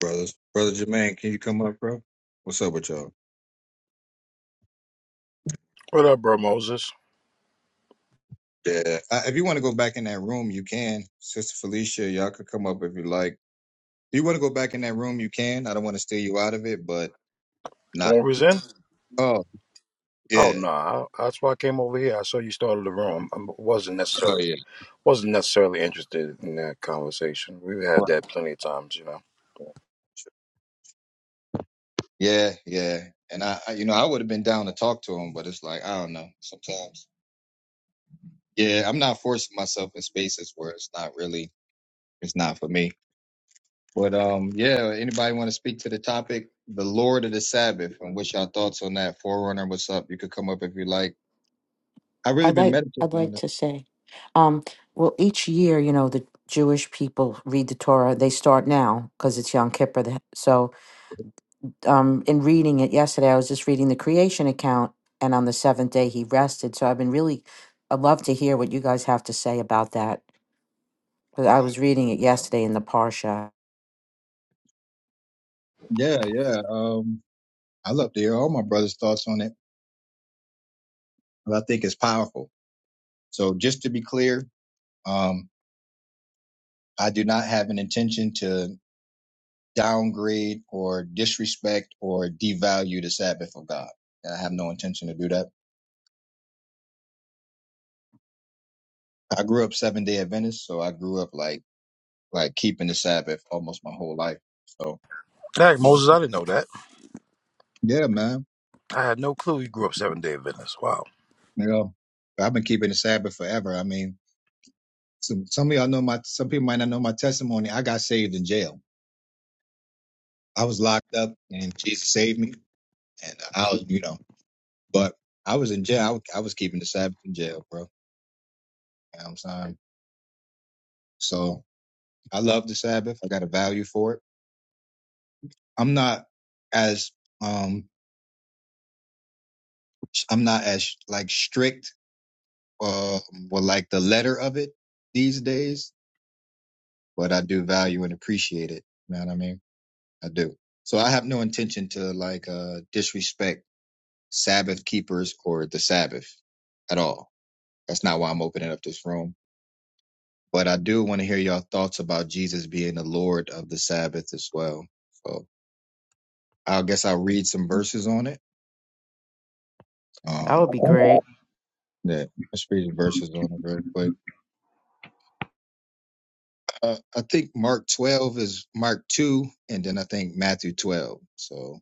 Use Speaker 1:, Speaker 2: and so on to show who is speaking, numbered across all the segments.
Speaker 1: brothers. Brother Jermaine, can you come up, bro? What's up with y'all?
Speaker 2: What up, bro, Moses?
Speaker 1: Yeah, I, if you want to go back in that room, you can. Sister Felicia, y'all could come up if you like. If you want to go back in that room, you can. I don't want to steal you out of it, but
Speaker 2: The
Speaker 1: not.
Speaker 2: one we was in?
Speaker 1: Oh,
Speaker 2: Oh
Speaker 1: yeah.
Speaker 2: no, nah, I- that's why I came over here. I saw you started the room. I wasn't
Speaker 1: Oh,
Speaker 2: necessarily
Speaker 1: yeah.
Speaker 2: wasn't necessarily interested in that conversation. We've had
Speaker 1: Right.
Speaker 2: that plenty of times, you know.
Speaker 1: Yeah, yeah. And I, I you know, I would have been down to talk to him, but it's like, I don't know, sometimes. Yeah, I'm not forcing myself in spaces where it's not really, it's not for me. But um, yeah, anybody want to speak to the topic, the Lord of the Sabbath, and what's your thoughts on that? Forerunner, what's up? You could come up if you like. I really
Speaker 3: I'd
Speaker 1: been
Speaker 3: like I'd
Speaker 1: meditating on
Speaker 3: like
Speaker 1: this.
Speaker 3: to say, um, well, each year, you know, the Jewish people read the Torah. They start now because it's Yom Kippur. the- So, um, in reading it yesterday, I was just reading the creation account, and on the seventh day he rested. So, I've been really, I'd love to hear what you guys have to say about that because I was reading it
Speaker 1: Yeah,
Speaker 3: yesterday in the parsha.
Speaker 1: yeah, yeah. Um, I love to hear all my brother's thoughts on it. but I think it's powerful. So just to be clear, um, I do not have an intention to downgrade or disrespect or devalue the Sabbath of God. I have no intention to do that. I grew up seven day Adventist, so I grew up like like keeping the Sabbath almost my whole life. So
Speaker 2: Hey, Moses, I didn't know that.
Speaker 1: Yeah, man.
Speaker 2: I had no clue you grew up Seven Day Adventist. Wow.
Speaker 1: You know, I've been keeping the Sabbath forever. I mean, some some of y'all know my some people might not know my testimony. I got saved in jail. I was locked up, and Jesus saved me. And I was, you know, but I was in jail. I, was- I was keeping the Sabbath in jail, bro. You know what I'm saying? So I love the Sabbath. I got a value for it. I'm not as um I'm not as like strict uh with like the letter of it these days, but I do value and appreciate it. You know what I mean? I do. So I have no intention to like uh disrespect Sabbath keepers or the Sabbath at all. That's not why I'm opening up this room. But I do want to hear y'all thoughts about Jesus being the Lord of the Sabbath as well. So I guess I'll read some verses on it.
Speaker 3: That would
Speaker 1: Um
Speaker 3: be great.
Speaker 1: yeah, let's read the verses on it real quick. Uh, I think Mark 12 is Mark 2, and then I think Matthew 12. So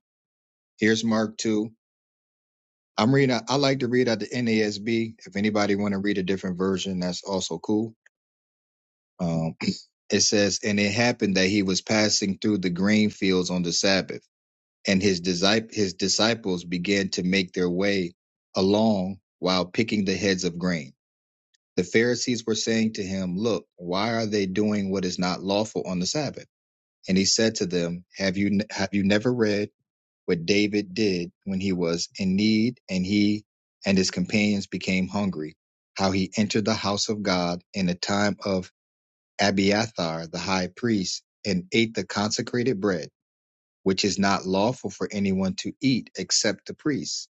Speaker 1: here's Mark 2. I'm reading. I like to read out the NASB. If anybody want to read a different version, that's also cool. Um, it says, and it happened that he was passing through the grain fields on the Sabbath, and his disci- his disciples began to make their way along while picking the heads of grain. The Pharisees were saying to him, "Look, why are they doing what is not lawful on the Sabbath?" And he said to them, "Have you have you never read?" what David did when he was in need and he and his companions became hungry, how he entered the house of God in the time of Abiathar the high priest and ate the consecrated bread, which is not lawful for anyone to eat except the priests.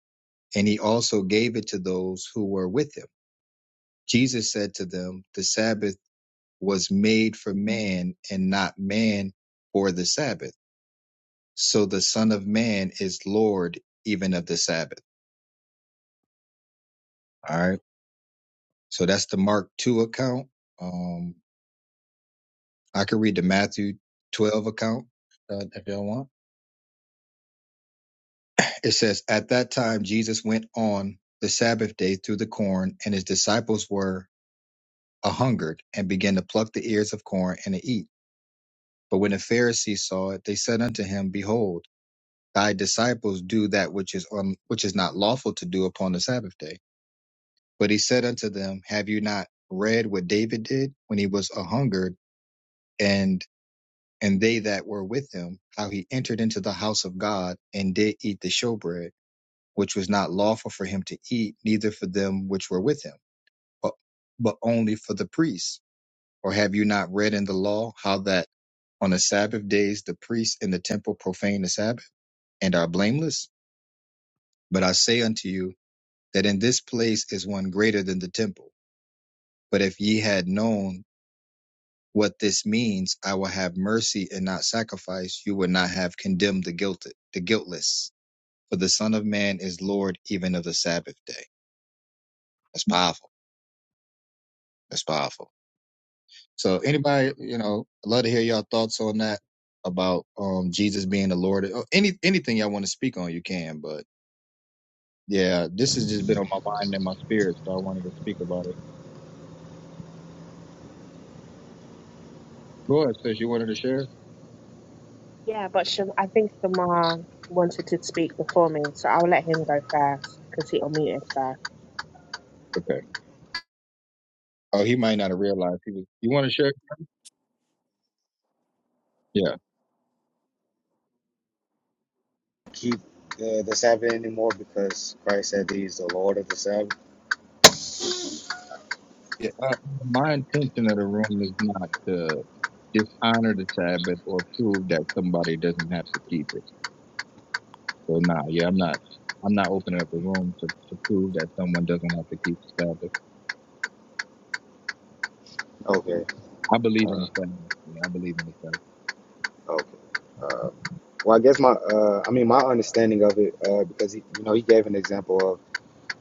Speaker 1: And he also gave it to those who were with him. Jesus said to them, The Sabbath was made for man and not man for the Sabbath. So the Son of Man is Lord even of the Sabbath. All right. So that's the Mark two account. Um, I can read the Matthew twelve account uh, if y'all want. It says, "At that time, Jesus went on the Sabbath day through the corn, and his disciples were a hungered and began to pluck the ears of corn and to eat. But when the Pharisees saw it, they said unto him, Behold, thy disciples do that which is un- which is not lawful to do upon the Sabbath day. But he said unto them, Have you not read what David did when he was a hungered?" and and they that were with him, how he entered into the house of God and did eat the showbread, which was not lawful for him to eat, neither for them which were with him, but, but only for the priests. Or have you not read in the law how that on the Sabbath days the priests in the temple profane the Sabbath and are blameless? But I say unto you that in this place is one greater than the temple. But if ye had known what this means, I will have mercy and not sacrifice, you would not have condemned the guilty, the guiltless. for the Son of Man is Lord even of the Sabbath day. That's powerful. That's powerful. So anybody, you know, I'd love to hear y'all thoughts on that about um Jesus being the Lord. Or Any anything y'all want to speak on, you can. But yeah, this has just been on my mind and my spirit, so I wanted to speak about it. Go ahead, says you wanted to share.
Speaker 4: Yeah, but Sha- I think Shamar wanted to speak before me, so I'll let him go first because he unmuted first.
Speaker 1: Okay. Oh, he might not have realized he was. You want to share? Yeah.
Speaker 5: keep uh, the Sabbath anymore because Christ said that He's the Lord of the Sabbath?
Speaker 1: yeah uh, my intention of the room is not to dishonor the Sabbath or prove that somebody doesn't have to keep it. So nah, yeah, I'm not. I'm not opening up the room to, to prove that someone doesn't have to keep the Sabbath.
Speaker 5: Okay.
Speaker 1: I believe in
Speaker 5: Uh,
Speaker 1: the Sabbath. man. I believe in the Sabbath.
Speaker 5: okay. Uh, well, I guess my, uh, I mean, my understanding of it, uh, because he, you know, he gave an example of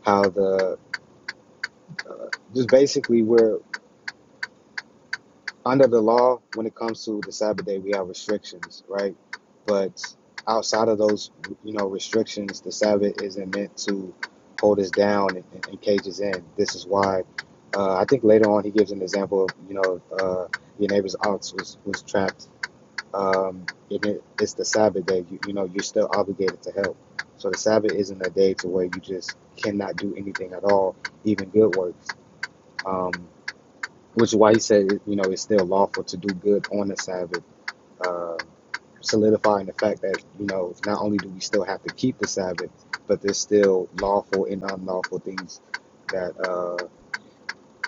Speaker 5: how the, uh, just basically where. under the law, when it comes to the Sabbath day, we have restrictions, right? But outside of those, you know, restrictions, the Sabbath isn't meant to hold us down and, and, and cage us in. This is why uh, I think later on he gives an example of, you know, uh, your neighbor's ox was, was trapped. Um, it, it's the Sabbath day. You, you know, you're still obligated to help. So the Sabbath isn't a day to where you just cannot do anything at all, even good works. Um, which is why he said, you know, it's still lawful to do good on the Sabbath, uh, solidifying the fact that, you know, not only do we still have to keep the Sabbath, but there's still lawful and unlawful things that uh,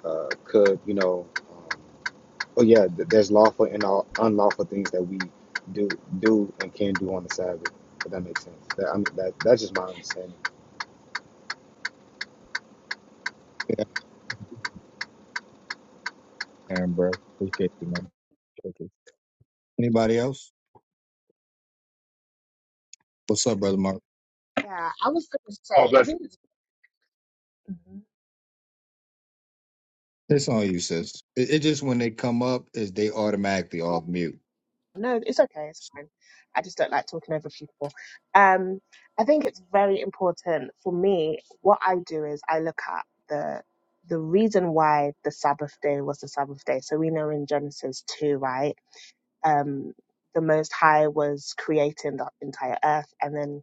Speaker 5: uh, could, you know, um, oh yeah, th- there's lawful and all unlawful things that we do do and can do on the Sabbath. If that makes sense. That, I mean, that that's just my understanding.
Speaker 1: Yeah, Aaron, bro. Appreciate you, man. Appreciate you. Anybody else? What's up, brother Mark?
Speaker 4: Yeah, I was going to
Speaker 6: Oh,
Speaker 4: say, I
Speaker 6: bless it.
Speaker 4: think it's, Mhm.
Speaker 1: It's on you, sis. It, it just when they come up is they automatically off mute.
Speaker 4: No, it's okay, it's fine. I just don't like talking over people. Um, I think it's very important for me. What I do is I look at the the reason why the Sabbath day was the Sabbath day. So we know in Genesis two, right? um, the Most High was creating the entire earth. And then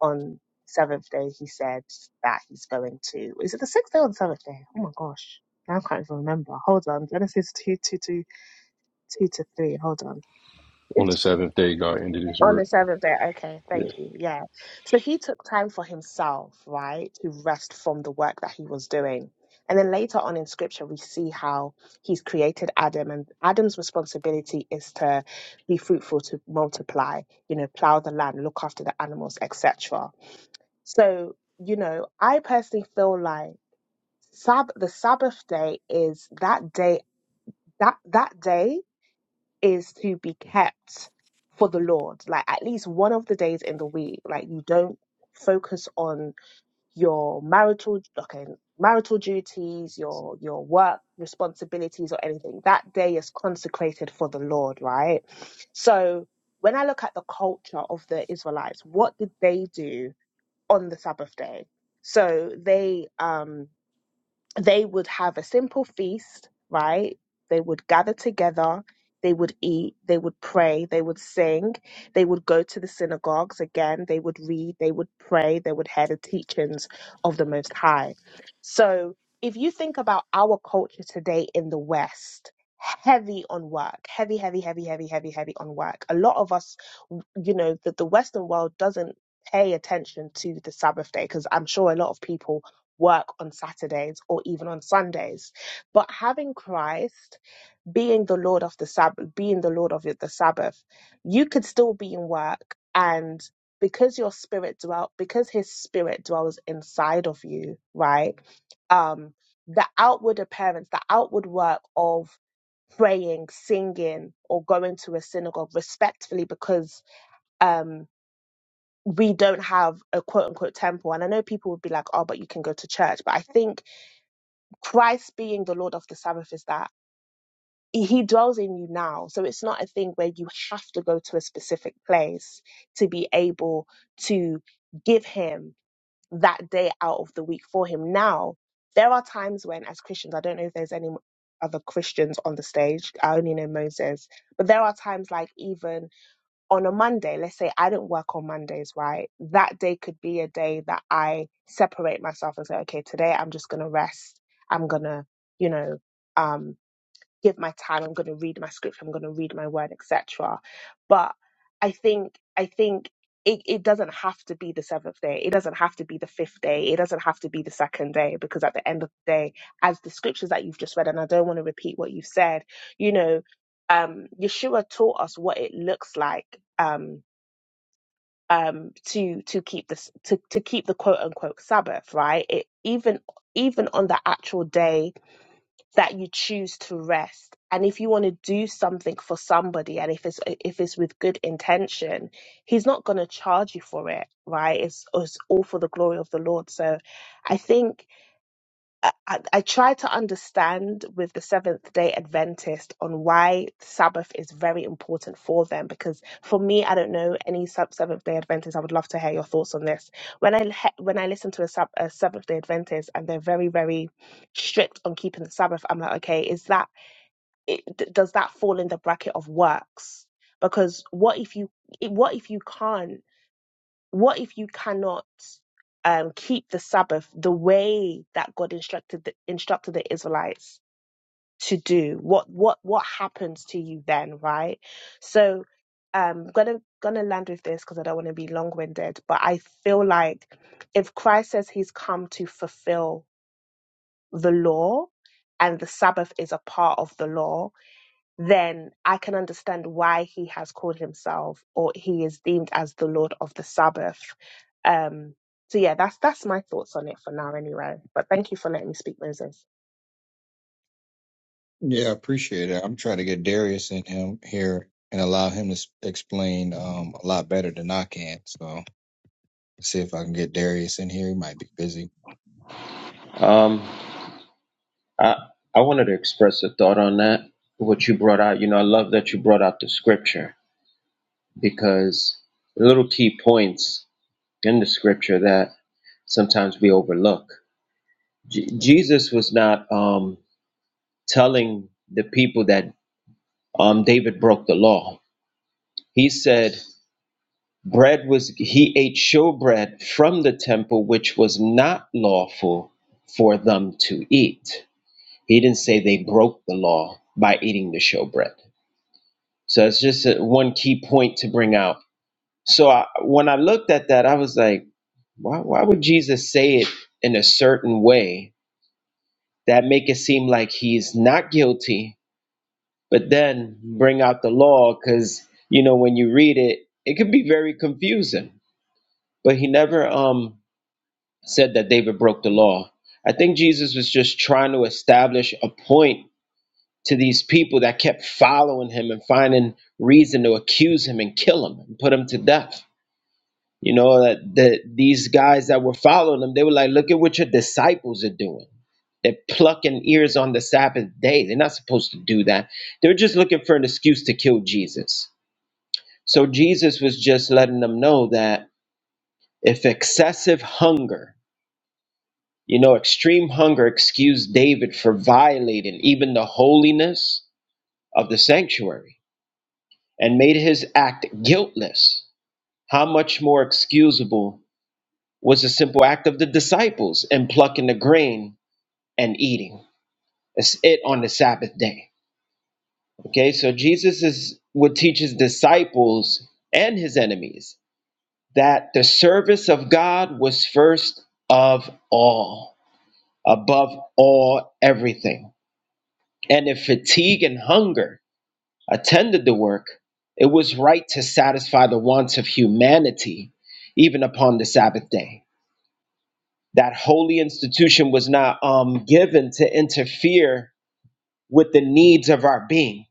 Speaker 4: on seventh day, he said that he's going to, is it the sixth day or the seventh day? Oh my gosh. Now I can't even remember. Hold on. Genesis 2 2 2 2 to 3. Hold on.
Speaker 7: on the seventh day God ended his
Speaker 4: On
Speaker 7: work.
Speaker 4: the seventh day, okay,
Speaker 7: Yeah.
Speaker 4: thank you. Yeah. So he took time for himself, right, to rest from the work that he was doing. And then later on in scripture, we see how he's created Adam, and Adam's responsibility is to be fruitful, to multiply, you know, plow the land, look after the animals, etc. So, you know, I personally feel like Sab- the Sabbath day is that day, that, that day is to be kept for the Lord. Like at least one of the days in the week, like you don't focus on your marital okay, marital duties, your your work responsibilities or anything. That day is consecrated for the Lord, right? So when I look at the culture of the Israelites, what did they do on the Sabbath day? So they um they would have a simple feast, right? They would gather together, they would eat, they would pray, they would sing, they would go to the synagogues again, they would read, they would pray, they would hear the teachings of the Most High. So if you think about our culture today in the West, heavy on work heavy heavy heavy heavy heavy heavy on work a lot of us you know that the western world doesn't pay attention to the sabbath day because i'm sure a lot of people work on Saturdays or even on Sundays. But having Christ being the Lord of the Sabbath, being the Lord of the Sabbath, you could still be in work and because your spirit dwelt, because his spirit dwells inside of you, right? Um, the outward appearance, the outward work of praying, singing, or going to a synagogue respectfully because um we don't have a quote unquote temple. And I know people would be like, oh, but you can go to church. But I think Christ being the Lord of the Sabbath is that he dwells in you now. So it's not a thing where you have to go to a specific place to be able to give him that day out of the week for him. Now, there are times when, as Christians, I don't know if there's any other Christians on the stage, I only know Moses, but there are times like even on a Monday, let's say I didn't work on Mondays, right? That day could be a day that I separate myself and say, okay, today I'm just going to rest. I'm going to, you know, um, give my time i'm going to read my scripture i'm going to read my word etc but i think i think it, it doesn't have to be the seventh day it doesn't have to be the fifth day it doesn't have to be the second day because at the end of the day as the scriptures that you've just read and i don't want to repeat what you've said you know um yeshua taught us what it looks like um um to to keep this to, to keep the quote unquote sabbath right it even even on the actual day that you choose to rest and if you want to do something for somebody and if it's if it's with good intention he's not going to charge you for it right it's, it's all for the glory of the lord so i think I, I I try to understand with the Seventh day Adventist on why Sabbath is very important for them. Because for me, I don't know any sub Seventh day Adventist. I would love to hear your thoughts on this. When I he- when I listen to a, sub- a Seventh day Adventist and they're very, very strict on keeping the Sabbath, I'm like, okay, is that, it, d- does that fall in the bracket of works? Because what if you, it- what if you can't? what if you cannot um, keep the Sabbath the way that God instructed the, instructed the Israelites to do? What what what happens to you then, right? So um gonna gonna land with this because I don't want to be long winded, but I feel like if Christ says he's come to fulfill the law and the Sabbath is a part of the law, then I can understand why he has called himself or he is deemed as the Lord of the Sabbath. Um, so yeah, that's that's my thoughts on it for now, anyway. But thank you for letting me speak, Moses.
Speaker 1: Yeah, I appreciate it. I'm trying to get Darius in him here and allow him to s- explain um, a lot better than I can. So see if I can get Darius in here. He might be busy.
Speaker 8: Um, I I wanted to express a thought on that. What you brought out, you know, I love that you brought out the scripture because little key points in the scripture that sometimes we overlook. J- Jesus was not um, telling the people that um, David broke the law. He said bread was he ate showbread from the temple, which was not lawful for them to eat He didn't say they broke the law by eating the showbread. So it's just a, one key point to bring out. So I, when I looked at that, I was like, why, why would Jesus say it in a certain way that make it seem like he's not guilty, but then bring out the law? Because you know when you read it, it could be very confusing. But he never um, said that David broke the law. I think Jesus was just trying to establish a point to these people that kept following him and finding reason to accuse him and kill him and put him to death. You know, that, that these guys that were following him, they were like, look at what your disciples are doing. They're plucking ears on the Sabbath day. They're not supposed to do that. They're just looking for an excuse to kill Jesus. So Jesus was just letting them know that if excessive hunger, you know, extreme hunger excused David for violating even the holiness of the sanctuary and made his act guiltless, how much more excusable was the simple act of the disciples in plucking the grain and eating That's it on the Sabbath day? Okay, so Jesus is, would teach his disciples and his enemies that the service of God was first of all, above all everything. And if fatigue and hunger attended the work, it was right to satisfy the wants of humanity, even upon the Sabbath day. That holy institution was not um, given to interfere with the needs of our being,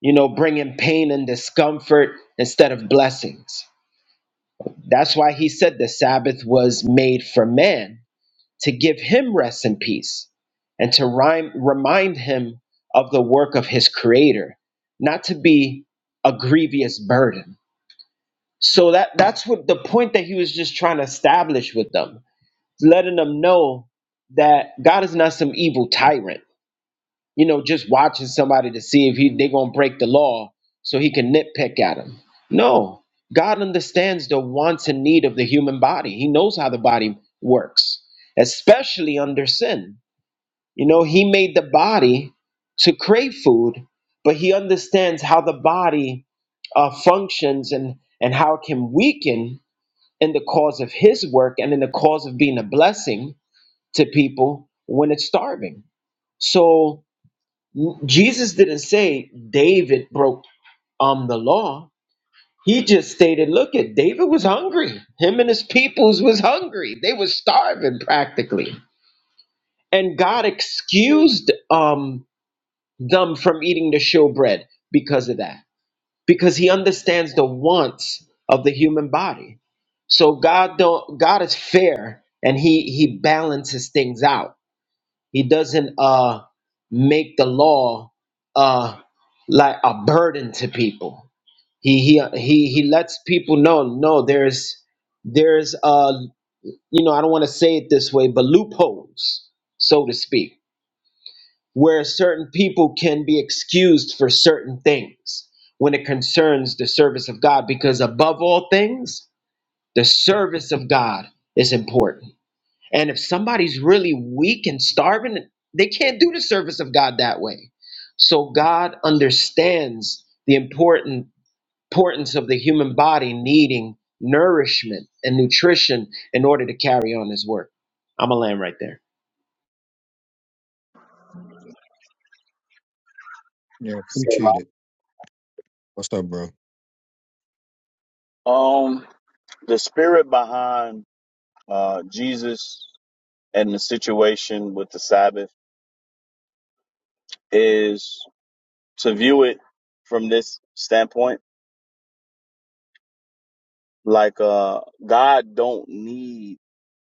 Speaker 8: you know, bringing pain and discomfort instead of blessings. That's why he said the Sabbath was made for man to give him rest and peace and to rhyme, remind him of the work of his creator, not to be a grievous burden So that that's what the point that he was just trying to establish with them, letting them know that God is not some evil tyrant. You know, just watching somebody to see if he they're gonna break the law so he can nitpick at him. No, God understands the wants and need of the human body. He knows how the body works, especially under sin. You know, he made the body to crave food, but he understands how the body uh, functions and and how it can weaken in the cause of his work and in the cause of being a blessing to people when it's starving. So Jesus didn't say David broke um the law. He just stated, look at David was hungry. Him and his peoples was hungry. They was starving practically. And God excused um them from eating the showbread because of that. Because he understands the wants of the human body So God don't God is fair and he he balances things out. He doesn't uh make the law uh like a burden to people. He he he he lets people know no there's there's uh you know I don't want to say it this way but loopholes so to speak where certain people can be excused for certain things when it concerns the service of God because above all things the service of God is important and if somebody's really weak and starving, they can't do the service of God that way. So God understands the important importance of the human body needing nourishment and nutrition in order to carry on his work. I'm a land right there.
Speaker 1: Yeah,
Speaker 9: So,
Speaker 1: appreciate it. What's up, bro?
Speaker 9: um, the spirit behind uh, Jesus and the situation with the Sabbath is to view it from this standpoint, like uh, God don't need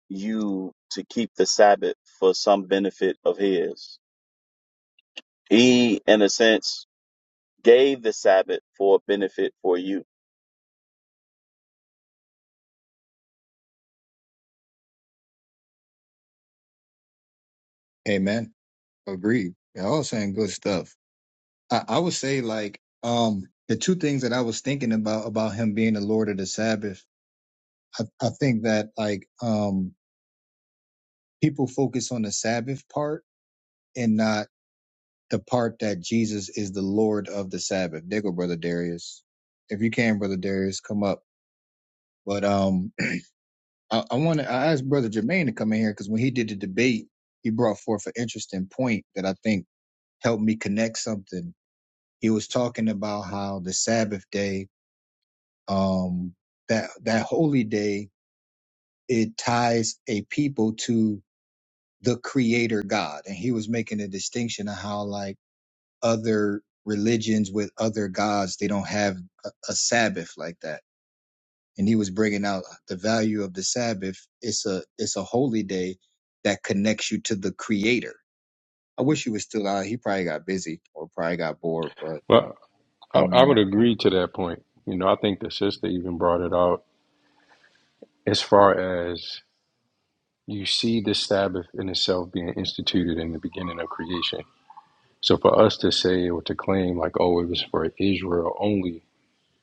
Speaker 9: you to keep the Sabbath for some benefit of His. He, in a sense, gave the Sabbath for a benefit for you.
Speaker 1: Amen. Agreed. Y'all all saying good stuff. I, I would say like um the two things that I was thinking about about him being the Lord of the Sabbath. I, I think that like um people focus on the Sabbath part and not the part that Jesus is the Lord of the Sabbath. There go, brother Darius. If you can, brother Darius, come up. But um, I, I want to. I asked brother Jermaine to come in here because when he did the debate, he brought forth an interesting point that I think helped me connect something he was talking about how the Sabbath day, um, that that holy day, it ties a people to the Creator God, and he was making a distinction of how like other religions with other gods, they don't have a, a Sabbath like that, and he was bringing out the value of the Sabbath. It's a it's a holy day that connects you to the Creator. I wish he was still out. He probably got busy or probably got bored, but
Speaker 7: Well, I, I would
Speaker 1: um,
Speaker 7: agree to that point. You know, I think the sister even brought it out as far as you see the Sabbath in itself being instituted in the beginning of creation. So for us to say or to claim like, oh, it was for Israel only,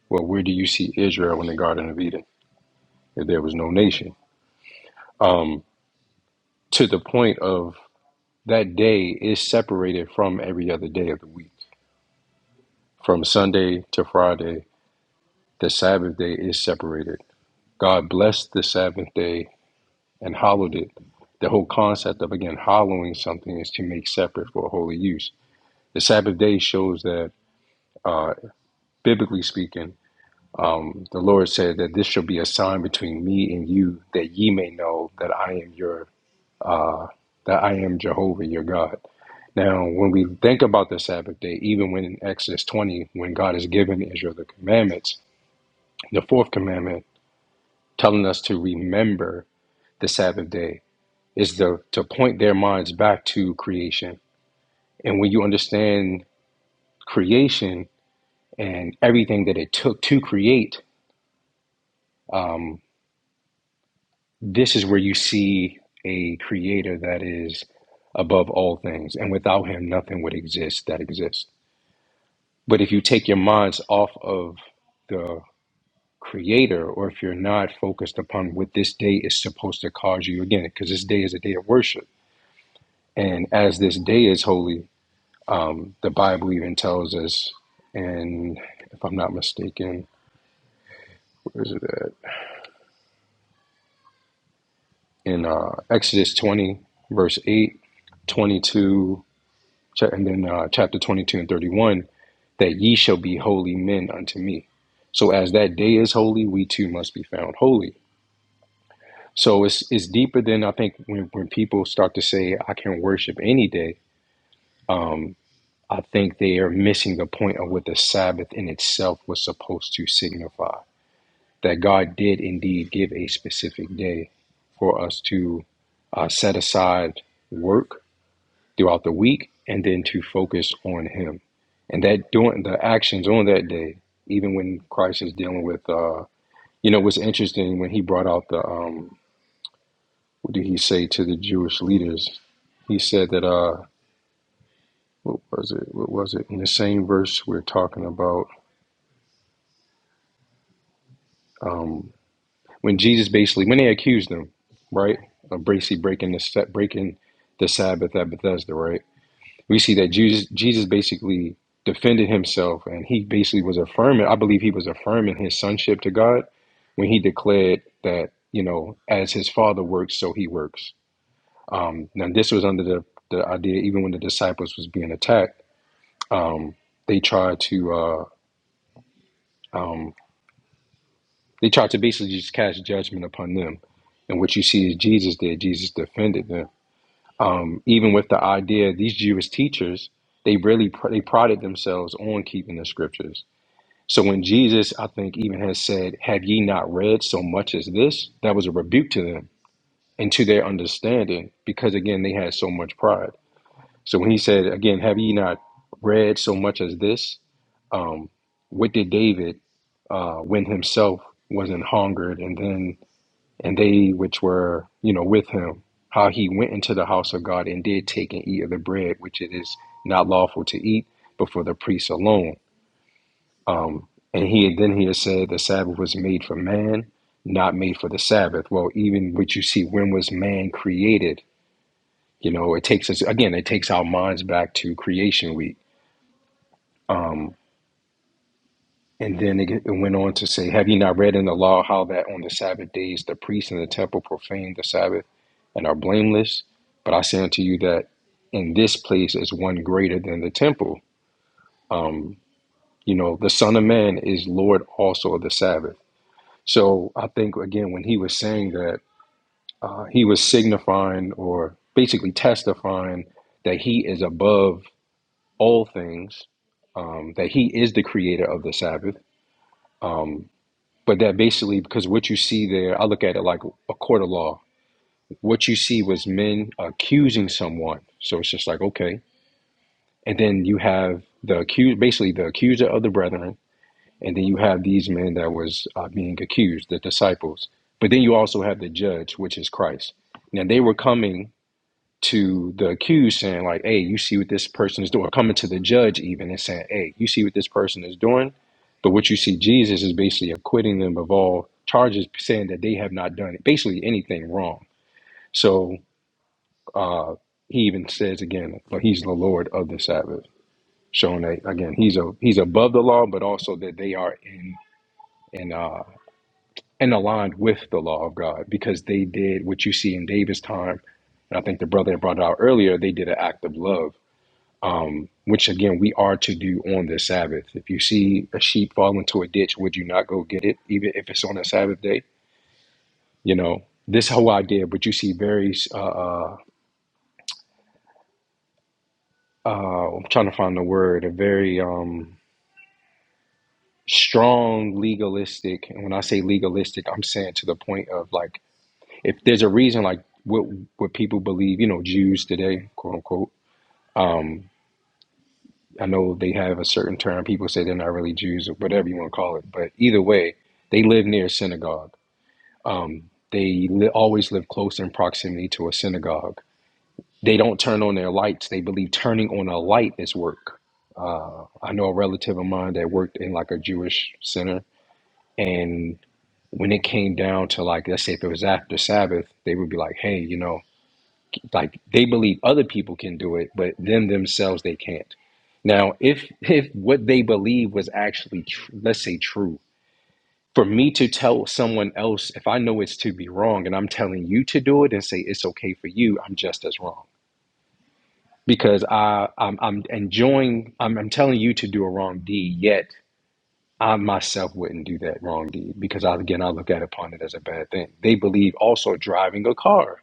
Speaker 7: well, where do you see Israel in the Garden of Eden if there was no nation? Um, to the point of that day is separated from every other day of the week. From Sunday to Friday, the Sabbath day is separated God blessed the Sabbath day and hallowed it. The whole concept of again hollowing something is to make separate for holy use. The Sabbath day shows that, uh, biblically speaking, um, the Lord said that this shall be a sign between me and you, that ye may know that I am your, uh, that I am Jehovah your God. Now, when we think about the Sabbath day, even when in Exodus 20, when God has given Israel the commandments, the fourth commandment telling us to remember the Sabbath day, is to to point their minds back to creation. And when you understand creation and everything that it took to create, um, this is where you see a creator that is above all things. And without him, nothing would exist that exists. But if you take your minds off of the creator, or if you're not focused upon what this day is supposed to cause you, again, because this day is a day of worship. And as this day is holy, Um, the Bible even tells us, and if I'm not mistaken, where is it at? In uh, Exodus 20, verse 8, 22, cha- and then uh, chapter 22 and 31, that ye shall be holy men unto me. So as that day is holy, we too must be found holy. So it's, it's deeper than I think when, when people start to say, I can worship any day. Um, I think they are missing the point of what the Sabbath in itself was supposed to signify that God did indeed give a specific day for us to uh, set aside work throughout the week and then to focus on Him. And that doing the actions on that day, even when Christ is dealing with, uh, you know, what's interesting when He brought out the, um, what did He say to the Jewish leaders? He said that, uh, what was it? What was it? In the same verse we're talking about. um, when Jesus basically when they accused him, right, of basically breaking the sa- breaking the Sabbath at Bethesda, right? We see that Jesus Jesus basically defended himself, and he basically was affirming. I believe he was affirming his sonship to God when he declared that you know, as his Father works, so he works. Um, now this was under the the idea, even when the disciples was being attacked, um, they tried to uh, um, they tried to basically just cast judgment upon them. And what you see is Jesus did. Jesus defended them um, even with the idea these Jewish teachers they really pr- they prided themselves on keeping the scriptures. So when Jesus, I think, even has said, "Have ye not read so much as this?" That was a rebuke to them and to their understanding, because again they had so much pride. So when he said, "Again, have ye not read so much as this?" Um, what did David uh, when himself was in hungered, and then and they which were, you know, with him, how he went into the house of God and did take and eat of the bread, which it is not lawful to eat, but for the priests alone. Um, and he had, then he had said the Sabbath was made for man, not made for the Sabbath. Well, even what you see, when was man created? You know, it takes us again. It takes our minds back to creation week. Um, And then it, it went on to say, Have you not read in the law how that on the Sabbath days the priests in the temple profane the Sabbath and are blameless? But I say unto you that in this place is one greater than the temple. Um, you know, the Son of Man is Lord also of the Sabbath. So I think, again, when he was saying that, uh, he was signifying or basically testifying that he is above all things, um, that he is the creator of the Sabbath. Um, but that basically because what you see there i look at it like a court of law what you see was men accusing someone so it's just like okay and then you have the accused basically the accuser of the brethren and then you have these men that was uh, being accused the disciples but then you also have the judge which is christ now they were coming to the accused saying like hey you see what this person is doing or coming to the judge even and saying hey you see what this person is doing but what you see jesus is basically acquitting them of all charges saying that they have not done basically anything wrong so uh he even says again but he's the lord of the sabbath showing that again he's a he's above the law but also that they are in in uh and aligned with the law of god because they did what you see in david's time and i think the brother had brought it out earlier they did an act of love um, which again we are to do on the Sabbath. If you see a sheep fall into a ditch, would you not go get it, even if it's on a Sabbath day? You know this whole idea, but you see very uh, uh, uh, I'm trying to find the word, a very um, strong legalistic. And when I say legalistic, I'm saying to the point of like, if there's a reason, like what what people believe, you know, Jews today, quote unquote. Um, I know they have a certain term. People say they're not really Jews or whatever you want to call it. But either way, they live near a synagogue. Um, they li- always live close in proximity to a synagogue. They don't turn on their lights. They believe turning on a light is work. Uh, I know a relative of mine that worked in like a Jewish center. And when it came down to like, let's say if it was after Sabbath, they would be like, hey, you know, like they believe other people can do it but them themselves they can't now if if what they believe was actually tr- let's say true for me to tell someone else if i know it's to be wrong and i'm telling you to do it and say it's okay for you i'm just as wrong because i i'm, I'm enjoying I'm, I'm telling you to do a wrong deed yet i myself wouldn't do that wrong deed because I, again i look at upon it as a bad thing they believe also driving a car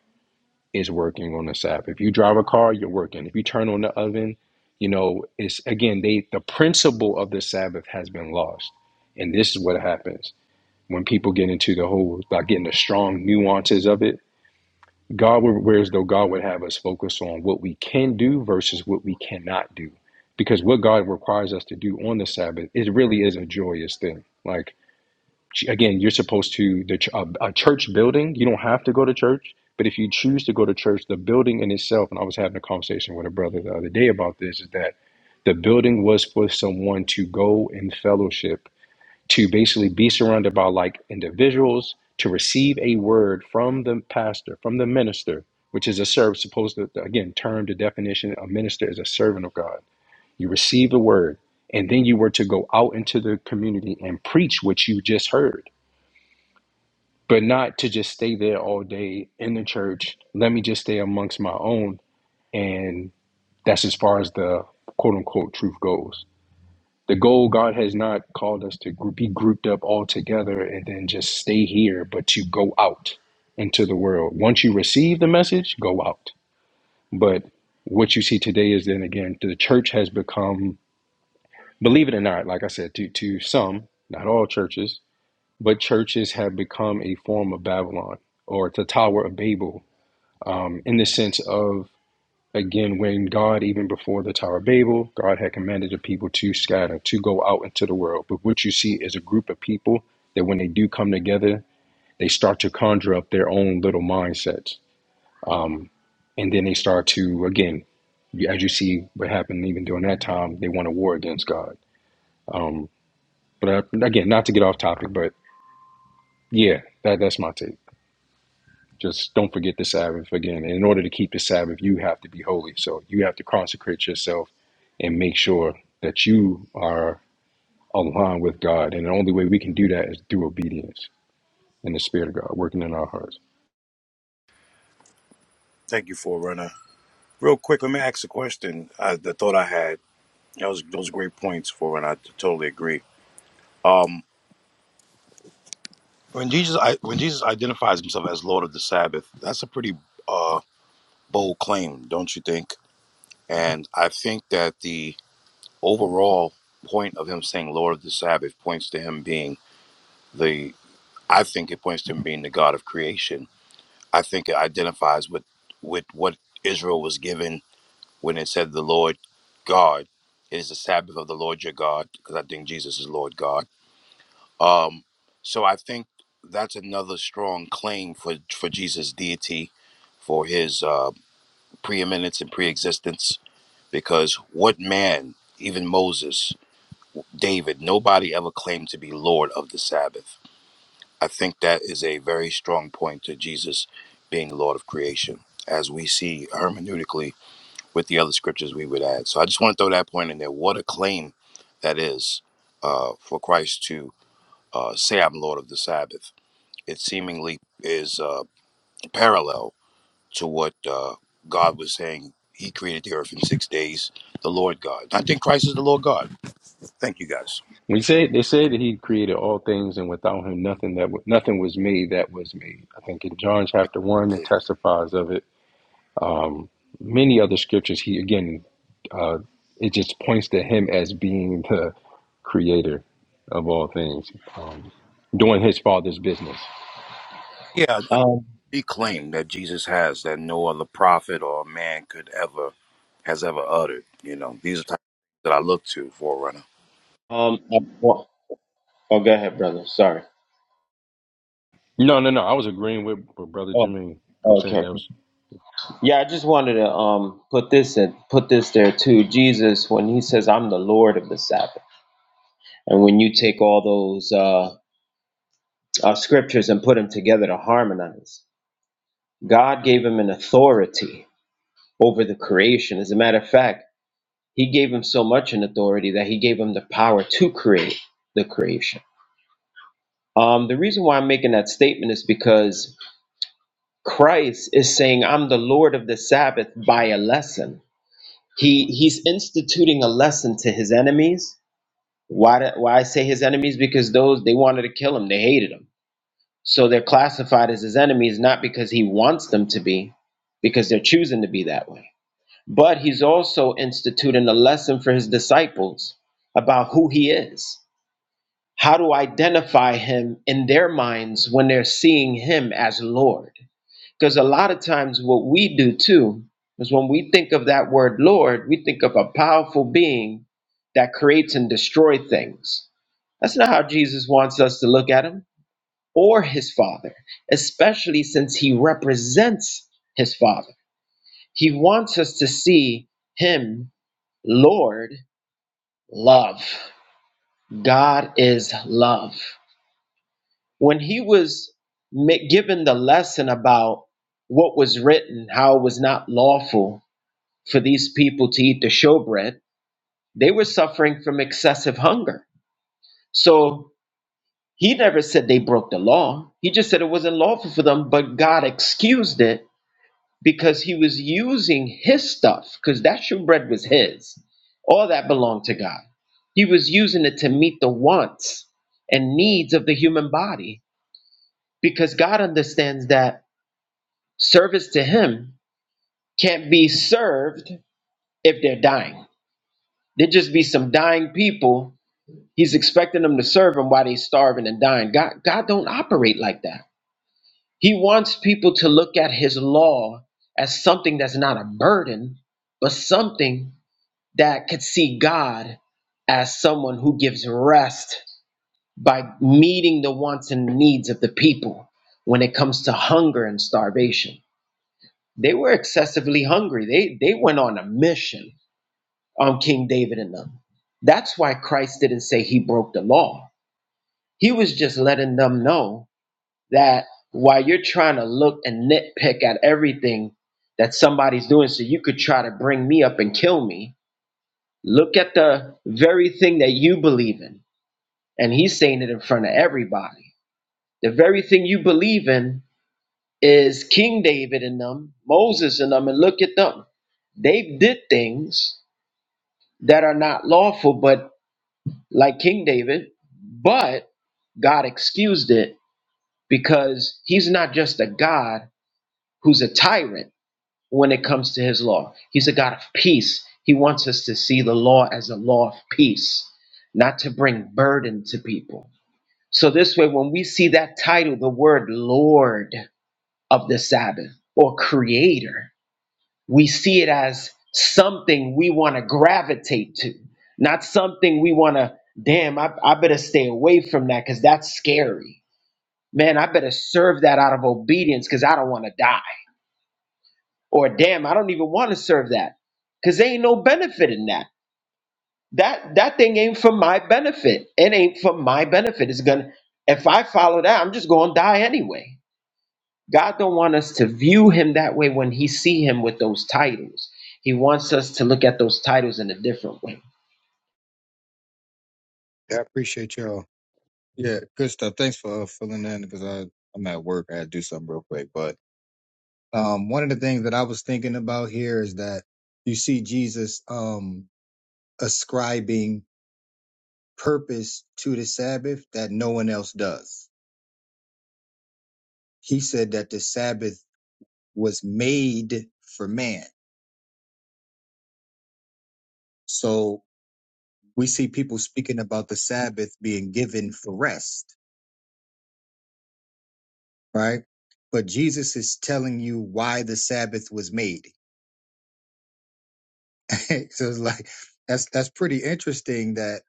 Speaker 7: is working on the Sabbath. If you drive a car, you're working. If you turn on the oven, you know, it's again they the principle of the Sabbath has been lost. And this is what happens when people get into the whole like getting the strong nuances of it. God would whereas though God would have us focus on what we can do versus what we cannot do. Because what God requires us to do on the Sabbath, it really is a joyous thing. Like again, you're supposed to the ch- a, a church building. You don't have to go to church, but if you choose to go to church, the building in itself. And I was having a conversation with a brother the other day about this. Is that the building was for someone to go in fellowship, to basically be surrounded by like individuals, to receive a word from the pastor, from the minister, which is a servant. Supposed to again, term the definition. A minister is a servant of God. You receive the word, and then you were to go out into the community and preach what you just heard but not to just stay there all day in the church. Let me just stay amongst my own. And that's as far as the quote unquote truth goes. The goal, God has not called us to gr- be grouped up all together and then just stay here, but to go out into the world. Once you receive the message, go out. But what you see today is then again, the church has become, believe it or not, like I said, to, to some, not all churches, but churches have become a form of Babylon or the Tower of Babel in the sense of again when god even before the tower of babel god had commanded the people to scatter to go out into the world but what you see is a group of people that when they do come together they start to conjure up their own little mindsets and then they start to again as you see what happened even during that time they want a war against god but uh, again not to get off topic but yeah that, that's my take just don't forget the sabbath again And in order to keep the sabbath you have to be holy so you have to consecrate yourself and make sure that you are aligned with God. And the only way we can do that is through obedience and the Spirit of God working in our hearts.
Speaker 2: Thank you, Forerunner. Real quick, let me ask a question. I the thought I had. That was those great points, Forerunner. I totally agree. Um, when Jesus I, when Jesus identifies himself as Lord of the Sabbath, that's a pretty uh, bold claim, don't you think? And I think that the overall point of him saying Lord of the Sabbath points to him being the I think it points to him being the God of creation. I think it identifies with with what Israel was given when it said the Lord God. It is the Sabbath of the Lord your God, because I think Jesus is Lord God. Um so I think that's another strong claim for for Jesus' deity, for his uh preeminence and preexistence, because what man, even Moses, David, nobody ever claimed to be Lord of the Sabbath. I think that is a very strong point to Jesus being Lord of creation, as we see hermeneutically with the other scriptures we would add. So I just want to throw that point in there. What a claim that is uh, for Christ to uh, say, I'm Lord of the Sabbath. It seemingly is uh, parallel to what uh, God was saying. He created the earth in six days, the Lord God. I think Christ is the Lord God. Thank you guys.
Speaker 7: We say they say that He created all things, and without Him, nothing that wa- nothing was made that was made. I think in John chapter one, it testifies of it. Um, many other scriptures, He again, uh, it just points to Him as being the Creator of all things, um, doing His Father's business.
Speaker 2: Yeah,
Speaker 8: Um,
Speaker 2: He claimed that Jesus has that no other prophet or man could ever has ever uttered. You know, these are the types that I look to, forerunner.
Speaker 8: um, well, oh, go ahead, brother. Sorry.
Speaker 7: No, no, no. I was agreeing with, with Brother
Speaker 8: Oh,
Speaker 7: Jimmy. I was saying
Speaker 8: okay.
Speaker 7: that was
Speaker 8: Yeah, I just wanted to um put this in, put this there too. Jesus, when he says, "I'm the Lord of the Sabbath," and when you take all those uh uh, scriptures and put them together to harmonize. God gave him an authority over the creation. As a matter of fact, he gave him so much an authority that he gave him the power to create the creation. Um, the reason why I'm making that statement is because Christ is saying, I'm the Lord of the Sabbath by a lesson. He, he's instituting a lesson to his enemies. Why, do- why I say his enemies? Because those, they wanted to kill him, they hated him So they're classified as his enemies not because he wants them to be, because they're choosing to be that way. But he's also instituting a lesson for his disciples about who he is, how to identify him in their minds when they're seeing him as Lord. Because a lot of times, what we do too is when we think of that word Lord, we think of a powerful being that creates and destroys things. That's not how Jesus wants us to look at him or his father, especially since he represents his father. He wants us to see him, Lord, love. God is love. When he was given the lesson about what was written, how it was not lawful for these people to eat the showbread, they were suffering from excessive hunger. So he never said they broke the law. He just said it wasn't lawful for them, but God excused it because he was using his stuff because that shortbread was his all that belonged to god he was using it to meet the wants and needs of the human body because god understands that service to him can't be served if they're dying there'd just be some dying people he's expecting them to serve him while they're starving and dying god god don't operate like that he wants people to look at his law as something that's not a burden but something that could see God as someone who gives rest by meeting the wants and needs of the people when it comes to hunger and starvation. They were excessively hungry. They they went on a mission on King David and them. That's why Christ didn't say he broke the law. He was just letting them know that while you're trying to look and nitpick at everything that somebody's doing so you could try to bring me up and kill me, Look at the very thing that you believe in. And he's saying it in front of everybody. The very thing you believe in is King David and them, Moses and them, and look at them. They did things that are not lawful, but like King David, but God excused it because he's not just a God who's a tyrant. when it comes to his law. He's a God of peace. He wants us to see the law as a law of peace, not to bring burden to people. So, this way, when we see that title, the word Lord of the Sabbath or Creator, we see it as something we want to gravitate to, not something we want to, damn, I, I better stay away from that because that's scary. Man, I better serve that out of obedience because I don't want to die or damn, I don't even want to serve that. Cause there ain't no benefit in that. That that thing ain't for my benefit. It ain't for my benefit. It's gonna if I follow that, I'm just gonna die anyway. God don't want us to view him that way when he see him with those titles. He wants us to look at those titles in a different way.
Speaker 1: I appreciate y'all. Yeah, good stuff. Thanks for uh, filling in because I I'm at work. I had to do something real quick. But um, one of the things that I was thinking about here is that you see Jesus um ascribing purpose to the Sabbath that no one else does. He said that the Sabbath was made for man. So we see people speaking about the Sabbath being given for rest, right? But Jesus is telling you why the Sabbath was made. so it's like that's that's pretty interesting that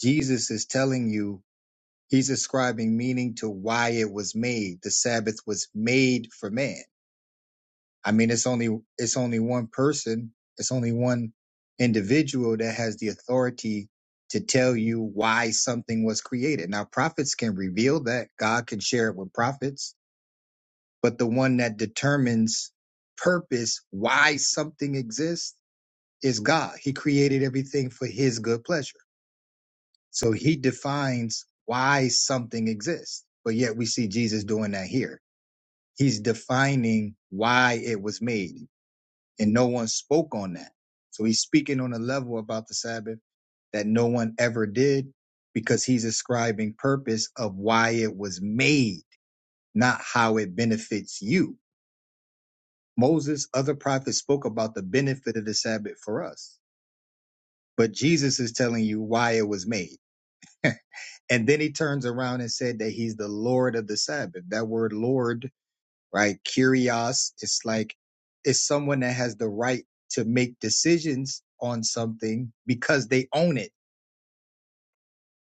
Speaker 1: Jesus is telling you he's ascribing meaning to why it was made. The Sabbath was made for man. I mean, it's only it's only one person, it's only one individual that has the authority to tell you why something was created. Now, prophets can reveal that. God can share it with prophets, but the one that determines purpose, why something exists is God. He created everything for his good pleasure. So he defines why something exists. But yet we see Jesus doing that here. He's defining why it was made. And no one spoke on that. So he's speaking on a level about the Sabbath that no one ever did because he's ascribing purpose of why it was made, not how it benefits you. Moses, other prophets spoke about the benefit of the Sabbath for us, but Jesus is telling you why it was made. And then he turns around and said that he's the Lord of the Sabbath. That word Lord, right? Kyrios, it's like, it's someone that has the right to make decisions on something because they own it.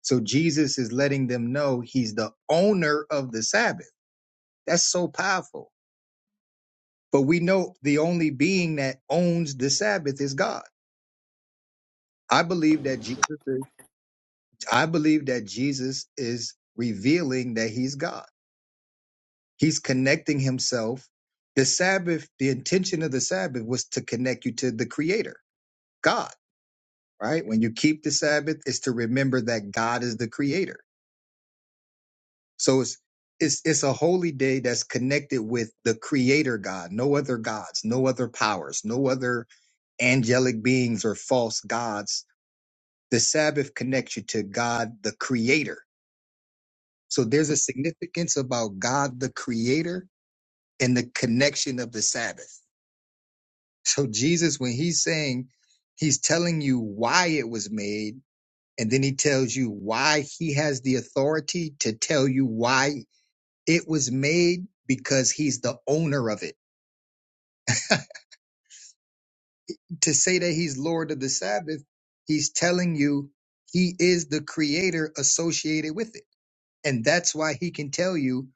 Speaker 1: So Jesus is letting them know he's the owner of the Sabbath. That's so powerful. But we know the only being that owns the Sabbath is God. I believe that Jesus is, I believe that Jesus is revealing that he's God. He's connecting himself. The Sabbath, the intention of the Sabbath was to connect you to the creator, God, right? When you keep the Sabbath, it's to remember that God is the creator. So it's it's it's a holy day that's connected with the creator God, no other gods, no other powers, no other angelic beings or false gods. The Sabbath connects you to God the creator. So there's a significance about God the creator and the connection of the Sabbath. So Jesus, when he's saying, he's telling you why it was made, and then he tells you why he has the authority to tell you why it was made because he's the owner of it. To say that he's Lord of the Sabbath, he's telling you he is the creator associated with it. And that's why he can tell you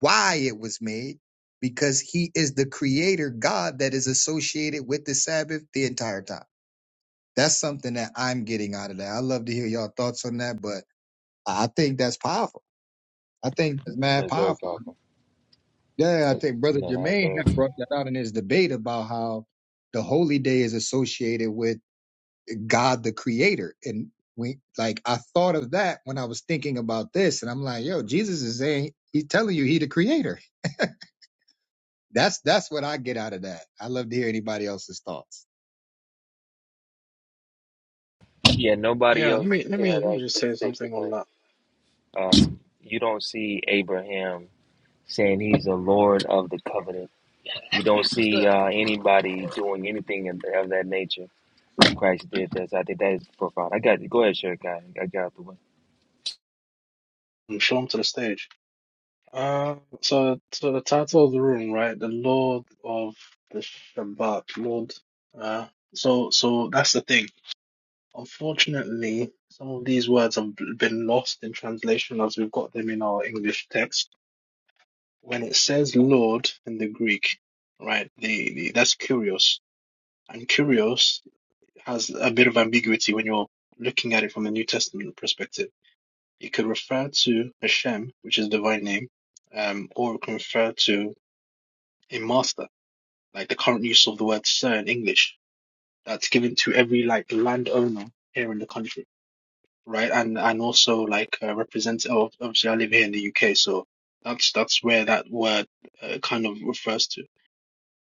Speaker 1: why it was made because he is the creator God that is associated with the Sabbath the entire time. That's something that I'm getting out of that. I love to hear y'all thoughts on that, but I think that's powerful. I think that's mad
Speaker 10: That's very
Speaker 1: powerful.
Speaker 10: powerful.
Speaker 1: Yeah, I
Speaker 10: That-
Speaker 1: think Brother
Speaker 10: No, that's
Speaker 1: Jermaine had
Speaker 10: very.
Speaker 1: brought that out in his debate about how the holy day is associated with God the Creator. And we like I thought of that when I was thinking about this, and I'm like, yo, Jesus is saying he's telling you he the creator. That's that's what I get out of that. I love to hear anybody else's thoughts.
Speaker 10: Yeah, nobody
Speaker 11: Yeah, let
Speaker 10: else
Speaker 11: me let
Speaker 10: can
Speaker 11: me
Speaker 10: have
Speaker 11: let me just
Speaker 10: access
Speaker 11: say
Speaker 10: to the
Speaker 11: something on
Speaker 10: claim.
Speaker 11: that
Speaker 10: Um, you don't see Abraham saying he's the Lord of the covenant. You don't see uh, anybody doing anything of, of that nature. Christ did this. I think that is profound. I got you. Go ahead, Sherikai. I got out the way.
Speaker 11: and show them to the stage. Uh, so so the title of the room, right? The Lord of the Shabbat, Lord. Uh, so so that's the thing. Unfortunately, some of these words have b- been lost in translation as we've got them in our English text. When it says Lord in the Greek, right? The, the that's curios, and curios has a bit of ambiguity when you're looking at it from the New Testament perspective It could refer to Hashem, which is a divine name, um, or it can refer to a master, like the current use of the word sir in English. That's given to every like landowner here in the country, right? And and also like uh, represents. oh, Obviously, I live here in the UK, so that's that's where that word uh, kind of refers to.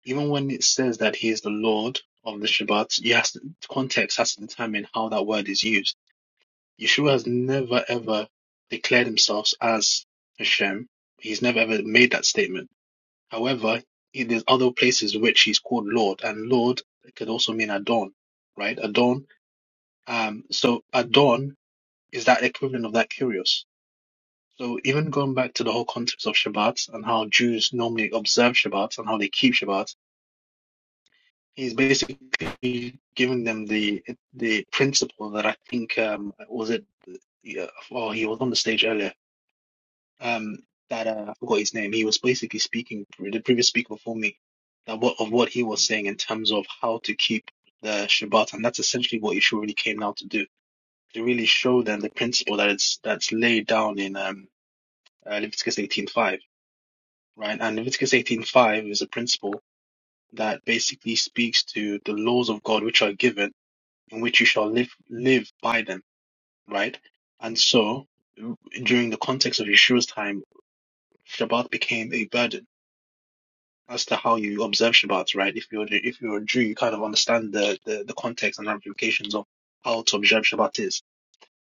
Speaker 11: Even when it says that he is the Lord of the Shabbat, you has to, context has to determine how that word is used Yeshua has never ever declared himself as Hashem. He's never ever made that statement. However, there's other places which he's called Lord, and Lord could also mean Adon, right? Adon. Um, so Adon is that equivalent of that Kyrios. So even going back to the whole context of Shabbat and how Jews normally observe Shabbat and how they keep Shabbat, he's basically giving them the the principle that I think um, was it yeah, well, he was on the stage earlier. um that uh I forgot his name. He was basically speaking the previous speaker before me that what of what he was saying in terms of how to keep the Shabbat, and that's essentially what Yeshua really came now to do to really show them the principle that it's that's laid down in um uh, Leviticus eighteen five, right? And Leviticus eighteen five is a principle that basically speaks to the laws of God which are given in which you shall live live by them, right? And so during the context of Yeshua's time, Shabbat became a burden as to how you observe Shabbat, right? If you're if you're a Jew, you kind of understand the the, the context and ramifications of how to observe Shabbat is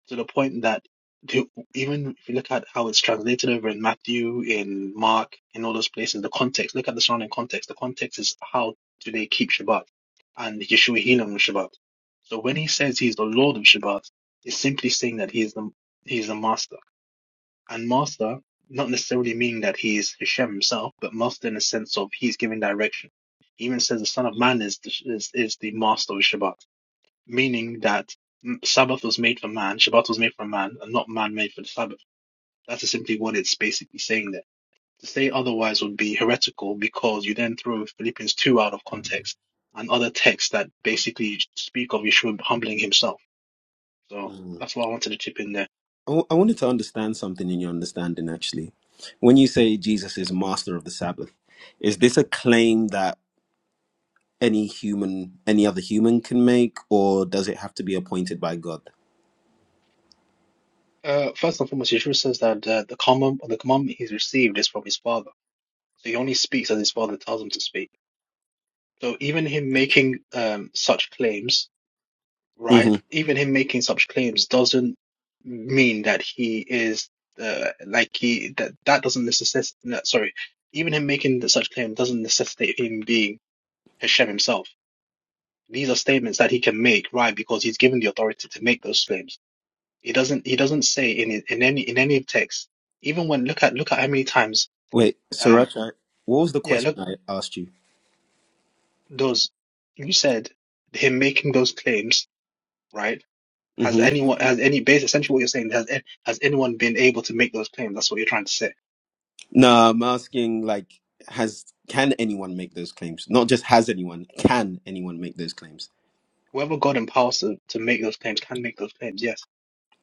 Speaker 11: to the point that the- even if you look at how it's translated over in Matthew, in Mark, in all those places, the context. Look at the surrounding context. The context is how do they keep Shabbat, and Yeshua healing on Shabbat. So when he says he's the Lord of Shabbat, it's simply saying that he is the he is the master and master not necessarily meaning that he is Hashem himself, but master in the sense of he's giving direction. He even says the Son of Man is the, is, is the master of Shabbat, meaning that mm, Sabbath was made for man, Shabbat was made for man, and not man made for the Sabbath. That's simply what it's basically saying there. To say otherwise would be heretical because you then throw Philippians 2 out of context and other texts that basically speak of Yeshua humbling himself. So
Speaker 12: Mm.
Speaker 11: that's what I wanted to chip in there.
Speaker 12: I w- I wanted to understand something in your understanding, actually. When you say Jesus is master of the Sabbath, is this a claim that any human, any other human can make, or does it have to be appointed by God?
Speaker 11: Uh, first and foremost, Yeshua says that uh, the command, the commandment he's received is from his father. So he only speaks as his father tells him to speak. So even him making um, such claims, right?
Speaker 12: hmm
Speaker 11: Even him making such claims doesn't mean that he is uh, like he that that doesn't necessitate. No, Sorry, even him making such claim doesn't necessitate him being Hashem himself. These are statements that he can make, right? Because he's given the authority to make those claims He doesn't he doesn't say in it- in any in any text. Even when look at look at how many times
Speaker 12: Wait,
Speaker 11: um
Speaker 12: Sirach, I- what was the
Speaker 11: yeah,
Speaker 12: question
Speaker 11: look
Speaker 12: I asked you?
Speaker 11: those you said him making those claims, right? Has
Speaker 12: hmm
Speaker 11: anyone has any base essentially what you're saying has a- has anyone been able to make those claims? That's what you're trying to say.
Speaker 12: No, I'm asking, like, has can anyone make those claims? Not just has anyone, can anyone make those claims?
Speaker 11: Whoever God empowers to, to make those claims can make those claims, yes.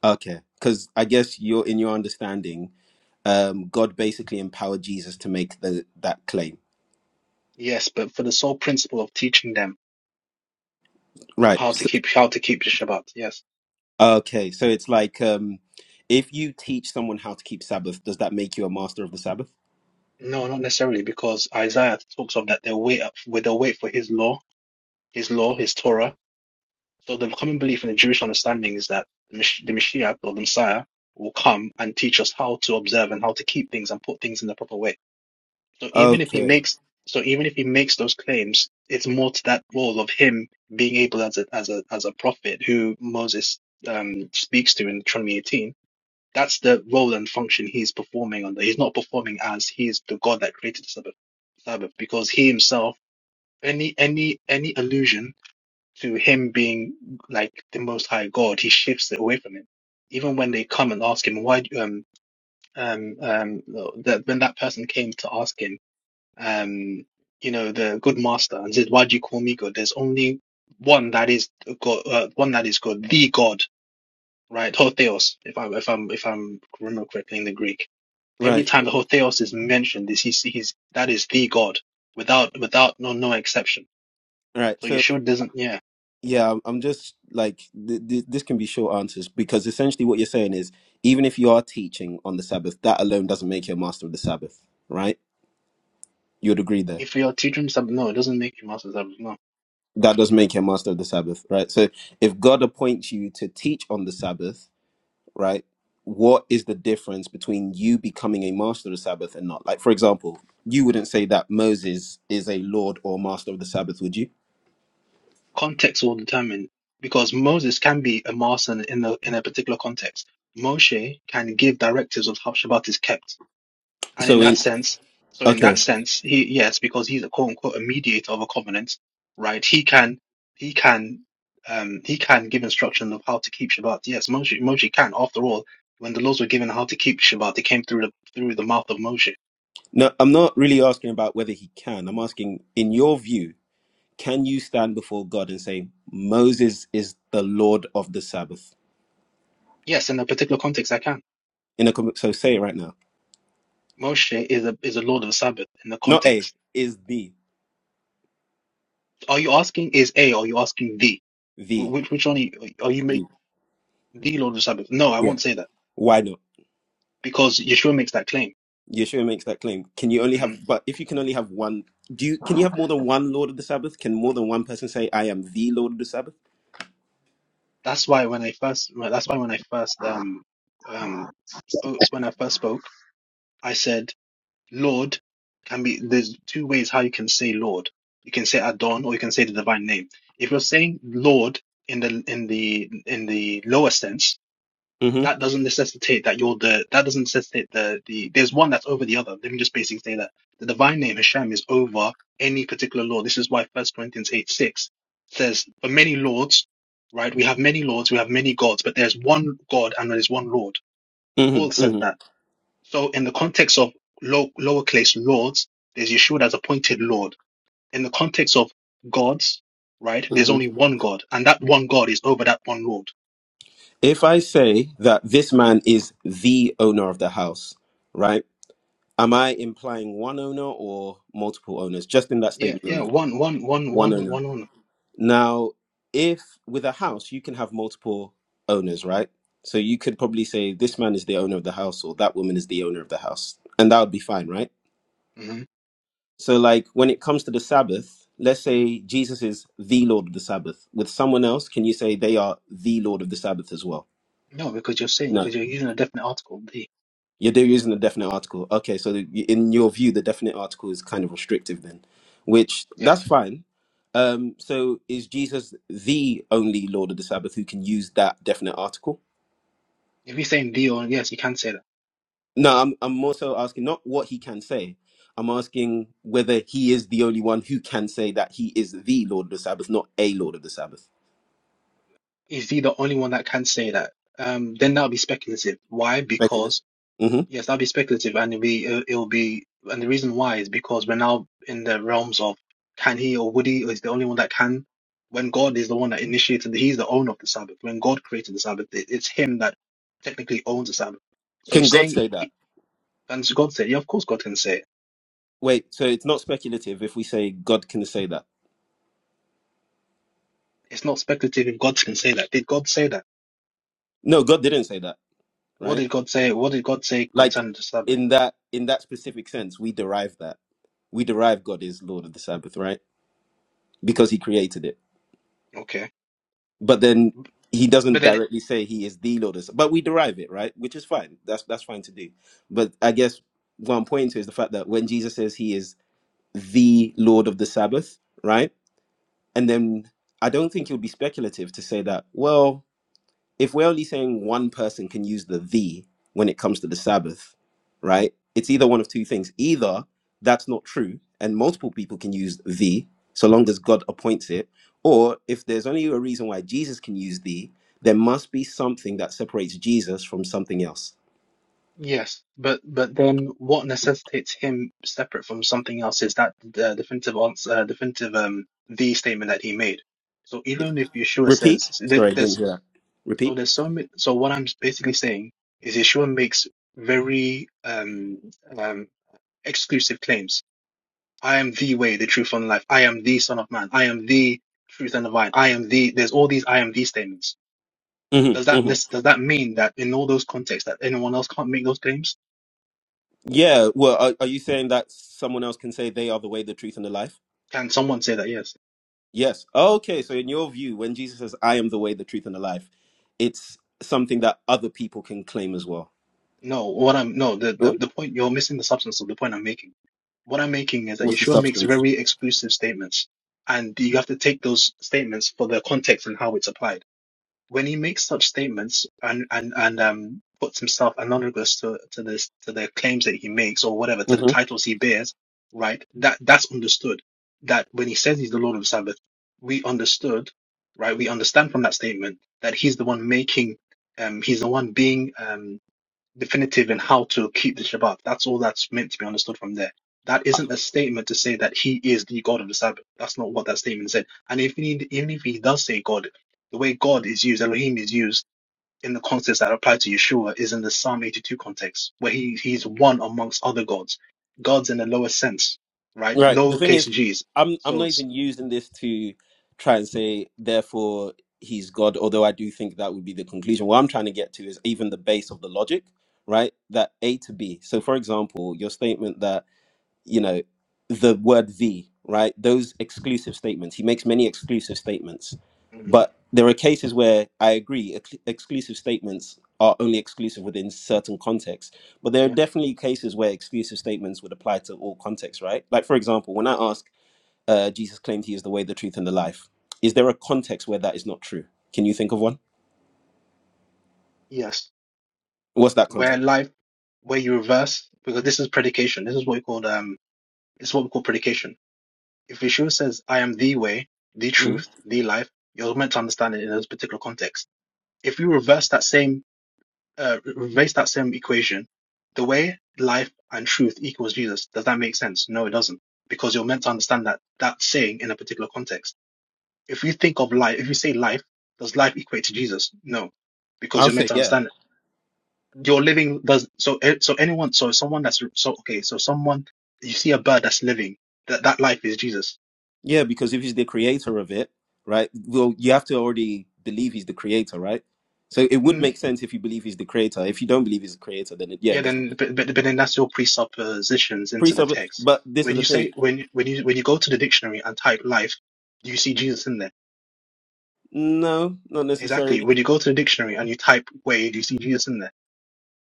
Speaker 12: Okay, because I guess you're in your understanding, um, God basically empowered Jesus to make the, that claim
Speaker 11: Yes, but for the sole principle of teaching them of
Speaker 12: Right.
Speaker 11: how to
Speaker 12: S-
Speaker 11: keep how to keep the Shabbat, yes.
Speaker 12: Okay. So it's like um, if you teach someone how to keep Sabbath, does that make you a master of the Sabbath?
Speaker 11: No, not necessarily, because Isaiah talks of that they wait up, where they wait for his law, his law, his Torah, So the common belief in the Jewish understanding is that the Mashiach or the Messiah will come and teach us how to observe and how to keep things and put things in the proper way. So even if he
Speaker 12: Okay.
Speaker 11: makes so even if he makes those claims, it's more to that role of him being able as a as a as a prophet who Moses um speaks to in Deuteronomy 18. That's the role and function he's performing on. He's not performing as he is the God that created the Sabbath, Sabbath because he himself any any any allusion to him being like the most high God, he shifts it away from him. Even when they come and ask him why, do- um, um, um, that when that person came to ask him, um, you know, the good master and said, why do you call me God? There's only one that is God, uh, one that is God, the God, right? Ho theos, if I, if I'm, if I'm remember correctly in the Greek. Every
Speaker 12: Right.
Speaker 11: time the ho theos is mentioned, is he's, he's, that is the God without, without, no, no exception.
Speaker 12: Right.
Speaker 11: So
Speaker 12: So
Speaker 11: Yeshua doesn't, yeah.
Speaker 12: yeah, I'm I'm just like th- th- this can be short answers because essentially what you're saying is even if you are teaching on the Sabbath, that alone doesn't make you a master of the Sabbath, right? You'd agree there.
Speaker 11: If your teacher is abnormal, it doesn't make your master. abnormal.
Speaker 12: That does make you a master of the Sabbath, right? So if God appoints you to teach on the Sabbath, right? What is the difference between you becoming a master of the Sabbath and not? Like, for example, you wouldn't say that Moses is a Lord or master of the Sabbath, would you?
Speaker 11: Context will determine because Moses can be a master in in a, in a particular context. Moshe can give directives of how Shabbat is kept, and in
Speaker 12: So,
Speaker 11: that
Speaker 12: in
Speaker 11: sense, so in that
Speaker 12: okay,
Speaker 11: sense, he yes, because he's a quote unquote a mediator of a covenant, right? He can he can um he can give instruction of how to keep Shabbat. Yes, Moshe Moshe can. After all, when the laws were given how to keep Shabbat, they came through the through the mouth of Moshe.
Speaker 12: no, I'm not really asking about whether he can. I'm asking, in your view, can you stand before God and say Moses is the Lord of the Sabbath?
Speaker 11: Yes, in a particular context, I can.
Speaker 12: In a com- so, say it right now.
Speaker 11: Moshe is a is a Lord of the Sabbath in the
Speaker 12: Not a
Speaker 11: context.
Speaker 12: is the
Speaker 11: Are you asking is a? Or are you asking the? Wh-
Speaker 12: the.
Speaker 11: Which which one are you, are you make
Speaker 12: the.
Speaker 11: the Lord of the Sabbath? No, I
Speaker 12: Yeah.
Speaker 11: won't say that
Speaker 12: Why not?
Speaker 11: because Yeshua makes that claim.
Speaker 12: Yeshua makes that claim. Can you only
Speaker 11: hmm
Speaker 12: have but if you can only have one do you can you have more than one Lord of the Sabbath? Can more than one person say I am the Lord of the Sabbath?
Speaker 11: That's why when I first well, that's why when I first um um oh, when I first spoke, I said Lord can be there's two ways how you can say Lord. You can say Adon or you can say the divine name. If you're saying Lord in the in the in the lower sense
Speaker 12: hmm
Speaker 11: that doesn't necessitate that you're the that doesn't necessitate the the there's one that's over the other. Let me just basically say that the divine name Hashem is over any particular law. This is why First Corinthians eight six says, "For many lords, right? We have many lords, we have many gods, but there's one God and there's one Lord."
Speaker 12: hmm
Speaker 11: Paul says
Speaker 12: hmm
Speaker 11: that. So in the context of low, lowercase lords, there's Yeshua as appointed Lord. In the context of gods, right? There's
Speaker 12: hmm
Speaker 11: only one God, and that one God is over that one Lord.
Speaker 12: If I say that this man is the owner of the house, right? Am I implying one owner or multiple owners? Just in that
Speaker 11: Yeah,
Speaker 12: statement
Speaker 11: yeah,
Speaker 12: alone.
Speaker 11: one, one, one,
Speaker 12: One
Speaker 11: one,
Speaker 12: owner.
Speaker 11: one, one.
Speaker 12: Now, if with a house you can have multiple owners, right? So you could probably say this man is the owner of the house or that woman is the owner of the house. And that would be fine, right?
Speaker 11: Mhm.
Speaker 12: So, like when it comes to the Sabbath, let's say Jesus is the Lord of the Sabbath. With someone else, can you say they are the Lord of the Sabbath as well?
Speaker 11: No, because you're saying
Speaker 12: No,
Speaker 11: because you're using a definite article, the.
Speaker 12: you're they're using the definite article. Okay, so the- in your view, the definite article is kind of restrictive then, which
Speaker 11: Yeah.
Speaker 12: that's fine. Um, so is Jesus the only Lord of the Sabbath who can use that definite article?
Speaker 11: If you're saying the or yes, you can say that.
Speaker 12: No, I'm I'm more so asking not what he can say. I'm asking whether he is the only one who can say that he is the Lord of the Sabbath, not a Lord of the Sabbath.
Speaker 11: Is the the only one that can say that? Um, then that'll be speculative. Why?
Speaker 12: Speculative.
Speaker 11: Because
Speaker 12: hmm
Speaker 11: yes, that'll be speculative, and it'll be it'll, it'll be, and the reason why is because we're now in the realms of can he or would he or is the only one that can. When God is the one that initiated, he's the owner of the Sabbath. When God created the Sabbath, it, it's him that technically owns the Sabbath. So
Speaker 12: Can God
Speaker 11: saying,
Speaker 12: say that?
Speaker 11: and so God said, yeah, of course God can say it.
Speaker 12: Wait, so it's not speculative if we say God can say that.
Speaker 11: It's not speculative if God can say that. Did God say that?
Speaker 12: No, God didn't say that,
Speaker 11: What
Speaker 12: right?
Speaker 11: did God say? What did God say
Speaker 12: Like
Speaker 11: concerning the Sabbath?
Speaker 12: in that in that specific sense, we derive that. We derive God is Lord of the Sabbath, right? Because he created it.
Speaker 11: Okay.
Speaker 12: But then he doesn't
Speaker 11: But then,
Speaker 12: directly say he is the Lord of the Sabbath. But we derive it, right? Which is fine. That's that's fine to do. But I guess what I'm pointing to is the fact that when Jesus says he is the Lord of the Sabbath, right? And then I don't think it would be speculative to say that, well, if we're only saying one person can use the the when it comes to the Sabbath, right? It's either one of two things. Either that's not true and multiple people can use the so long as God appoints it, or if there's only a reason why Jesus can use the, there must be something that separates Jesus from something else.
Speaker 11: yes, but but then, what necessitates him separate from something else is that the definitive answer, uh, definitive um, the statement that he made. So even if Yeshua
Speaker 12: Repeat?
Speaker 11: says so there-
Speaker 12: Sorry, I didn't
Speaker 11: there's
Speaker 12: hear that.
Speaker 11: so
Speaker 12: Repeat?
Speaker 11: there's so many, so what I'm basically saying is Yeshua makes very um um exclusive claims. I am the way, the truth, and life. I am the Son of Man. I am the truth and the vine. I am the. There's all these I am the statements
Speaker 12: hmm
Speaker 11: Does that
Speaker 12: hmm
Speaker 11: nec- does that mean that in all those contexts that anyone else can't make those claims?
Speaker 12: Yeah, well, are, are you saying that someone else can say they are the way, the truth, and the life?
Speaker 11: Can someone say that? Yes.
Speaker 12: Yes. Okay. So, in your view, when Jesus says, I am the way, the truth, and the life, it's something that other people can claim as well.
Speaker 11: No. What I'm no the, the
Speaker 12: Mm.
Speaker 11: the point you're missing the substance of the point I'm making. What I'm making is that
Speaker 12: What's the
Speaker 11: Yeshua makes
Speaker 12: substance?
Speaker 11: very exclusive statements, and you have to take those statements for their context and how it's applied. when he makes such statements and and and um puts himself analogous to to this to the claims that he makes or whatever to the
Speaker 12: hmm
Speaker 11: titles he bears, right? That that's understood. That when he says he's the Lord of the Sabbath, we understood, right? We understand from that statement that he's the one making, um, he's the one being um definitive in how to keep the Shabbat. That's all that's meant to be understood from there. That isn't a statement to say that he is the God of the Sabbath. That's not what that statement said. And if he, even if he does say God, the way God is used, Elohim is used in the context that apply to Yeshua is in the Psalm 82 context, where he, he's one amongst other gods. God's in the lower sense, right?
Speaker 12: Right. The thing is,
Speaker 11: Lowercase g's.
Speaker 12: I'm, I'm
Speaker 11: So
Speaker 12: not even using this to try and say, therefore, he's God, although I do think that would be the conclusion. What I'm trying to get to is even the base of the logic, right? That A to B. So, for example, your statement that you know the word the right those exclusive statements he makes many exclusive statements
Speaker 11: hmm
Speaker 12: but there are cases where i agree ex- exclusive statements are only exclusive within certain contexts but there are
Speaker 11: Yeah.
Speaker 12: definitely cases where exclusive statements would apply to all contexts right like for example when i ask uh, jesus claimed he is the way the truth and the life is there a context where that is not true can you think of one
Speaker 11: Yes.
Speaker 12: what's that
Speaker 11: Where
Speaker 12: context
Speaker 11: life, where you reverse, because this is predication. This is what we call um. This is what we call predication. If Yeshua says, "I am the way, the
Speaker 12: Mhm.
Speaker 11: truth, the life," you're meant to understand it in this particular context. If you reverse that same uh, reverse that same equation, the way life and truth equals Jesus, does that make sense? No, it doesn't. Because you're meant to understand that that saying in a particular context. If you think of life, if you say life, does life equate to Jesus? No, because
Speaker 12: i'll
Speaker 11: you're meant
Speaker 12: say
Speaker 11: to
Speaker 12: yeah
Speaker 11: understand it. you're living. Does so? eh, So anyone, so someone that's so okay, so someone you see a bird that's living, that that life is Jesus.
Speaker 12: Yeah, because if he's the creator of it, right? Well, you have to already believe he's the creator, right? So it would
Speaker 11: Mm,
Speaker 12: make sense if you believe he's the creator. If you don't believe he's the creator, then it, yeah,
Speaker 11: yeah,
Speaker 12: it doesn't
Speaker 11: then but, but but then that's your presuppositions into the
Speaker 12: presuppose.
Speaker 11: text.
Speaker 12: But this
Speaker 11: When
Speaker 12: is
Speaker 11: you
Speaker 12: the thing.
Speaker 11: say when when you when you go to the dictionary and type life, do you see Jesus in there?
Speaker 12: No, not
Speaker 11: Exactly.
Speaker 12: necessarily.
Speaker 11: When you go to the dictionary and you type Wade, you see Jesus in there.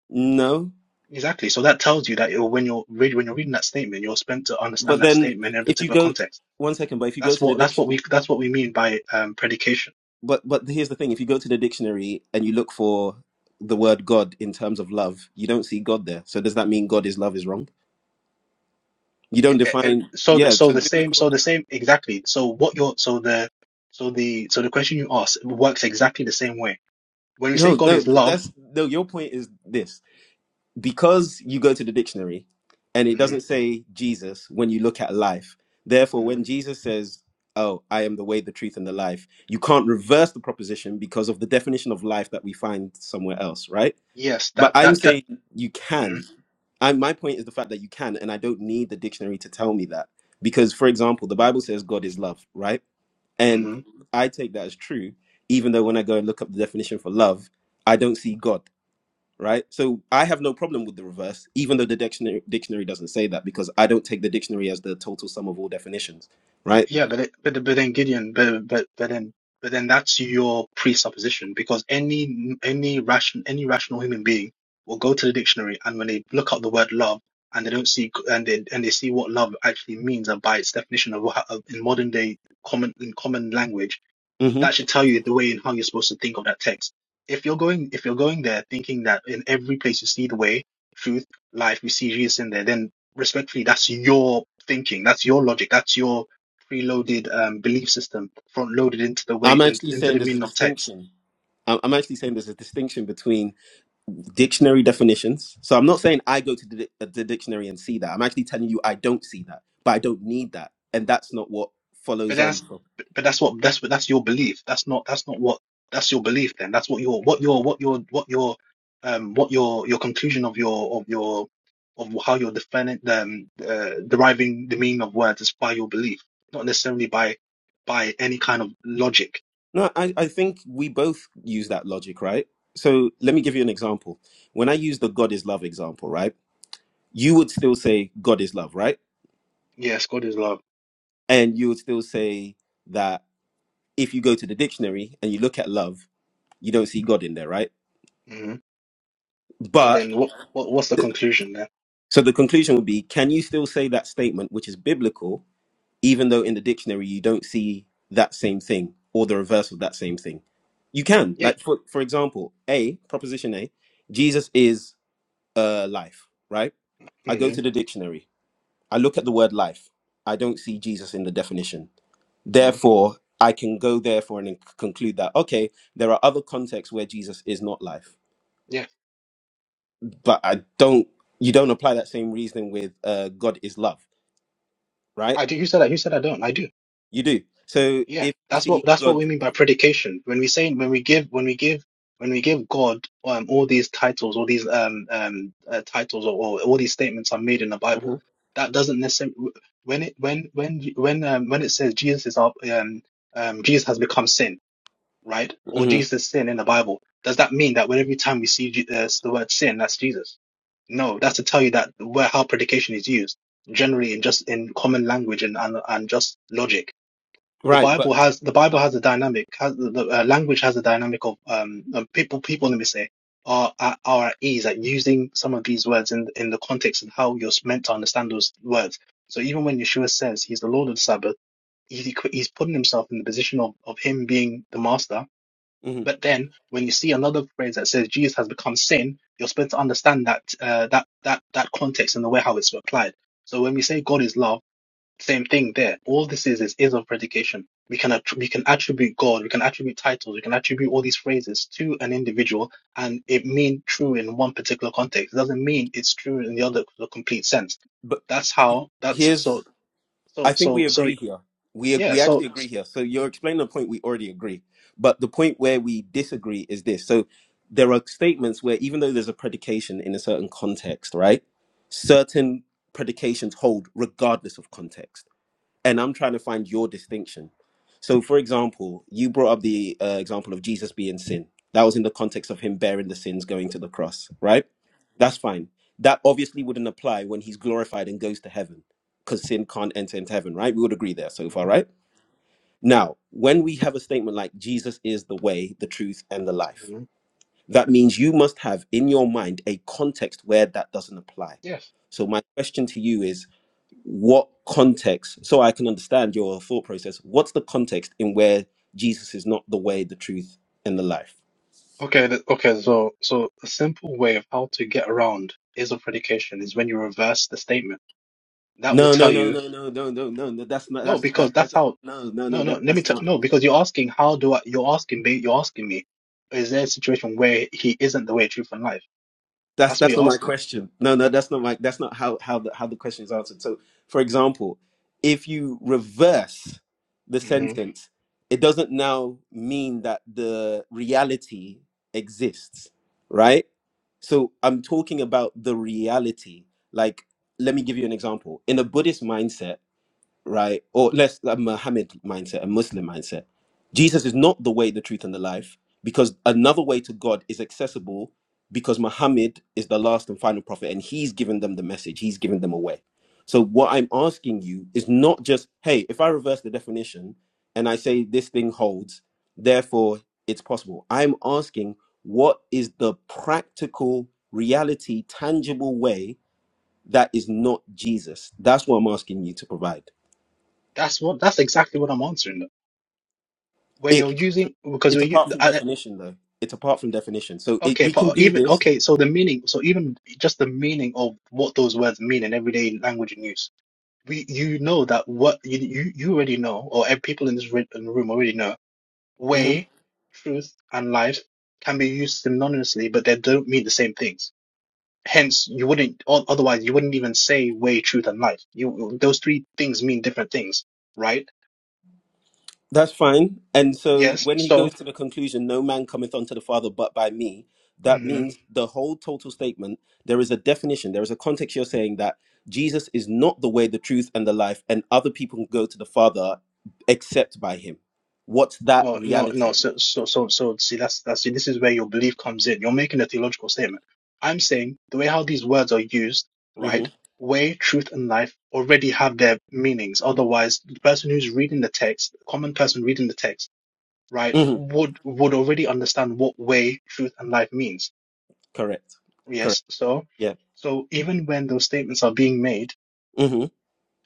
Speaker 12: No,
Speaker 11: Exactly. So that tells you that it, when you're read, when you're reading that statement, you're meant to
Speaker 12: but
Speaker 11: understand that
Speaker 12: then
Speaker 11: statement in a
Speaker 12: if you
Speaker 11: particular
Speaker 12: go
Speaker 11: context.
Speaker 12: one second, but if you go
Speaker 11: That's
Speaker 12: to the
Speaker 11: what that's what
Speaker 12: dictionary,
Speaker 11: we that's what we mean by um, predication.
Speaker 12: but but here's the thing: if you go to the dictionary and you look for the word God in terms of love, you don't see God there. So does that mean God is love is wrong? You don't
Speaker 11: It- it-
Speaker 12: define.
Speaker 11: it- so th-
Speaker 12: Yeah.
Speaker 11: so
Speaker 12: So
Speaker 11: the same so the same exactly. So what you're so the so the so the question you ask works exactly the same way. When we say
Speaker 12: no,
Speaker 11: God
Speaker 12: no,
Speaker 11: is love,
Speaker 12: that's no. Your point is this because you go to the dictionary and it
Speaker 11: hmm
Speaker 12: doesn't say Jesus when you look at life, therefore,
Speaker 11: hmm
Speaker 12: when Jesus says, Oh, I am the way, the truth, and the life, you can't reverse the proposition because of the definition of life that we find somewhere else, right?
Speaker 11: yes,
Speaker 12: But
Speaker 11: that
Speaker 12: I'm
Speaker 11: that that.
Speaker 12: saying you
Speaker 11: mhm,
Speaker 12: can. I, my point is the fact that you can, and I don't need the dictionary to tell me that. Because, for example, the Bible says God is love, right? And
Speaker 11: mhm.
Speaker 12: I take that as true, even though when I go and look up the definition for love, I don't see God right? So I have no problem with the reverse, even though the dictionary dictionary doesn't say that because I don't take the dictionary as the total sum of all definitions, right?
Speaker 11: Yeah, but it, but but then Gideon, but but but then but then that's your presupposition because any any ration any rational human being will go to the dictionary and when they look up the word love and they don't see and they and they see what love actually means and by its definition of, what- of in modern day common in common language
Speaker 12: hmm
Speaker 11: that should tell you the way and how you're supposed to think of that text. If you're going, if you're going there thinking that in every place you see the way, truth, life, you see Jesus in there, then respectfully, that's your thinking, that's your logic, that's your preloaded um, belief system front loaded into the way
Speaker 12: I'm actually
Speaker 11: into the
Speaker 12: saying there's a
Speaker 11: meaning of text
Speaker 12: distinction. I'm I'm actually saying there's a distinction between dictionary definitions. So I'm not saying I go to the, di- uh, the dictionary and see that. I'm actually telling you I don't see that, but I don't need that, and that's not what
Speaker 11: But
Speaker 12: follows on
Speaker 11: that's
Speaker 12: from.
Speaker 11: but that's what that's what that's your belief. That's not that's not what that's your belief. Then that's what your what your what your what your um what your your conclusion of your of your of how you're defining um uh, deriving the meaning of words is by your belief, not necessarily by by any kind of logic.
Speaker 12: No, I, I think we both use that logic, right? So let me give you an example. When I use the God is love example, right? you would still say God is love, right?
Speaker 11: Yes, God is love.
Speaker 12: And you would still say that if you go to the dictionary and you look at love, you don't see God in there, right?
Speaker 11: hmm So
Speaker 12: But
Speaker 11: then, what what what's the conclusion there?
Speaker 12: so the conclusion would be can you still say that statement, which is biblical, even though in the dictionary you don't see that same thing or the reverse of that same thing? You can.
Speaker 11: Yeah.
Speaker 12: Like, for, for example, A, proposition A, Jesus is uh, life, right? I go
Speaker 11: hmm
Speaker 12: to the dictionary, I look at the word life, I don't see Jesus in the definition.
Speaker 11: hmm
Speaker 12: Therefore, I can go therefore and conclude that okay, there are other contexts where Jesus is not life,
Speaker 11: Yeah.
Speaker 12: but I don't. You don't apply that same reasoning with uh, God is love, right?
Speaker 11: I do. You said that. You said I don't. I do.
Speaker 12: You do. So
Speaker 11: Yeah,
Speaker 12: if you
Speaker 11: that's what
Speaker 12: see
Speaker 11: that's what
Speaker 12: God,
Speaker 11: we mean by predication. When we say when we give when we give when we give God um, all these titles, all these um um uh, titles, or, or all these statements are made in the Bible.
Speaker 12: Mhm,
Speaker 11: That doesn't necessarily when it when when when um, when it says Jesus is our um um Jesus has become sin, right? Or
Speaker 12: mhm.
Speaker 11: Jesus is sin in the Bible. Does that mean that when every time we see Je- uh, the word sin, that's Jesus? No, that's to tell you that where how predication is used generally in just in common language and and, and just logic the
Speaker 12: right,
Speaker 11: Bible
Speaker 12: but
Speaker 11: has the Bible has a dynamic has the, the uh, language has a dynamic of um of people people let me say are at, are at ease at using some of these words in in the context and how you're meant to understand those words. So even when Yeshua says he's the Lord of the Sabbath, he, he's putting himself in the position of of him being the master.
Speaker 12: mhm.
Speaker 11: But then when you see another phrase that says Jesus has become sin, you're supposed to understand that uh, that that that context and the way how it's applied. So when we say God is love same thing there. All this is is is of predication. We can attr- we can attribute God, we can attribute titles, we can attribute all these phrases to an individual, and it mean true in one particular context. It doesn't mean it's true in the other the complete sense.
Speaker 12: but
Speaker 11: That's how. That's
Speaker 12: here's
Speaker 11: so so
Speaker 12: I think
Speaker 11: so
Speaker 12: we
Speaker 11: so
Speaker 12: agree here. We
Speaker 11: yeah.
Speaker 12: we
Speaker 11: So
Speaker 12: actually agree here. So you're explaining the point we already agree, but the point where we disagree is this. So there are statements where even though there's a predication in a certain context, right? Certain predications hold regardless of context. And I'm trying to find your distinction. So, for example, you brought up the uh, example of Jesus being sin. That was in the context of him bearing the sins, going to the cross, right? That's fine. That obviously wouldn't apply when he's glorified and goes to heaven, because sin can't enter into heaven, right? We would agree there so far,
Speaker 11: Mhm,
Speaker 12: right? Now, when we have a statement like Jesus is the way, the truth, and the life,
Speaker 11: mhm.
Speaker 12: that means you must have in your mind a context where that doesn't apply.
Speaker 11: yes.
Speaker 12: So, my question to you is what context so i can understand your thought process what's the context in where jesus is not the way the truth and the life
Speaker 11: Okay. th- Okay. So so a simple way of how to get around is of predication is when you reverse the statement. That will
Speaker 12: no no
Speaker 11: tell you
Speaker 12: no no no no no no no that's not
Speaker 11: No,
Speaker 12: that's that,
Speaker 11: because that's
Speaker 12: that's
Speaker 11: how.
Speaker 12: no no
Speaker 11: No,
Speaker 12: no
Speaker 11: no.
Speaker 12: that,
Speaker 11: Let me.
Speaker 12: that's
Speaker 11: T
Speaker 12: not
Speaker 11: no, because you're asking how do I? You're asking me. You're asking me. Is there a situation where he isn't the way, truth, and life?
Speaker 12: That's
Speaker 11: That's what
Speaker 12: that's
Speaker 11: you're
Speaker 12: not my
Speaker 11: asking.
Speaker 12: question. No, no, that's not my that's not how how the how the question is answered. So, for example, if you reverse the
Speaker 11: hmm
Speaker 12: sentence, it doesn't now mean that the reality exists, right? So, I'm talking about the reality. Like, let me give you an example. In a Buddhist mindset, right? Or less a Muhammad mindset, a Muslim mindset. Jesus is not the way, the truth, and the life, because another way to God is accessible because Muhammad is the last and final prophet and he's given them the message, he's given them a way. So, what I'm asking you is not just, hey, if I reverse the definition and I say this thing holds, therefore it's possible. I'm asking, what is the practical reality, tangible way that is not Jesus? That's what I'm asking you to provide
Speaker 11: That's what. That's exactly what I'm answering. Though. When you're using, because
Speaker 12: It's
Speaker 11: we.
Speaker 12: apart from
Speaker 11: I,
Speaker 12: definition, though. It's apart from definition. So it,
Speaker 11: okay,
Speaker 12: we can
Speaker 11: but
Speaker 12: do
Speaker 11: even
Speaker 12: this.
Speaker 11: okay. So the meaning. So even just the meaning of what those words mean in everyday language and use. We, you know that what you you, you already know, or ev- people in this re- in the room already know
Speaker 12: Mhm.
Speaker 11: way, truth, and life can be used synonymously, but they don't mean the same things. Hence, you wouldn't, o- otherwise, you wouldn't even say way, truth, and life. You, those three things mean different things, right?
Speaker 12: That's fine. And so
Speaker 11: Yes.
Speaker 12: when he goes
Speaker 11: So,
Speaker 12: to the conclusion, no man cometh unto the Father but by me, that
Speaker 11: hmm
Speaker 12: means the whole total statement, there is a definition, there is a context you're saying that Jesus is not the way, the truth, and the life, and other people can go to the Father except by him. What's that
Speaker 11: no, no,
Speaker 12: reality?
Speaker 11: no. So, so, so, so, see, that's, that's, see, this is where your belief comes in. You're making a theological statement. I'm saying the way how these words are used,
Speaker 12: hmm
Speaker 11: right? Way, truth, and life already have their meanings. Otherwise, the person who's reading the text, the common person reading the text, right,
Speaker 12: hmm
Speaker 11: would would already understand what way, truth, and life means.
Speaker 12: Correct. Correct.
Speaker 11: Yes, so
Speaker 12: Yeah.
Speaker 11: so even when those statements are being made,
Speaker 12: hmm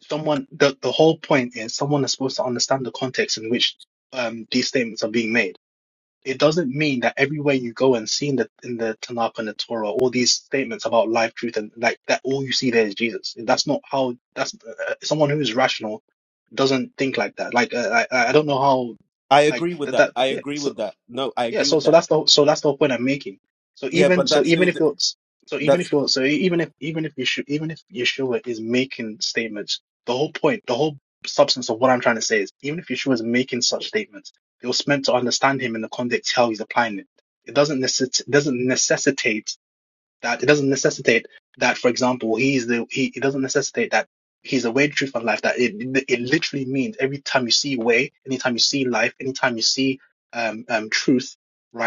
Speaker 11: someone the the whole point is someone is supposed to understand the context in which um these statements are being made. It doesn't mean that everywhere you go and see in the in the Tanakh and the Torah, all these statements about life, truth, and like that, all you see there is Jesus. That's not how. That's uh, uh, someone who is rational doesn't think like that. Like uh, I I don't know how
Speaker 12: I
Speaker 11: like
Speaker 12: agree with
Speaker 11: that,
Speaker 12: that.
Speaker 11: that
Speaker 12: I
Speaker 11: yeah.
Speaker 12: agree with that. No, I
Speaker 11: Yeah,
Speaker 12: agree
Speaker 11: so
Speaker 12: with
Speaker 11: so
Speaker 12: that.
Speaker 11: that's the so that's the whole point I'm making. So
Speaker 12: Yeah,
Speaker 11: even
Speaker 12: but
Speaker 11: so
Speaker 12: that's
Speaker 11: even
Speaker 12: still
Speaker 11: if you're so even
Speaker 12: that's
Speaker 11: if you're so even if even if Yeshua even if Yeshua is making statements, the whole point, the whole substance of what I'm trying to say is even if Yeshua is making such statements, it was meant to understand him in the context how he's applying it. It doesn't necess- doesn't necessitate that it doesn't necessitate that, for example, he's the he it doesn't necessitate that he's the way, the truth, and life. That it it literally means every time you see way, anytime you see life, anytime you see um um truth,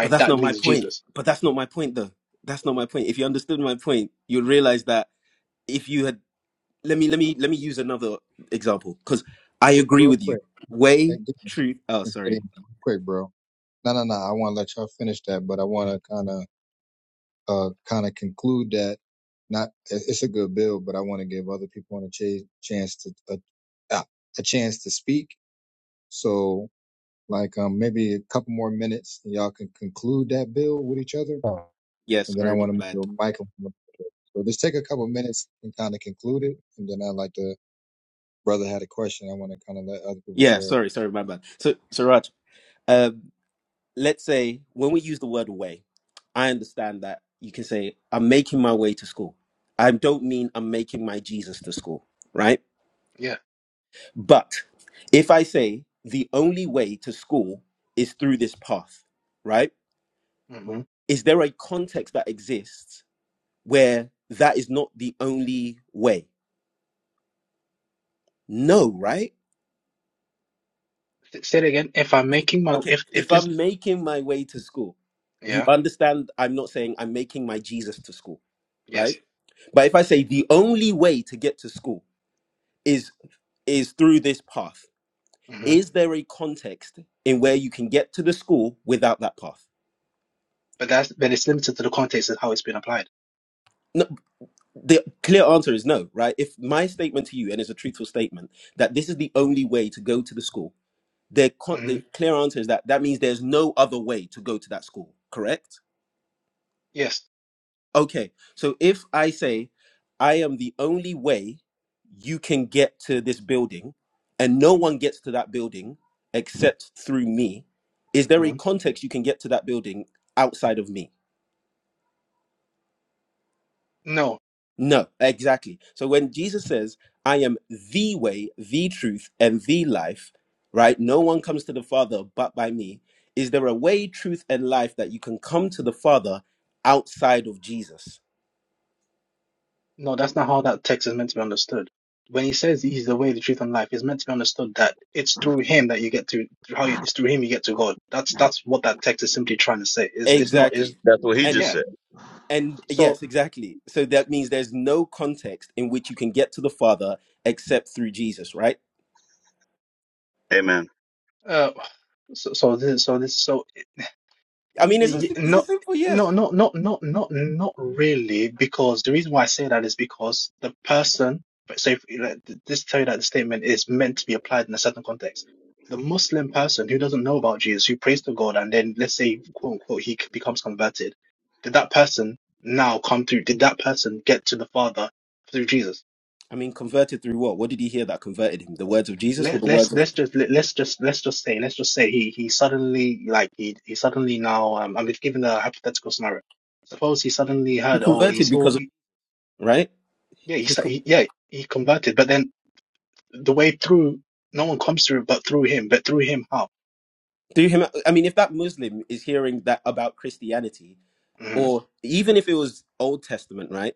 Speaker 12: But that's
Speaker 11: That
Speaker 12: not my
Speaker 11: means
Speaker 12: point.
Speaker 11: Jesus.
Speaker 12: But that's not my point though. That's not my point. If you understood my point, you'd realize that if you had let me let me let me use another example cuz I
Speaker 1: Real
Speaker 12: agree
Speaker 1: real
Speaker 12: with you.
Speaker 1: quick.
Speaker 12: Way,
Speaker 1: Thank you.
Speaker 12: truth. Oh, sorry.
Speaker 1: Real Quick, bro. No, no, no. I want to let y'all finish that, but I want to kind of, uh, kind of conclude that. Not, it- it's a good build, but I want to give other people a ch- chance to a, a, a chance to speak. So, like, um, maybe a couple more minutes, and y'all can conclude that build with each other,
Speaker 6: Oh.
Speaker 12: Yeah,
Speaker 1: and then I
Speaker 12: sorry, my
Speaker 1: want to
Speaker 12: bad.
Speaker 1: move the mic. over. So just take a couple minutes and kind of conclude it, and then I like the brother had a question. I want to kind of let other people
Speaker 12: Yeah,
Speaker 1: share.
Speaker 12: sorry, sorry, my bad. So, so Raj, uh, let's say when we use the word way, I understand that you can say, I'm making my way to school. I don't mean I'm making my Jesus to school, right?
Speaker 11: Yeah.
Speaker 12: But if I say the only way to school is through this path, right?
Speaker 11: hmm
Speaker 12: Is there a context that exists where that is not the only way? No, right?
Speaker 11: Say it again. If I'm making my
Speaker 12: Okay,
Speaker 11: if if
Speaker 12: if
Speaker 11: this
Speaker 12: I'm making my way to school, you
Speaker 11: yeah
Speaker 12: understand I'm not saying I'm making my Jesus to school,
Speaker 11: yes.
Speaker 12: right? But if I say the only way to get to school is is through this path,
Speaker 11: hmm
Speaker 12: is there a context in where you can get to the school without that path?
Speaker 11: But that's but it's limited to the context of how it's been applied.
Speaker 12: No, the clear answer is no, right? If my statement to you and it's a truthful statement that this is the only way to go to the school, the, con-
Speaker 11: hmm
Speaker 12: the clear answer is that that means there's no other way to go to that school, correct?
Speaker 11: Yes.
Speaker 12: Okay, so if I say I am the only way you can get to this building and no one gets to that building except through me, is there a
Speaker 11: hmm
Speaker 12: context you can get to that building outside of me?
Speaker 11: No.
Speaker 12: No, exactly. So when Jesus says, I am the way, the truth, and the life, right? No one comes to the Father but by me. Is there a way, truth, and life that you can come to the Father outside of Jesus?
Speaker 11: No, that's not how that text is meant to be understood. When he says he's the way, the truth, and life, it's meant to be understood that it's through him that you get to how you, it's through him you get to God. That's that's what that text is simply trying to say. Is it's not is
Speaker 12: Exactly.
Speaker 9: That's what He
Speaker 12: and.
Speaker 9: just
Speaker 11: yeah.
Speaker 9: said.
Speaker 12: And
Speaker 11: So
Speaker 12: yes, exactly. So that means there's no context in which you can get to the Father except through Jesus, right?
Speaker 9: Amen.
Speaker 11: uh, so so this so this so
Speaker 12: I mean, it's a,
Speaker 11: Y-
Speaker 12: sim- it's a
Speaker 11: No,
Speaker 12: simple
Speaker 11: no,
Speaker 12: yes.
Speaker 11: no, not, not, not, not really. Because the reason why I say that is because the person. So, if like, th- this tell you that the statement is meant to be applied in a certain context. The Muslim person who doesn't know about Jesus, who prays to God, and then let's say, quote unquote, he c- becomes converted. Did that person now come through? Did that person get to the Father through Jesus?
Speaker 12: I mean, converted through what? What did he hear that converted him? The words of Jesus or
Speaker 11: let,
Speaker 12: the
Speaker 11: let's
Speaker 12: words of.
Speaker 11: let's just let, let's just let's just say let's just say he he suddenly like he he suddenly now um I'm just giving a hypothetical scenario. Suppose he suddenly
Speaker 12: He
Speaker 11: heard oh he
Speaker 12: converted
Speaker 11: saw
Speaker 12: because of.
Speaker 11: he,
Speaker 12: Right?
Speaker 11: yeah he,
Speaker 12: His,
Speaker 11: sa-
Speaker 12: co-
Speaker 11: he yeah he converted but then the way through no one comes through but through him but through him how
Speaker 12: through him. I mean, if that Muslim is hearing that about Christianity,
Speaker 11: hmm
Speaker 12: or even if it was Old Testament, right?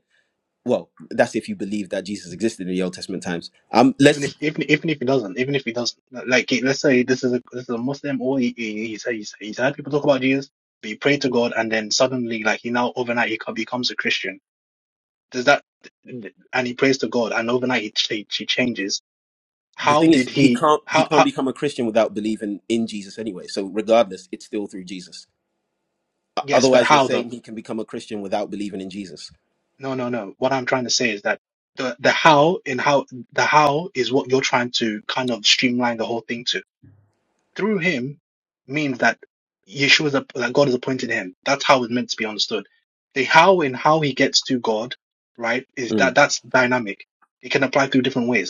Speaker 12: Well, that's if you believe that Jesus existed in the Old Testament times. Um,
Speaker 11: even
Speaker 12: let's
Speaker 11: if even even if he doesn't even if he doesn't like he- let's say this is a this is a Muslim or he, he he's he's he's heard people talk about Jesus but he prayed to God and then suddenly like he now overnight he co- becomes a Christian Does that and he prays to God and overnight he, she, she changes.
Speaker 12: the
Speaker 11: How
Speaker 12: thing
Speaker 11: did
Speaker 12: is he
Speaker 11: he?
Speaker 12: can't he
Speaker 11: How,
Speaker 12: can't
Speaker 11: how?
Speaker 12: become a christian without believing in jesus anyway so regardless it's still through jesus O-
Speaker 11: Yes, but
Speaker 12: otherwise you're
Speaker 11: how though?
Speaker 12: saying he can become a christian without believing in jesus
Speaker 11: No, no, no. What I'm trying to say is that the the how and how the how is what you're trying to kind of streamline the whole thing to. Through him means that Yeshua is a, that God has appointed him. That's how it's meant to be understood. The how and how he gets to God, right? Is that
Speaker 12: Mm.
Speaker 11: that's dynamic. It can apply through different ways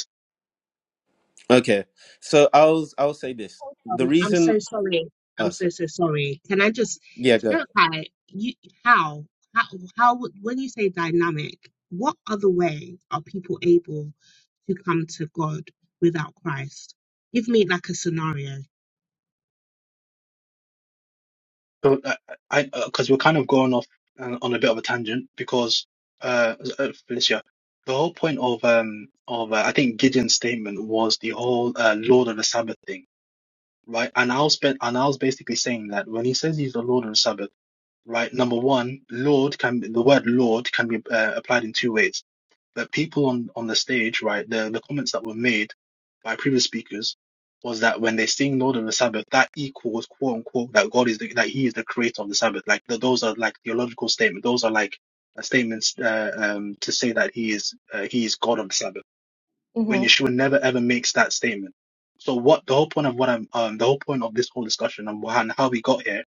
Speaker 12: okay so i'll i'll say this the
Speaker 4: Um, I'm
Speaker 12: reason
Speaker 4: so sorry. I'm
Speaker 12: oh
Speaker 4: so
Speaker 12: sorry
Speaker 4: so sorry. Can I just
Speaker 12: yeah go
Speaker 4: clarify? You how how how would- when you say dynamic, what other way are people able to come to God without Christ? Give me like a scenario.
Speaker 11: So uh, I, because we're kind of going off uh, on a bit of a tangent because uh, uh, Felicia, the whole point of um of uh, I think Gideon's statement was the whole uh, Lord of the Sabbath thing, right? And I was been and I was basically saying that when he says he's the Lord of the Sabbath, right? Number one, Lord can the word Lord can be uh, applied in two ways that people on on the stage, right, the the comments that were made by previous speakers was that when they sing Lord of the Sabbath, that equals quote unquote that God is the, that He is the creator of the Sabbath. Like th those are like theological statements. Those are like uh, statements uh, um, to say that He is uh, He is God of the Sabbath when Yeshua never ever makes that statement. So what the whole point of what I'm um the whole point of this whole discussion and wh- and how we got here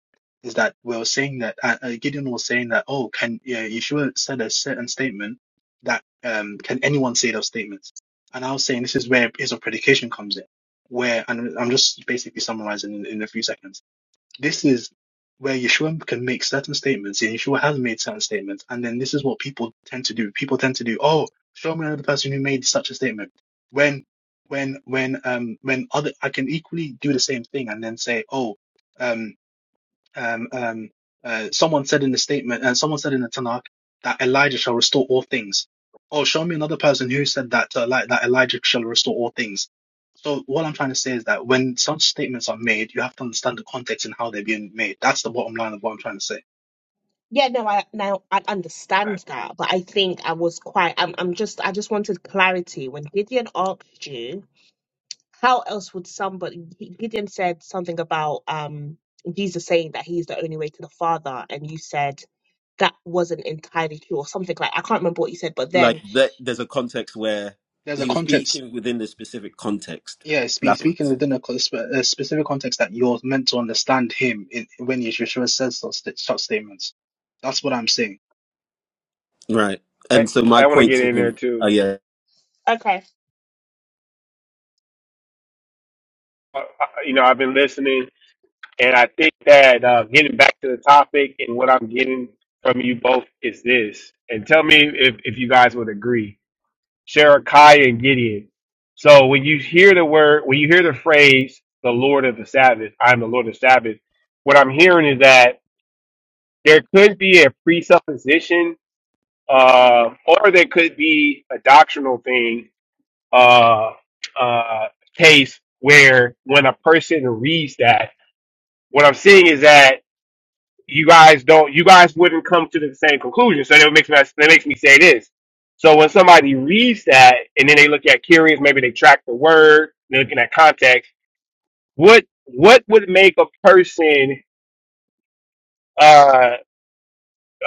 Speaker 11: is that we were saying that uh, uh, Gideon was saying that oh can yeah, Yeshua said a certain statement that um can anyone say those statements? And I was saying this is where is of predication comes in, where and I'm just basically summarizing in, in a few seconds this is where Yeshua can make certain statements, and Yeshua has made certain statements, and then this is what people tend to do. People tend to do, oh, show me another person who made such a statement. When, when, when, um, when other, I can equally do the same thing and then say, oh, um. Um, um, uh, someone said in the statement, and uh, someone said in the Tanakh that Elijah shall restore all things. Oh, show me another person who said that to Eli- that Elijah shall restore all things. So what I'm trying to say is that when such statements are made, you have to understand the context and how they're being made. That's the bottom line of what I'm trying to say.
Speaker 4: Yeah, no, I now I understand that, but I think I was quite. I'm, I'm just. I just wanted clarity when Gideon asked you how else would somebody. G- Gideon said something about um Jesus saying that he's the only way to the Father, and you said that wasn't entirely true or something like. I can't remember what you said, but
Speaker 12: like
Speaker 4: then
Speaker 12: that there's a context where
Speaker 11: There's a
Speaker 12: he was
Speaker 11: context.
Speaker 12: speaking within the specific context
Speaker 11: Yeah, spe-
Speaker 12: that's what I'm
Speaker 11: speaking
Speaker 12: saying.
Speaker 11: within a, co- spe- a specific context that you're meant to understand him in, when Yeshua says such, sta- such statements. That's what I'm saying.
Speaker 12: right
Speaker 6: I,
Speaker 12: and so my
Speaker 6: I want to
Speaker 12: point
Speaker 6: get
Speaker 12: to
Speaker 6: in there
Speaker 12: him oh
Speaker 6: too.
Speaker 12: yeah
Speaker 4: okay,
Speaker 6: Uh, uh, you know, I've been listening, and I think that uh, getting back to the topic and what I'm getting from you both is this. And tell me if, if you guys would agree. Sherekiah and Gideon. So when you hear the word, when you hear the phrase, the Lord of the Sabbath, I'm the Lord of the Sabbath, what I'm hearing is that there could be a presupposition uh, or there could be a doctrinal thing uh, uh, case where when a person reads that, what I'm seeing is that you guys don't, you guys wouldn't come to the same conclusion. So that makes me, that makes me say this. So when somebody reads that and then they look at curious, maybe they track the word, they're looking at context. What what would make a person? uh,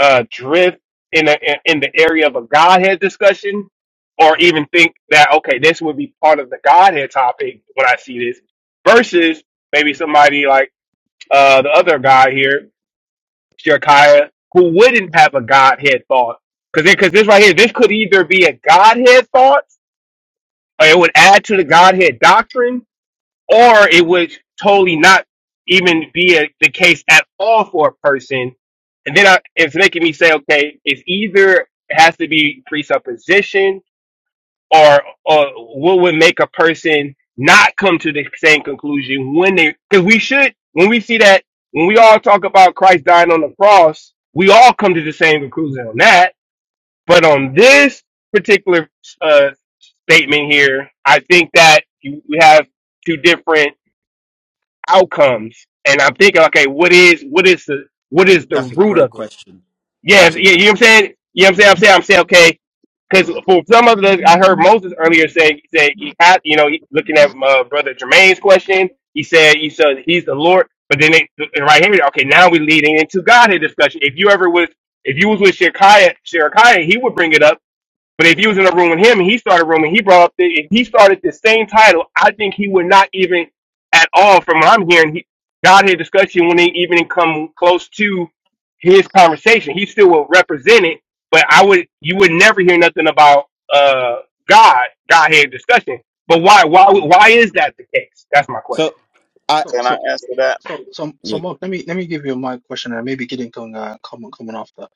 Speaker 6: uh, drift in the in the area of a Godhead discussion, or even think that okay, this would be part of the Godhead topic when I see this, versus maybe somebody like uh, the other guy here, Shekiah, who wouldn't have a Godhead thought, because because this right here, this could either be a Godhead thought, or it would add to the Godhead doctrine, or it would totally not even be a, the case at all for a person. And then I, it's making me say, okay, it's either it has to be presupposition or, or what would make a person not come to the same conclusion when they, because we should, when we see that, when we all talk about Christ dying on the cross, we all come to the same conclusion on that. But on this particular uh, statement here, I think that you, we have two different outcomes and I'm thinking, okay, what is what is the what is the
Speaker 12: that's a
Speaker 6: root
Speaker 12: great
Speaker 6: of it?
Speaker 12: question
Speaker 6: Yes,
Speaker 12: that's a
Speaker 6: yeah, you know
Speaker 12: great
Speaker 6: what I'm saying? You know what I'm saying? I'm saying I'm saying okay, because for some of the I heard Moses earlier say he said he had you know he, looking at uh, brother Jermaine's question, he said he said he's the Lord, but then it, and right here, okay, now we're leading into Godhead discussion. If you ever was if you was with Shekiah, Shekiah, he would bring it up but if you was in a room with him and he started a room and he brought up the, if he started the same title, I think he would not even at all from what I'm hearing, he, Godhead discussion wouldn't even come close to his conversation. He still will represent it, but I would you would never hear nothing about uh God, Godhead discussion. But why why
Speaker 12: Mm.
Speaker 6: why is that the case? That's my question.
Speaker 12: so i
Speaker 11: So,
Speaker 9: Can
Speaker 11: so.
Speaker 9: I answer that?
Speaker 11: So, so, so,
Speaker 12: yeah
Speaker 11: Mark, let me let me give you my question, and maybe Gideon can uh, comment comment after.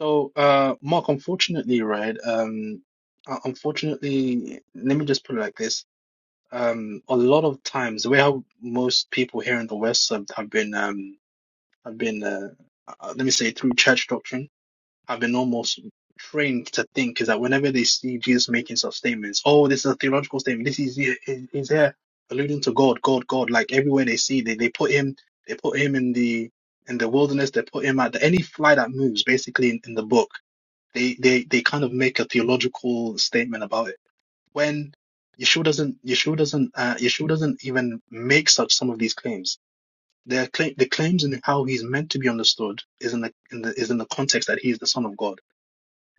Speaker 11: So, uh, Mark, unfortunately, right? Um, uh, unfortunately, let me just put it like this. Um, a lot of times, the way how most people here in the West have, have been um have been uh, uh, let me say through church doctrine have been almost trained to think is that whenever they see Jesus making such statements, oh, this is a theological statement. This is is, is there alluding to God, God, God. Like everywhere they see, they they put him, they put him in the in the wilderness. They put him at the, any fly that moves, basically in, in the book. They they they kind of make a theological statement about it when. Yeshua doesn't. Yeshua doesn't. Uh, Yeshua doesn't even make such some of these claims. Their claim, the claims in how he's meant to be understood is in the in the is in the context that he is the Son of God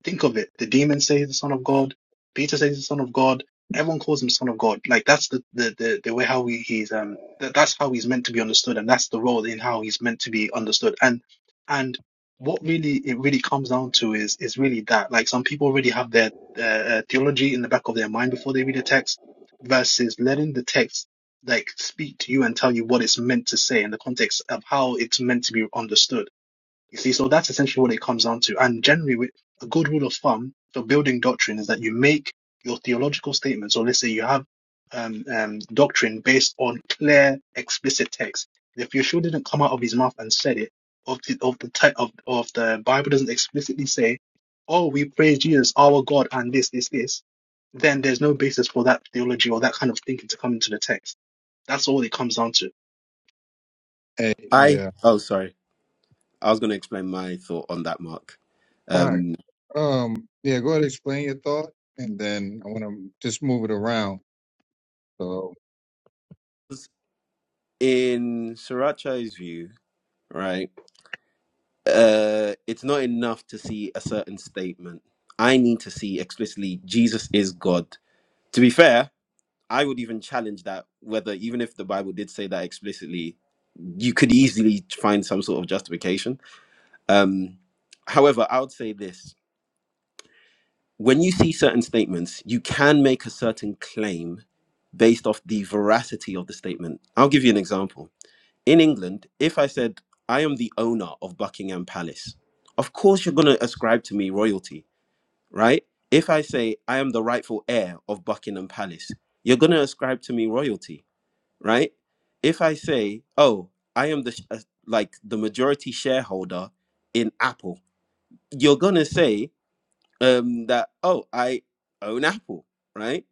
Speaker 11: Think of it. The demons say he's the son of God. Peter says he's the son of God. Everyone calls him son of God. Like that's the the the, the way how we, he's um that, that's how he's meant to be understood, and that's the role in how he's meant to be understood. And and what really it really comes down to is is really that like some people already have their uh, uh, theology in the back of their mind before they read a text, versus letting the text like speak to you and tell you what it's meant to say in the context of how it's meant to be understood you see, so that's essentially what it comes down to. And generally, with a good rule of thumb for building doctrine is that you make your theological statements, or let's say you have um, um, doctrine based on clear, explicit text. If Yeshua didn't come out of his mouth and said it, of the of the type of of the Bible doesn't explicitly say, "Oh, we praise Jesus, our God," and this, this, this, then there's no basis for that theology or that kind of thinking to come into the text. That's all it comes down to.
Speaker 1: Hey,
Speaker 12: i
Speaker 1: yeah.
Speaker 12: oh sorry I was going to explain my thought on that, Mark.
Speaker 1: All right.
Speaker 12: Um,
Speaker 1: Um, yeah, go ahead and explain your thought, and then I want to just move it around. So
Speaker 12: in Sriracha's view, right, uh, it's not enough to see a certain statement. I need to see explicitly Jesus is God. To be fair, I would even challenge that whether, even if the Bible did say that explicitly, you could easily find some sort of justification. Um, however, I would say this when you see certain statements, you can make a certain claim based off the veracity of the statement. I'll give you an example. In England, if I said, I am the owner of Buckingham Palace, of course you're going to ascribe to me royalty, right? If I say, I am the rightful heir of Buckingham Palace, you're going to ascribe to me royalty, right? If I say, oh, I am the sh- uh, like the majority shareholder in Apple, you're going to say um, that oh i own apple right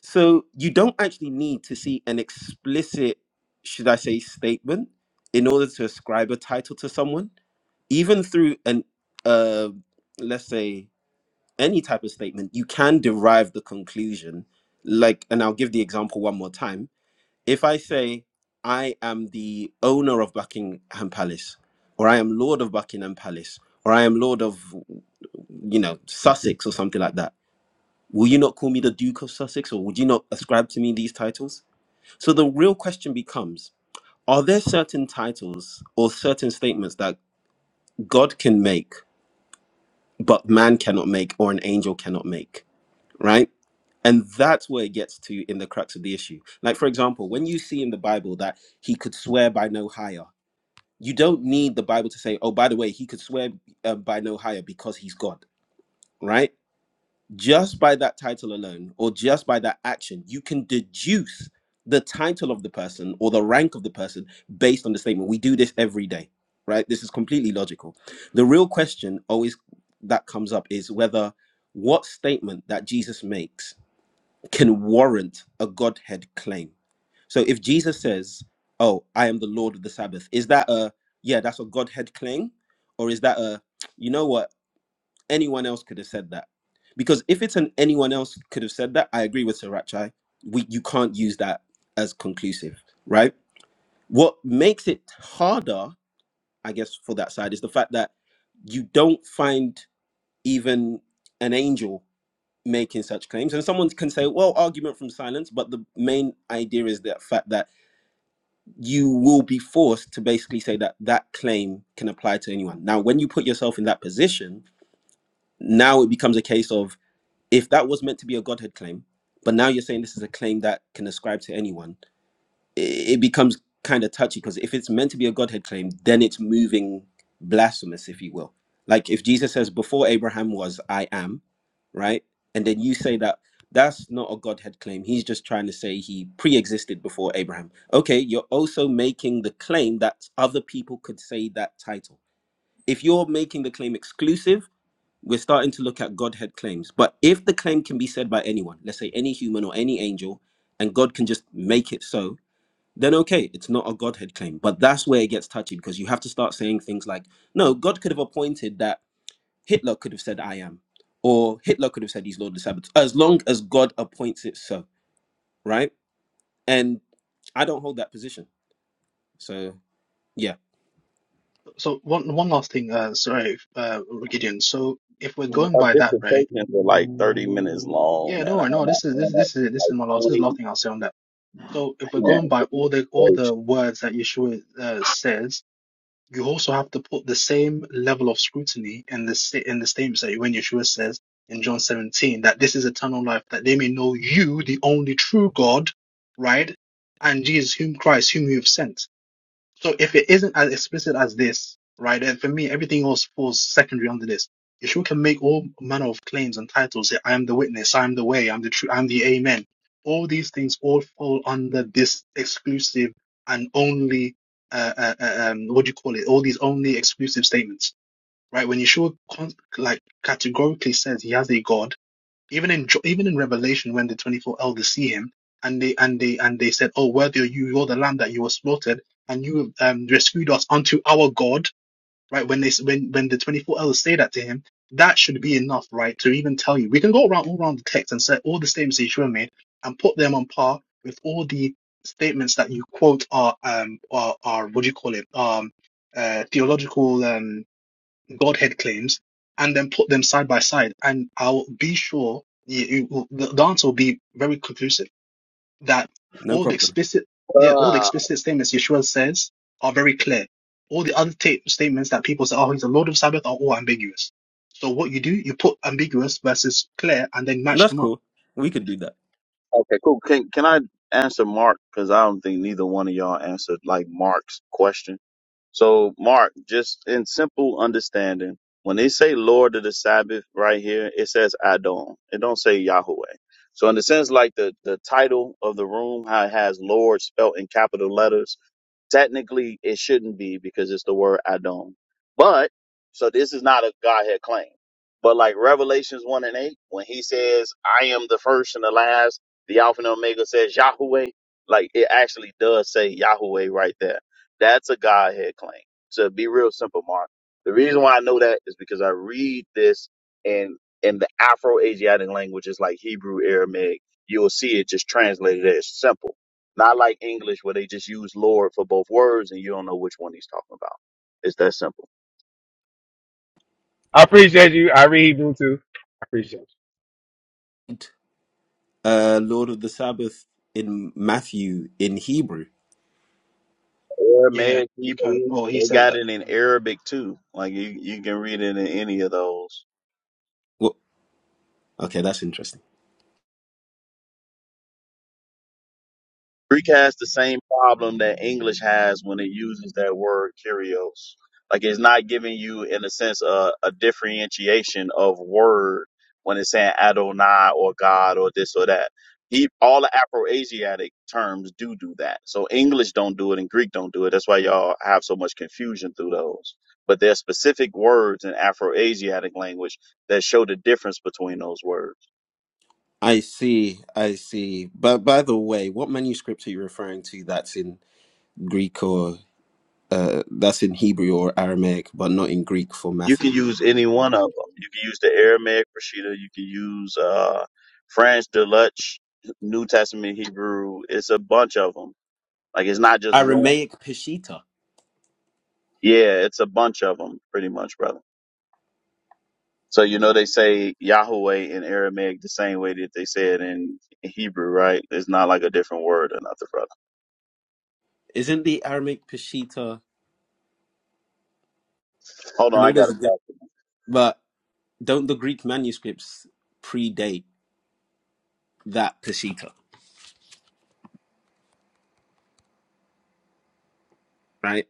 Speaker 12: so you don't actually need to see an explicit should i say statement in order to ascribe a title to someone even through an uh, let's say any type of statement you can derive the conclusion like and i'll give the example one more time if i say i am the owner of buckingham palace or i am lord of buckingham palace or i am lord of you know sussex or something like that Will you not call me the Duke of Sussex, or would you not ascribe to me these titles? So the real question becomes Are there certain titles or certain statements that God can make, but man cannot make, or an angel cannot make? Right? And that's where it gets to in the crux of the issue. Like, for example, when you see in the Bible that he could swear by no higher, you don't need the Bible to say, oh, by the way, he could swear uh, by no higher because he's God, right? just by that title alone or just by that action, you can deduce the title of the person or the rank of the person based on the statement. We do this every day, right? This is completely logical. The real question always that comes up is whether what statement that Jesus makes can warrant a Godhead claim. So if Jesus says, Oh, I am the Lord of the Sabbath, is that a, yeah, that's a Godhead claim? Or is that a, you know what? anyone else could have said that. Because if it's an anyone else could have said that, I agree with Sirachai. We you can't use that as conclusive, right? What makes it harder, I guess, for that side is the fact that you don't find even an angel making such claims. And someone can say, well, argument from silence, but the main idea is the fact that you will be forced to basically say that that claim can apply to anyone. Now, when you put yourself in that position, now it becomes a case of if that was meant to be a godhead claim but now you're saying this is a claim that can ascribe to anyone i- it becomes kind of touchy because if it's meant to be a godhead claim then it's moving blasphemous if you will like if jesus says before abraham was i am right and then you say that that's not a godhead claim he's just trying to say he pre-existed before abraham okay you're also making the claim that other people could say that title if you're making the claim exclusive we're starting to look at Godhead claims. But if the claim can be said by anyone, let's say any human or any angel, and God can just make it so, then okay, it's not a Godhead claim. But that's where it gets touchy because you have to start saying things like, no, God could have appointed that Hitler could have said, I am, or Hitler could have said he's Lord of the Sabbath, as long as God appoints it so, right? And I don't hold that position. So yeah,
Speaker 11: So one one last thing, uh, sorry, uh, Gideon. So if we're going
Speaker 9: Our
Speaker 11: by that, right?
Speaker 9: dissertations are like 30 minutes long,
Speaker 11: Yeah,
Speaker 9: man. I
Speaker 11: no,
Speaker 9: have
Speaker 11: no.
Speaker 9: my
Speaker 11: This is
Speaker 9: hand
Speaker 11: this
Speaker 9: up
Speaker 11: this is it. This is
Speaker 9: like
Speaker 11: my last. This is
Speaker 9: 20
Speaker 11: the last thing I'll say on that. So if we're
Speaker 9: man,
Speaker 11: going by all
Speaker 9: goodness
Speaker 11: the all
Speaker 9: gracious.
Speaker 11: the words that Yeshua uh, says, you also have to put the same level of scrutiny in the sta- in the statements that when Yeshua says in John 17 that this is eternal life, that they may know you, the only true God, right, and Jesus, whom Christ, whom you have sent so if it isn't as explicit as this, right, then for me, everything else falls secondary under this. Yeshua can make all manner of claims and titles. Say, I am the witness, I am the way, I'm the truth, I'm the amen. All these things all fall under this exclusive and only, uh, uh, uh, um, what do you call it? All these only exclusive statements, right? When Yeshua con- like categorically says he has a God, even in Jo- even in Revelation, when the twenty four elders see him, and they and they and they said, "Oh, worthy are you, you're the Lamb that you were slaughtered, and you um, rescued us unto our God." Right when they s- when when the twenty four elders say that to him, that should be enough, right, to even tell you. We can go around all around the text and say all the statements that Yeshua made and put them on par with all the statements that you quote are um are are what do you call it um uh theological um, Godhead claims and then put them side by side, and I'll be sure you, you- the, answer will be very conclusive that
Speaker 12: no
Speaker 11: all the
Speaker 12: problem.
Speaker 11: explicit yeah, all the
Speaker 9: Uh,
Speaker 11: explicit statements Yeshua says are very clear. All the other ta- statements that people say, oh, he's the Lord of Sabbath, are all ambiguous. So what you do, you put ambiguous versus clear, and then
Speaker 12: And
Speaker 11: match
Speaker 12: that's
Speaker 11: them up.
Speaker 12: cool. We could do that.
Speaker 9: okay, cool. Can can I answer Mark? Because I don't think neither one of y'all answered like Mark's question. So, Mark, just in simple understanding, when they say Lord of the Sabbath right here, it says Adon. It don't say Yahweh. So, in the sense like the the title of the room, how it has Lord spelt in capital letters, Technically, it shouldn't be because it's the word Adon. But, so this is not a Godhead claim. But like Revelations 1 and 8, when he says, I am the first and the last, the Alpha and Omega says Yahweh, like it actually does say Yahweh right there. That's a Godhead claim. To be real simple, Mark. The reason why I know that is because I read this in in the Afro Asiatic languages like Hebrew, Aramaic. You'll see it just translated as simple. Not like English where they just use Lord for both words and you don't know which one he's talking about. It's that simple.
Speaker 6: I appreciate you. I read you too. I appreciate it.
Speaker 12: Uh, Lord of the Sabbath in Matthew in Hebrew
Speaker 11: Yeah,
Speaker 9: Aramaic,
Speaker 11: we can.
Speaker 9: Hebrew,
Speaker 11: Oh, he
Speaker 9: they
Speaker 11: said
Speaker 9: got
Speaker 11: that.
Speaker 9: it in
Speaker 11: Um,
Speaker 9: Arabic too. Like you, you can read it in any of those.
Speaker 12: Well, okay, that's interesting.
Speaker 9: Greek has the same problem that English has when it uses that word "curios." Like it's not giving you, in a sense, a, a differentiation of word when it's saying Adonai or God or this or that. He, all the Afro-Asiatic terms do do that. So English don't do it and Greek don't do it. That's why y'all have so much confusion through those. But there's specific words in Afro-Asiatic language that show the difference between those words.
Speaker 12: I see, I see. But by the way, what manuscript are you referring to that's in Greek or uh, that's in Hebrew or Aramaic, but not in Greek for
Speaker 9: you can
Speaker 12: Matthew?
Speaker 9: use any one of them. You can use the Aramaic Rashida. You can use uh, French Deluxe, New Testament Hebrew. It's a bunch of them. Like it's not just one.
Speaker 12: Aramaic Peshitta.
Speaker 9: Yeah, it's a bunch of them, pretty much, brother. So you know they say Yahweh in Aramaic the same way that they say it in Hebrew, right? It's not like a different word or nothing, brother.
Speaker 12: Isn't the Aramaic Peshitta?
Speaker 9: Hold
Speaker 12: I
Speaker 9: on,
Speaker 12: know
Speaker 9: I got
Speaker 12: there's
Speaker 9: a
Speaker 12: a diff-
Speaker 9: problem.
Speaker 12: but don't the Greek manuscripts predate that Peshitta, right?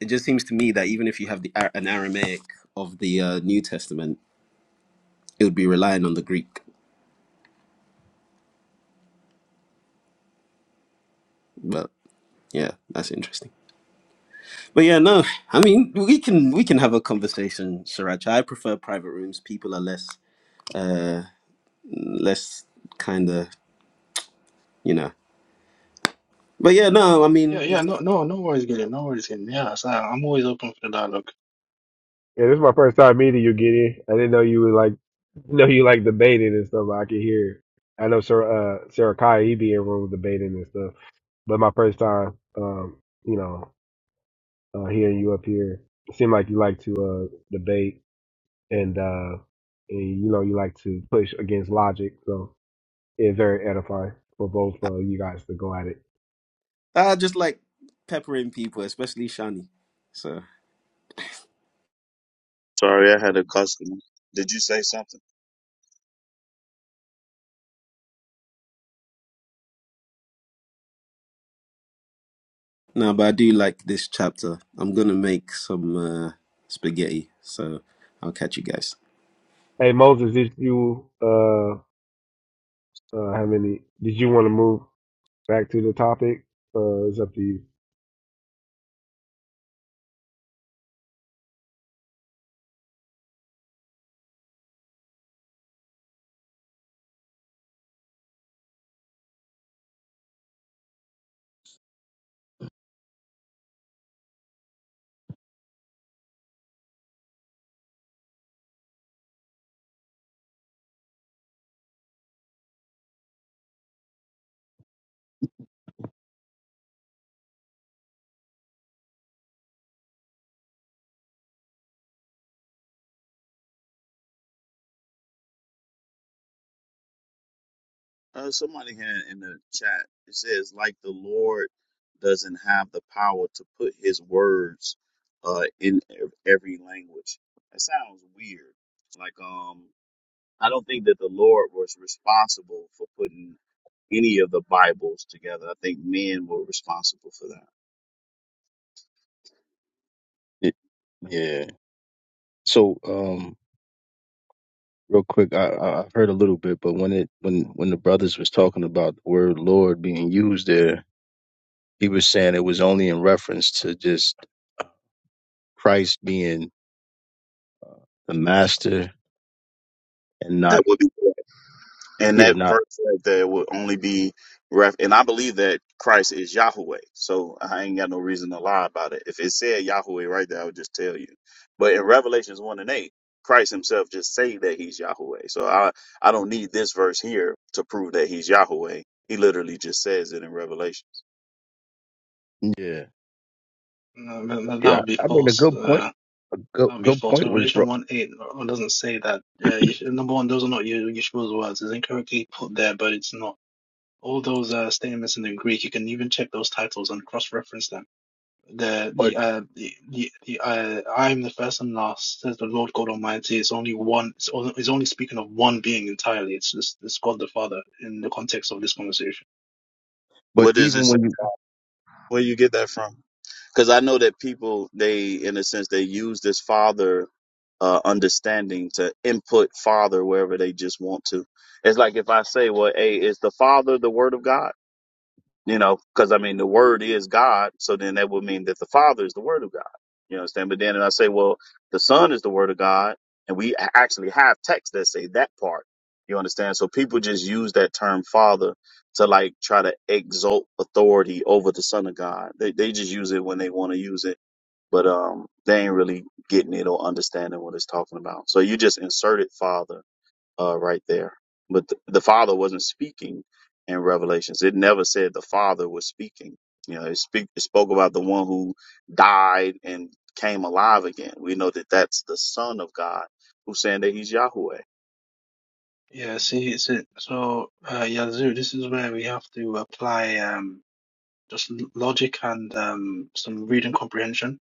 Speaker 12: It just seems to me that even if you have the Ar- an Aramaic of the uh, New Testament, it would be relying on the Greek. But yeah, that's interesting. But yeah, no, I mean we can we can have a conversation, Sriracha. I prefer private rooms. People are less uh less kind of you know. But yeah, no, I
Speaker 11: Yeah, yeah,
Speaker 12: mean
Speaker 11: no, no, no worries, Gideon. No worries, Gideon. Yeah, so I'm always open for the dialogue.
Speaker 6: Yeah, this is my first time meeting you, Gideon. I didn't know you were like, know you like debating and stuff. I could hear. I know Sarah, uh, Sarah Kai, he be in room debating and stuff. But my first time, um, you know, uh, hearing you up here, it seemed like you like to uh, debate and uh, and you know you like to push against logic. So it's very edifying for both
Speaker 12: I,
Speaker 6: uh, you guys to go at it.
Speaker 12: I just like peppering people, especially Shani. So
Speaker 9: Sorry, I had a customer. Did you say something?
Speaker 12: no, but I do like this chapter. I'm gonna make some uh spaghetti, so I'll catch you guys.
Speaker 6: Hey Moses, did you uh, uh, have any? Did you want to move back to the topic? Uh, it's up to you.
Speaker 9: Uh, somebody had in the chat. It says, like the Lord doesn't have the power to put His words uh, in ev- every language. That sounds weird. Like, um, I don't think that the Lord was responsible for putting any of the Bibles together. I think men were responsible for that.
Speaker 13: Y- Yeah. So, um, real quick, I, I I heard a little bit, but when it when when the brothers was talking about the word Lord being used there, he was saying it was only in reference to just Christ being the master and
Speaker 9: That
Speaker 13: not
Speaker 9: would be And
Speaker 13: yeah
Speaker 9: that
Speaker 13: not
Speaker 9: verse right there would only be ref. And I believe that Christ is Yahweh. So I ain't got no reason to lie about it. If it said Yahweh right there, I would just tell you. But in Revelations 1 and 8, Christ himself just say that he's Yahweh. So I, I don't need this verse here to prove that he's Yahweh. He literally just says it in Revelations.
Speaker 13: yeah
Speaker 11: No, that that
Speaker 13: yeah.
Speaker 11: would be
Speaker 13: I mean, a
Speaker 11: false.
Speaker 13: good point.
Speaker 11: Uh,
Speaker 13: Good
Speaker 11: That'd be
Speaker 13: good
Speaker 11: false.
Speaker 13: point was bro-
Speaker 11: Revelation 1 8 doesn't say that. Uh, you should- number one, those are not Ye- Yeshua's words. It's incorrectly put there, but it's not. All those uh, statements in the Greek, you can even check those titles and cross-reference them. The
Speaker 13: but
Speaker 11: the uh, the the, the uh, I am the first and last, says the Lord God Almighty. It's only one. It's, only, it's only speaking of one being entirely. It's just it's God the Father in the context of this conversation.
Speaker 13: but
Speaker 9: What does it
Speaker 13: even
Speaker 9: say?
Speaker 13: when you
Speaker 9: Where you get that from? because I know that people they in a sense they use this father uh, understanding to input father wherever they just want to. It's like if I say, well, hey, is the father the word of God? You know, because I mean, the word is God. So then that would mean that the Father is the word of God. You understand? But then I say, well, the Son is the word of God. And we a- actually have texts that say that part. You understand? So people just use that term Father to like try to exalt authority over the Son of God. They, they just use it when they want to use it. But um, they ain't really getting it or understanding what it's talking about. So you just inserted Father uh, right there. But th- the Father wasn't speaking in Revelations. It never said the Father was speaking. You know, it, speak, it spoke about the one who died and came alive again. We know that that's the Son of God who's saying that he's Yahweh.
Speaker 11: Yeah. See, it's it. So uh, Yazoo, this is where we have to apply. Um, just l- logic and um, some reading comprehension.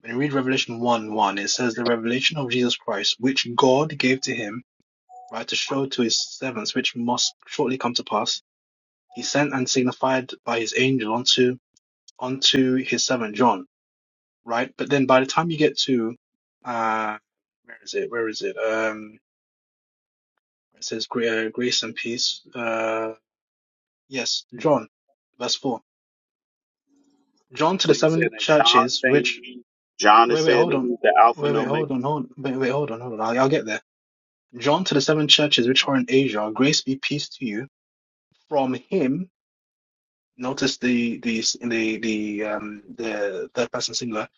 Speaker 11: When you read Revelation 1 1, it says, The revelation of Jesus Christ, which God gave to him, right, to show to his servants, which must shortly come to pass, he sent and signified by his angel unto, unto his servant John, right? But then by the time you get to, uh, where is it? Where is it? Um, it says, "Gra- uh, Grace and peace. Uh, yes, John, verse 4. John to
Speaker 9: So
Speaker 11: the
Speaker 9: you're saying
Speaker 11: seven
Speaker 9: that John
Speaker 11: churches which
Speaker 9: saying he, John
Speaker 11: Wait,
Speaker 9: is
Speaker 11: wait,
Speaker 9: saying
Speaker 11: hold
Speaker 9: that
Speaker 11: on.
Speaker 9: he's the Alpha
Speaker 11: Wait,
Speaker 9: and
Speaker 11: wait,
Speaker 9: Omega.
Speaker 11: hold on, hold Wait, wait, hold on, hold on. I'll, I'll get there. John to the seven churches which are in Asia, grace be peace to you from him. Notice the the the the um the third person singular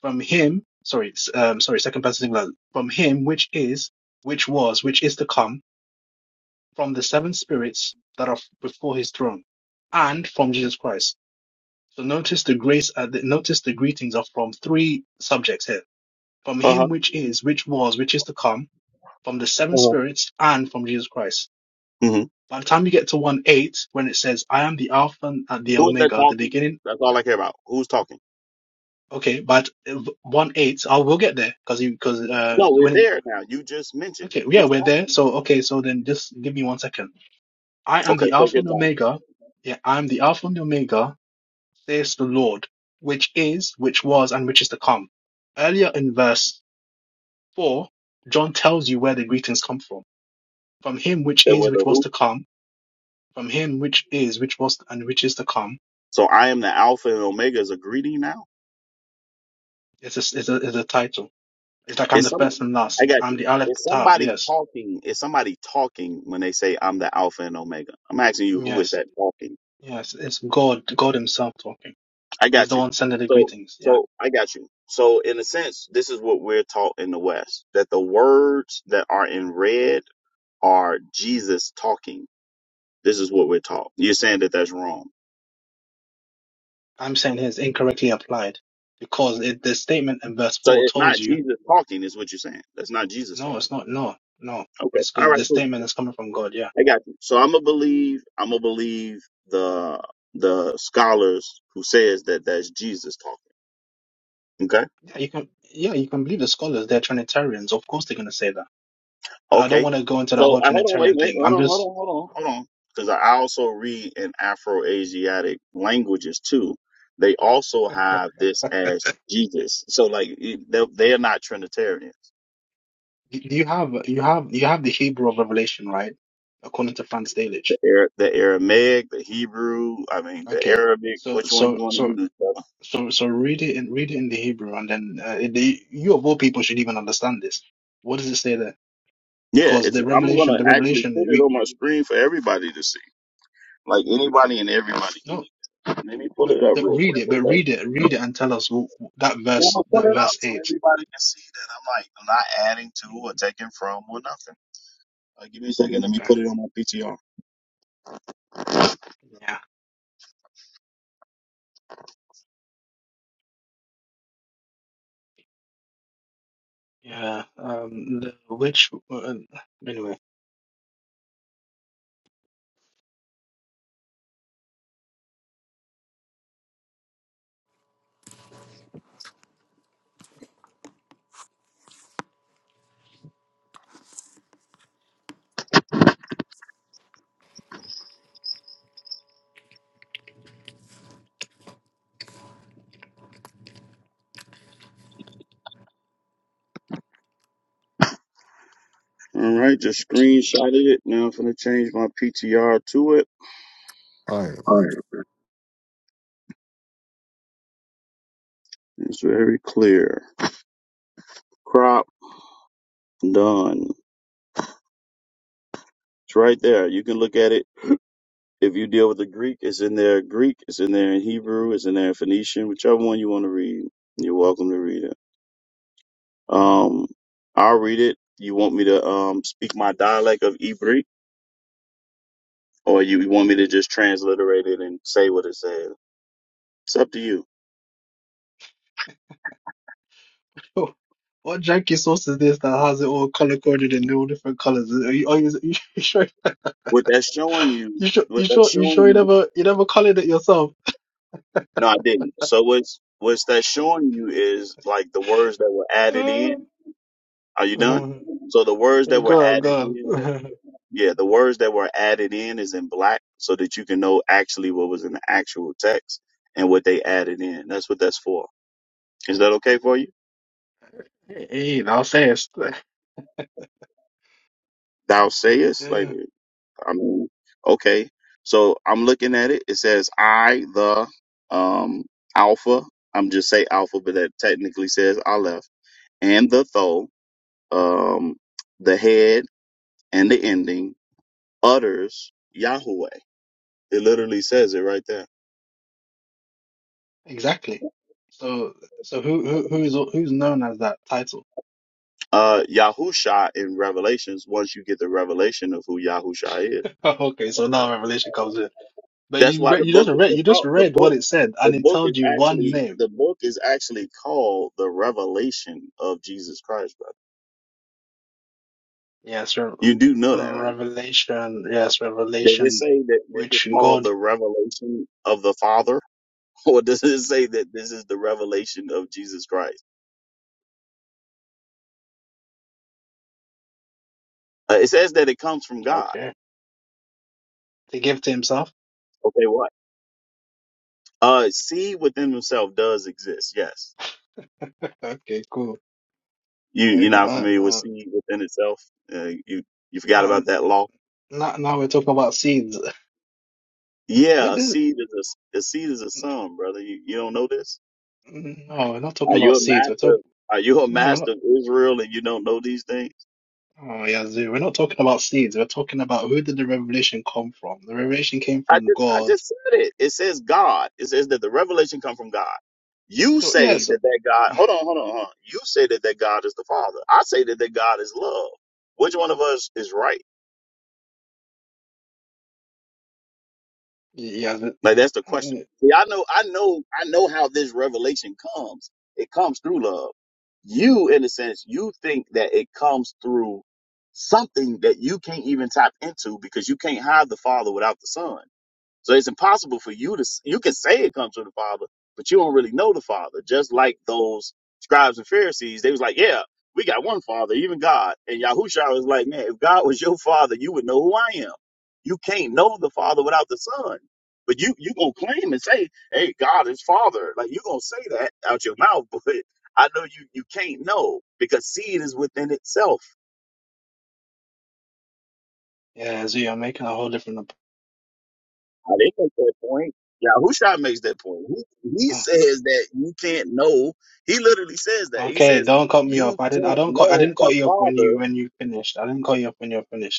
Speaker 11: from him. Sorry, s- um, sorry, second person singular from him which is, which was, which is to come, from the seven spirits that are before his throne, and from Jesus Christ. So notice the grace. Uh, the, notice the greetings are from three subjects here: from
Speaker 9: Uh huh.
Speaker 11: him which is, which was, which is to come from the seven
Speaker 9: Uh-huh.
Speaker 11: spirits and from Jesus Christ.
Speaker 9: Mhm.
Speaker 11: By the time you get to one eight, when it says, "I am the Alpha and the
Speaker 9: Who is that
Speaker 11: Omega, the
Speaker 9: talking?
Speaker 11: beginning,"
Speaker 9: That's all I care about. Who's talking?
Speaker 11: okay, but one eight, I will get there because because uh
Speaker 9: No, we're
Speaker 11: when it,
Speaker 9: there now. You just mentioned it.
Speaker 11: okay yeah
Speaker 9: Who's
Speaker 11: we're there.
Speaker 9: talking?
Speaker 11: So okay, so then just give me one second. I am
Speaker 9: Okay,
Speaker 11: the
Speaker 9: take
Speaker 11: Alpha
Speaker 9: your
Speaker 11: and
Speaker 9: time.
Speaker 11: Omega. Yeah, I am the Alpha and Omega, says the Lord, which is, which was, and which is to come. Earlier in verse four, John tells you where the greetings come from, from Him which
Speaker 9: There
Speaker 11: is,
Speaker 9: was
Speaker 11: which
Speaker 9: a
Speaker 11: was
Speaker 9: who
Speaker 11: to come From him which is, which was, and which is to come
Speaker 9: So I am the Alpha and Omega is a greeting now.
Speaker 11: is a, is a, is a title. It's like I'm
Speaker 9: Is
Speaker 11: the
Speaker 9: some
Speaker 11: first and
Speaker 9: I
Speaker 11: last.
Speaker 9: got
Speaker 11: I'm
Speaker 9: you.
Speaker 11: the Aleph
Speaker 9: Is
Speaker 11: Tav.
Speaker 9: somebody
Speaker 11: Yes.
Speaker 9: talking? Is somebody talking when they say I'm the Alpha and Omega? I'm asking you, who is
Speaker 11: Yes.
Speaker 9: that talking?
Speaker 11: Yes. It's God, God himself talking.
Speaker 9: I
Speaker 11: He's
Speaker 9: got
Speaker 11: the
Speaker 9: you.
Speaker 11: one sending the
Speaker 9: So
Speaker 11: greetings. Yeah.
Speaker 9: so I got you. So in a sense, this is what we're taught in the West that the words that are in red are Jesus talking. This is what we're taught. You're saying that that's wrong.
Speaker 11: I'm saying here it's incorrectly applied because it, the statement in verse
Speaker 9: So
Speaker 11: 4
Speaker 9: it's
Speaker 11: told
Speaker 9: not
Speaker 11: you,
Speaker 9: Jesus talking, is what you're saying. That's not Jesus talking.
Speaker 11: no, it's not. No, no.
Speaker 9: Okay.
Speaker 11: It's
Speaker 9: All
Speaker 11: good.
Speaker 9: right.
Speaker 11: The
Speaker 9: Cool.
Speaker 11: statement is coming from God. Yeah.
Speaker 9: I got you. So I'm gonna believe. I'm gonna believe the the scholars who says that that's Jesus talking. Okay.
Speaker 11: Yeah. You can, yeah, you can believe the scholars. They're Trinitarians. Of course they're going to say that. But I don't
Speaker 9: Okay.
Speaker 11: want to go into the
Speaker 9: So
Speaker 11: whole
Speaker 9: I hold on. Wait.
Speaker 11: Trinitarian
Speaker 9: Wait.
Speaker 11: thing.
Speaker 9: Hold
Speaker 11: I'm
Speaker 9: on. Hold
Speaker 11: just
Speaker 9: on. Hold on. Hold on. Because I also read in Afro-Asiatic languages too. They also have this as Jesus. So like it- they they are not Trinitarians.
Speaker 11: Do you have you have you have the Hebrew of Revelation, right? According to Franz Delitzsch.
Speaker 9: The, Ara- the Aramaic, the Hebrew. I mean the
Speaker 11: Okay.
Speaker 9: Arabic.
Speaker 11: So
Speaker 9: Which one
Speaker 11: so
Speaker 9: you want to
Speaker 11: so
Speaker 9: use? brother?
Speaker 11: so so read it in read it in the Hebrew, and then uh, the, you of all people should even understand this. What does it say there?
Speaker 9: Yeah.
Speaker 11: Because
Speaker 9: It's.
Speaker 11: the
Speaker 9: I'm
Speaker 11: Revelation,
Speaker 9: gonna
Speaker 11: the
Speaker 9: actually
Speaker 11: Revelation,
Speaker 9: put it
Speaker 11: we
Speaker 9: on my screen for everybody to see. Like anybody and everybody can
Speaker 11: no,
Speaker 9: eat that. Let me pull
Speaker 11: but,
Speaker 9: it up
Speaker 11: but
Speaker 9: real
Speaker 11: read
Speaker 9: quick,
Speaker 11: it, but
Speaker 9: okay?
Speaker 11: read it, read it, and tell us wh- wh- that
Speaker 9: Yeah, I'm
Speaker 11: verse,
Speaker 9: gonna pull
Speaker 11: that
Speaker 9: it
Speaker 11: verse
Speaker 9: up so
Speaker 11: eight.
Speaker 9: everybody can see that I'm like I'm not adding to or taking from or nothing. Like, give me a second. Let me
Speaker 11: Okay.
Speaker 9: put it on my PTR.
Speaker 11: Yeah. Yeah. Um. The, which uh, anyway.
Speaker 9: All right, just screenshotted it. Now I'm gonna change my PTR to it.
Speaker 14: I.
Speaker 9: All right, it's very clear. Crop done. It's right there. You can look at it. If you deal with the Greek, it's in there. Greek, it's in there in Hebrew, it's in there in Phoenician, whichever one you want to read. You're welcome to read it. Um, I'll read it. You want me to um, speak my dialect of Ibri, or you you want me to just transliterate it and say what it says? It's up to you.
Speaker 11: Oh, What janky sauce is this that has it all color coded in all different colors? Are you, are you, you sure?
Speaker 9: What that's showing you,
Speaker 11: You sure? You
Speaker 9: what that's
Speaker 11: sure? You
Speaker 9: showing
Speaker 11: sure you
Speaker 9: you.
Speaker 11: never you never colored it yourself?
Speaker 9: No, I didn't. So what's what's that showing you is like the words that were added in. Are you done?
Speaker 11: Uh,
Speaker 9: So the words
Speaker 11: uh,
Speaker 9: that were
Speaker 11: go on,
Speaker 9: added
Speaker 11: go
Speaker 9: in,
Speaker 11: on.
Speaker 9: yeah, the words that were added in is in black, so that you can know actually what was in the actual text and what they added in. That's what that's for. Is that okay for you?
Speaker 11: Hey, I'll say it.
Speaker 9: Thou sayest, like
Speaker 11: Yeah,
Speaker 9: I mean, okay. So I'm looking at it. It says I the um alpha. I'm just say alpha, but that technically says Aleph and the tho, um, the head and the ending utters Yahweh. It literally says it right there.
Speaker 11: exactly. So, so who who who is who's known as that title?
Speaker 9: Uh, Yahusha in Revelations. Once you get the revelation of who Yahusha is,
Speaker 11: Okay, so now Revelation comes in, but
Speaker 9: that's
Speaker 11: you
Speaker 9: why
Speaker 11: re
Speaker 9: the
Speaker 11: you just
Speaker 9: book,
Speaker 11: read
Speaker 9: the
Speaker 11: you just
Speaker 9: call- the
Speaker 11: read what
Speaker 9: book,
Speaker 11: it said,
Speaker 9: the
Speaker 11: and it
Speaker 9: book
Speaker 11: told
Speaker 9: is
Speaker 11: you one
Speaker 9: actually
Speaker 11: name.
Speaker 9: the book is actually called the Revelation of Jesus Christ, brother.
Speaker 11: Yes, Re
Speaker 9: You do know that, right?
Speaker 11: Revelation. Yes,
Speaker 9: Does it
Speaker 11: Revelation,
Speaker 9: say that this is
Speaker 11: which God
Speaker 9: called the revelation of the Father, or does it say that this is the revelation of Jesus Christ? Uh, it says that it comes from God.
Speaker 11: Okay. To give to himself?
Speaker 9: Okay, what? Uh, seed within himself does exist. Yes,
Speaker 11: Okay, cool.
Speaker 9: you you're
Speaker 11: Like,
Speaker 9: not
Speaker 11: uh,
Speaker 9: familiar with
Speaker 11: uh,
Speaker 9: seed within itself. Uh, you you forgot
Speaker 11: not,
Speaker 9: about that law.
Speaker 11: not, now we're talking about seeds. This,
Speaker 9: Yeah, a
Speaker 11: this,
Speaker 9: seed is a, a seed is a son, brother. You, you don't know this?
Speaker 11: no, we're not
Speaker 9: Are
Speaker 11: talking
Speaker 9: you
Speaker 11: about
Speaker 9: a
Speaker 11: seeds. We're
Speaker 9: master?
Speaker 11: talking,
Speaker 9: Are you a
Speaker 11: no, we're not.
Speaker 9: master of Israel and you don't know these things?
Speaker 11: Oh, yeah, Zoo. We're not talking about seeds. We're talking about who did the revelation come from. The revelation came
Speaker 9: I
Speaker 11: from
Speaker 9: just I
Speaker 11: God.
Speaker 9: just said it. It says God. It says that the revelation come from God. You
Speaker 11: So, yeah,
Speaker 9: say
Speaker 11: so,
Speaker 9: that that God. Hold on, hold on, hold on. You say that that God is the Father. I say that that God is love. Which one of us is right?
Speaker 11: yeah,
Speaker 9: Like that's the question.
Speaker 11: the,
Speaker 9: See, I know, I know, I know how this revelation comes. It comes through love. You, in a sense, you think that it comes through something that you can't even tap into because you can't have the Father without the Son. So it's impossible for you to, you can say it comes from the Father, but you don't really know the Father. Just like those scribes and Pharisees, they was like, yeah, we got one Father, even God. And Yahushua was like, man, if God was your Father, you would know who I am. You can't know the Father without the Son. But you, you gonna claim and say, hey, God is Father. Like you gonna say that out your mouth, but I know you, you can't know because seed is within itself.
Speaker 11: yeah, Zoo, you're making a whole different. op-
Speaker 9: I did make that point. Yahusha makes that point. He, he
Speaker 11: Ah,
Speaker 9: says that you can't know. He literally says that. He
Speaker 11: Okay,
Speaker 9: says
Speaker 11: don't cut me
Speaker 9: you
Speaker 11: off. I didn't. I
Speaker 9: can't
Speaker 11: don't cut. I
Speaker 9: know
Speaker 11: didn't
Speaker 9: the
Speaker 11: cut you off when you
Speaker 9: Father.
Speaker 11: when you finished. I didn't cut you off when you're finished.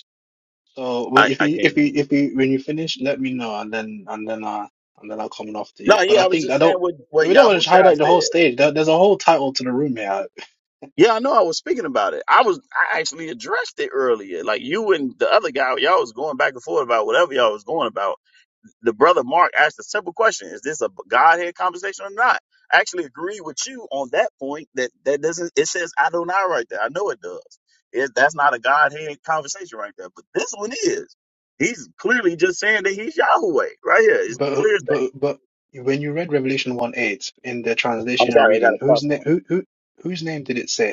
Speaker 11: So when
Speaker 9: I,
Speaker 11: if
Speaker 9: I
Speaker 11: we
Speaker 9: can't
Speaker 11: if
Speaker 9: hear
Speaker 11: we if
Speaker 9: you.
Speaker 11: we when you finish, let me know and then and then uh and then I'll come in after you.
Speaker 9: No,
Speaker 11: But
Speaker 9: yeah,
Speaker 11: I
Speaker 9: I was
Speaker 11: think I
Speaker 9: just saying
Speaker 11: don't.
Speaker 9: what
Speaker 11: But
Speaker 9: what
Speaker 11: we don't want to
Speaker 9: Yahusha
Speaker 11: highlight the whole
Speaker 9: said.
Speaker 11: stage. There, there's a whole title to the room here.
Speaker 9: Yeah, I know. I was speaking about it. I was I actually addressed it earlier. Like you and the other guy, y'all was going back and forth about whatever y'all was going about. the brother Mark asked a simple question: Is this a Godhead conversation or not? I actually agree with you on that point. That that doesn't. It says Adonai right there. I know it does. It, that's not a Godhead conversation right there. But this one is. He's clearly just saying that he's Yahweh right here. It's
Speaker 11: But
Speaker 9: clear as day.
Speaker 11: but but when you read Revelation one eight in the
Speaker 9: I'm
Speaker 11: translation and
Speaker 9: sorry, I got
Speaker 11: reading,
Speaker 9: a
Speaker 11: whose
Speaker 9: customer.
Speaker 11: name who who whose name did it say?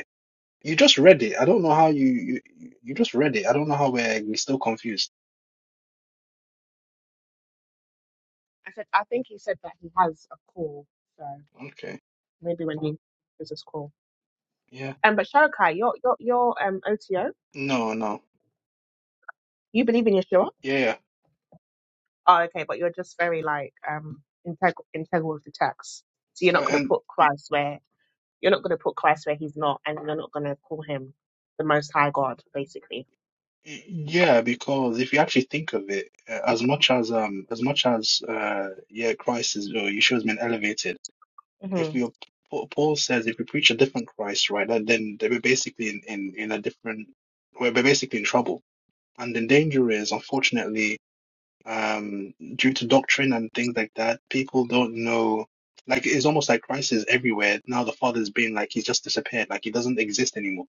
Speaker 11: You just read it. I don't know how you you, you just read it. I don't know how we're still confused.
Speaker 4: I said I think he said that he has a call, so
Speaker 11: Okay.
Speaker 4: maybe when he does his call.
Speaker 11: Yeah.
Speaker 4: Um, but Sharokai, you're you're you're um OTO.
Speaker 11: No, no.
Speaker 4: You believe in Yeshua?
Speaker 11: Yeah. yeah.
Speaker 4: Oh, okay, but you're just very like um integ- integral to text. So you're not
Speaker 11: Uh,
Speaker 4: going to
Speaker 11: and
Speaker 4: put
Speaker 11: and-
Speaker 4: Christ where you're not going to put Christ where he's not, and you're not going to call him the Most High God, basically.
Speaker 11: yeah, because if you actually think of it, uh, as much as um as much as uh yeah, Christ is or Yeshua has been elevated, if
Speaker 4: hmm
Speaker 11: we Paul Paul says if we preach a different Christ, right, then then we're basically in in in a different we're we're basically in trouble. And the danger is, unfortunately. um, due to doctrine and things like that, people don't know. Like it's almost like Christ is everywhere now. The Father's been like he's just disappeared, like he doesn't exist anymore.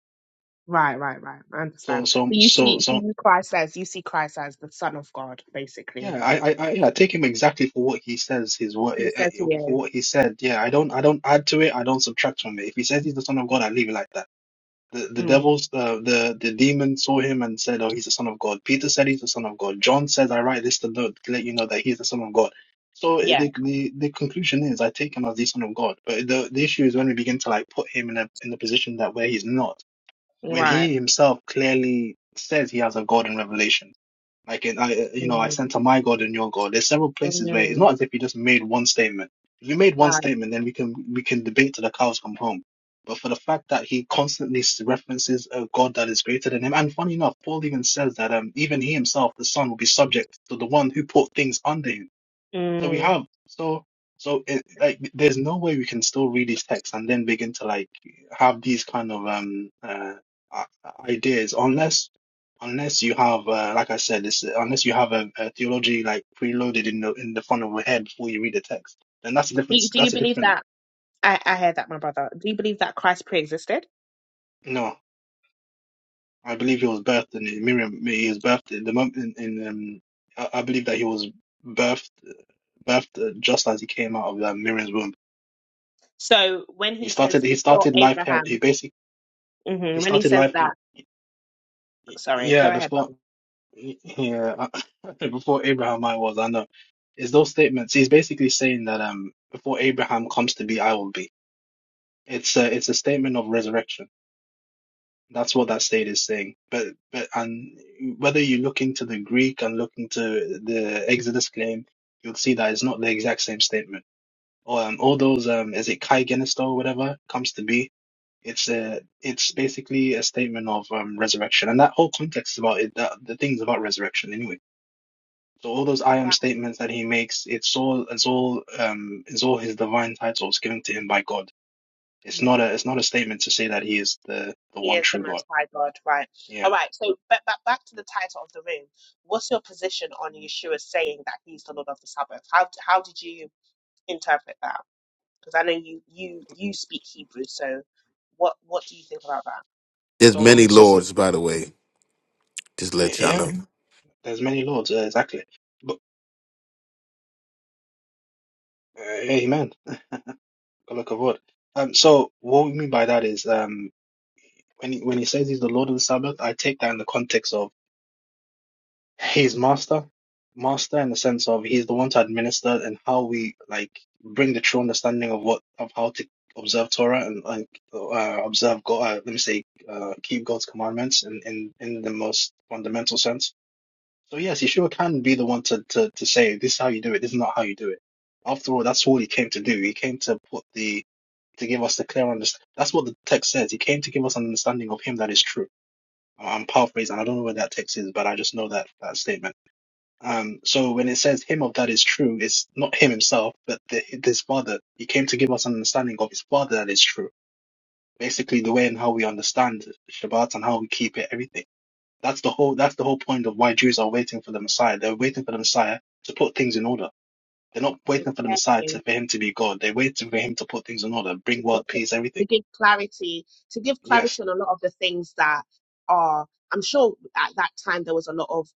Speaker 4: Right, right, right. I
Speaker 11: So,
Speaker 4: understand.
Speaker 11: so,
Speaker 4: But you
Speaker 11: so,
Speaker 4: see, for
Speaker 11: so,
Speaker 4: you, Christ as you see Christ as the Son of God, basically.
Speaker 11: yeah, I, I, I yeah, take him exactly for what he says. His what
Speaker 4: He says he
Speaker 11: for
Speaker 4: is.
Speaker 11: what he said. Yeah, I don't, I don't add to it. I don't subtract from it. If he says he's the Son of God, I leave it like that. The the
Speaker 4: Mm,
Speaker 11: devils, uh, the the demon saw him and said, "Oh, he's the son of God." Peter said, "He's the son of God." John says, "I write this to, know, to let you know that he's the son of God." So
Speaker 4: yeah.
Speaker 11: the the, the conclusion is, I take him as the son of God. But the the issue is when we begin to like put him in a in a position that where he's not, when
Speaker 4: Right.
Speaker 11: he himself clearly says he has a God in revelation. Like in, I, you know, I
Speaker 4: Mm,
Speaker 11: center my God and your God. There's several places where it's
Speaker 4: mm,
Speaker 11: not as if he just made one statement. If you made one
Speaker 4: right.
Speaker 11: statement, then we can we can debate till the cows come home. But for the fact that he constantly references a God that is greater than him, and funny enough, Paul even says that um, even he himself, the Son, will be subject to the one who put things under him. So we
Speaker 4: Mm.
Speaker 11: have so so it, like there's no way we can still read these texts and then begin to like have these kind of um uh i- ideas unless unless you have uh, like I said this unless you have a, a theology like preloaded in the in the front of your head before you read the text then that's a different
Speaker 4: Do, do you
Speaker 11: that's a
Speaker 4: believe
Speaker 11: different
Speaker 4: that? I, I hear that, my brother. Do you believe that Christ pre existed?
Speaker 11: no I believe he was birthed in Miriam he was birthed in the moment in, in um I, I believe that he was birthed birthed uh, just as he came out of uh, Miriam's womb
Speaker 4: So when
Speaker 11: he
Speaker 4: he
Speaker 11: started
Speaker 4: says
Speaker 11: he
Speaker 4: before
Speaker 11: started life here he
Speaker 4: Abraham,
Speaker 11: basically He
Speaker 4: hmm when he
Speaker 11: started
Speaker 4: says
Speaker 11: life, y-
Speaker 4: that,
Speaker 11: y-
Speaker 4: sorry,
Speaker 11: yeah,
Speaker 4: go ahead,
Speaker 11: before,
Speaker 4: brother.
Speaker 11: y- yeah, before Abraham I was. I know. It's those statements. He's basically saying that um, before Abraham comes to be, I will be. It's a it's a statement of resurrection. That's what that state is saying. But but and whether you look into the Greek and look into the Exodus claim, you'll see that it's not the exact same statement. Or um, all those um, is it Kai Genisto or whatever comes to be It's a it's basically a statement of um, resurrection, and that whole context about it, that, the things about resurrection anyway. So all those I am
Speaker 4: That,
Speaker 11: statements that he makes, it's all it's all um it's all his divine titles given to him by God. It's
Speaker 4: mm,
Speaker 11: not a it's not a statement to say that he is the the
Speaker 4: he
Speaker 11: one
Speaker 4: is the
Speaker 11: true God.
Speaker 4: Most High God, right?
Speaker 11: Yeah.
Speaker 4: All right. So back, back back to the title of the room. What's your position on Yeshua saying that he's the Lord of the Sabbath? How how did you interpret that? Because I know you you you speak Hebrew, so what what do you think about that?
Speaker 15: There's
Speaker 11: So
Speaker 15: many
Speaker 11: so
Speaker 15: lords, by the way. Just
Speaker 11: y-
Speaker 15: let y'all
Speaker 11: yeah,
Speaker 15: know.
Speaker 11: there's many lords uh, exactly. But uh, amen. Look of what. Um. So what we mean by that is um when he, when he says he's the Lord of the Sabbath, I take that in the context of he's master, master in the sense of he's the one to administer and how we like bring the true understanding of what of how to observe Torah and like uh, observe God. Uh, let me say, uh, keep God's commandments in, in in the most fundamental sense. So yes, Yeshua can be the one to to to say this is how you do it. This is not how you do it. After all, that's all he came to do. He came to put the to give us the clear understanding. That's what the text says. He came to give us an understanding of him that is true. I'm paraphrasing. I don't know where that text is, but I just know that that statement. Um, so when it says him of that is true, it's not him himself, but the, his father. He came to give us an understanding of his father that is true. Basically, the way and how we understand Shabbat and how we keep it, everything. That's the whole. That's the whole point of why Jews are waiting for the Messiah. They're waiting for the Messiah to put things in order. They're not waiting for the Messiah
Speaker 4: Okay,
Speaker 11: to, for him to be God. They're waiting for him to put things in order, bring
Speaker 4: to
Speaker 11: world
Speaker 4: put, put-
Speaker 11: peace, everything.
Speaker 4: to give clarity to give
Speaker 11: Yes,
Speaker 4: clarity on a lot of the things that are I'm sure at that time there was a lot of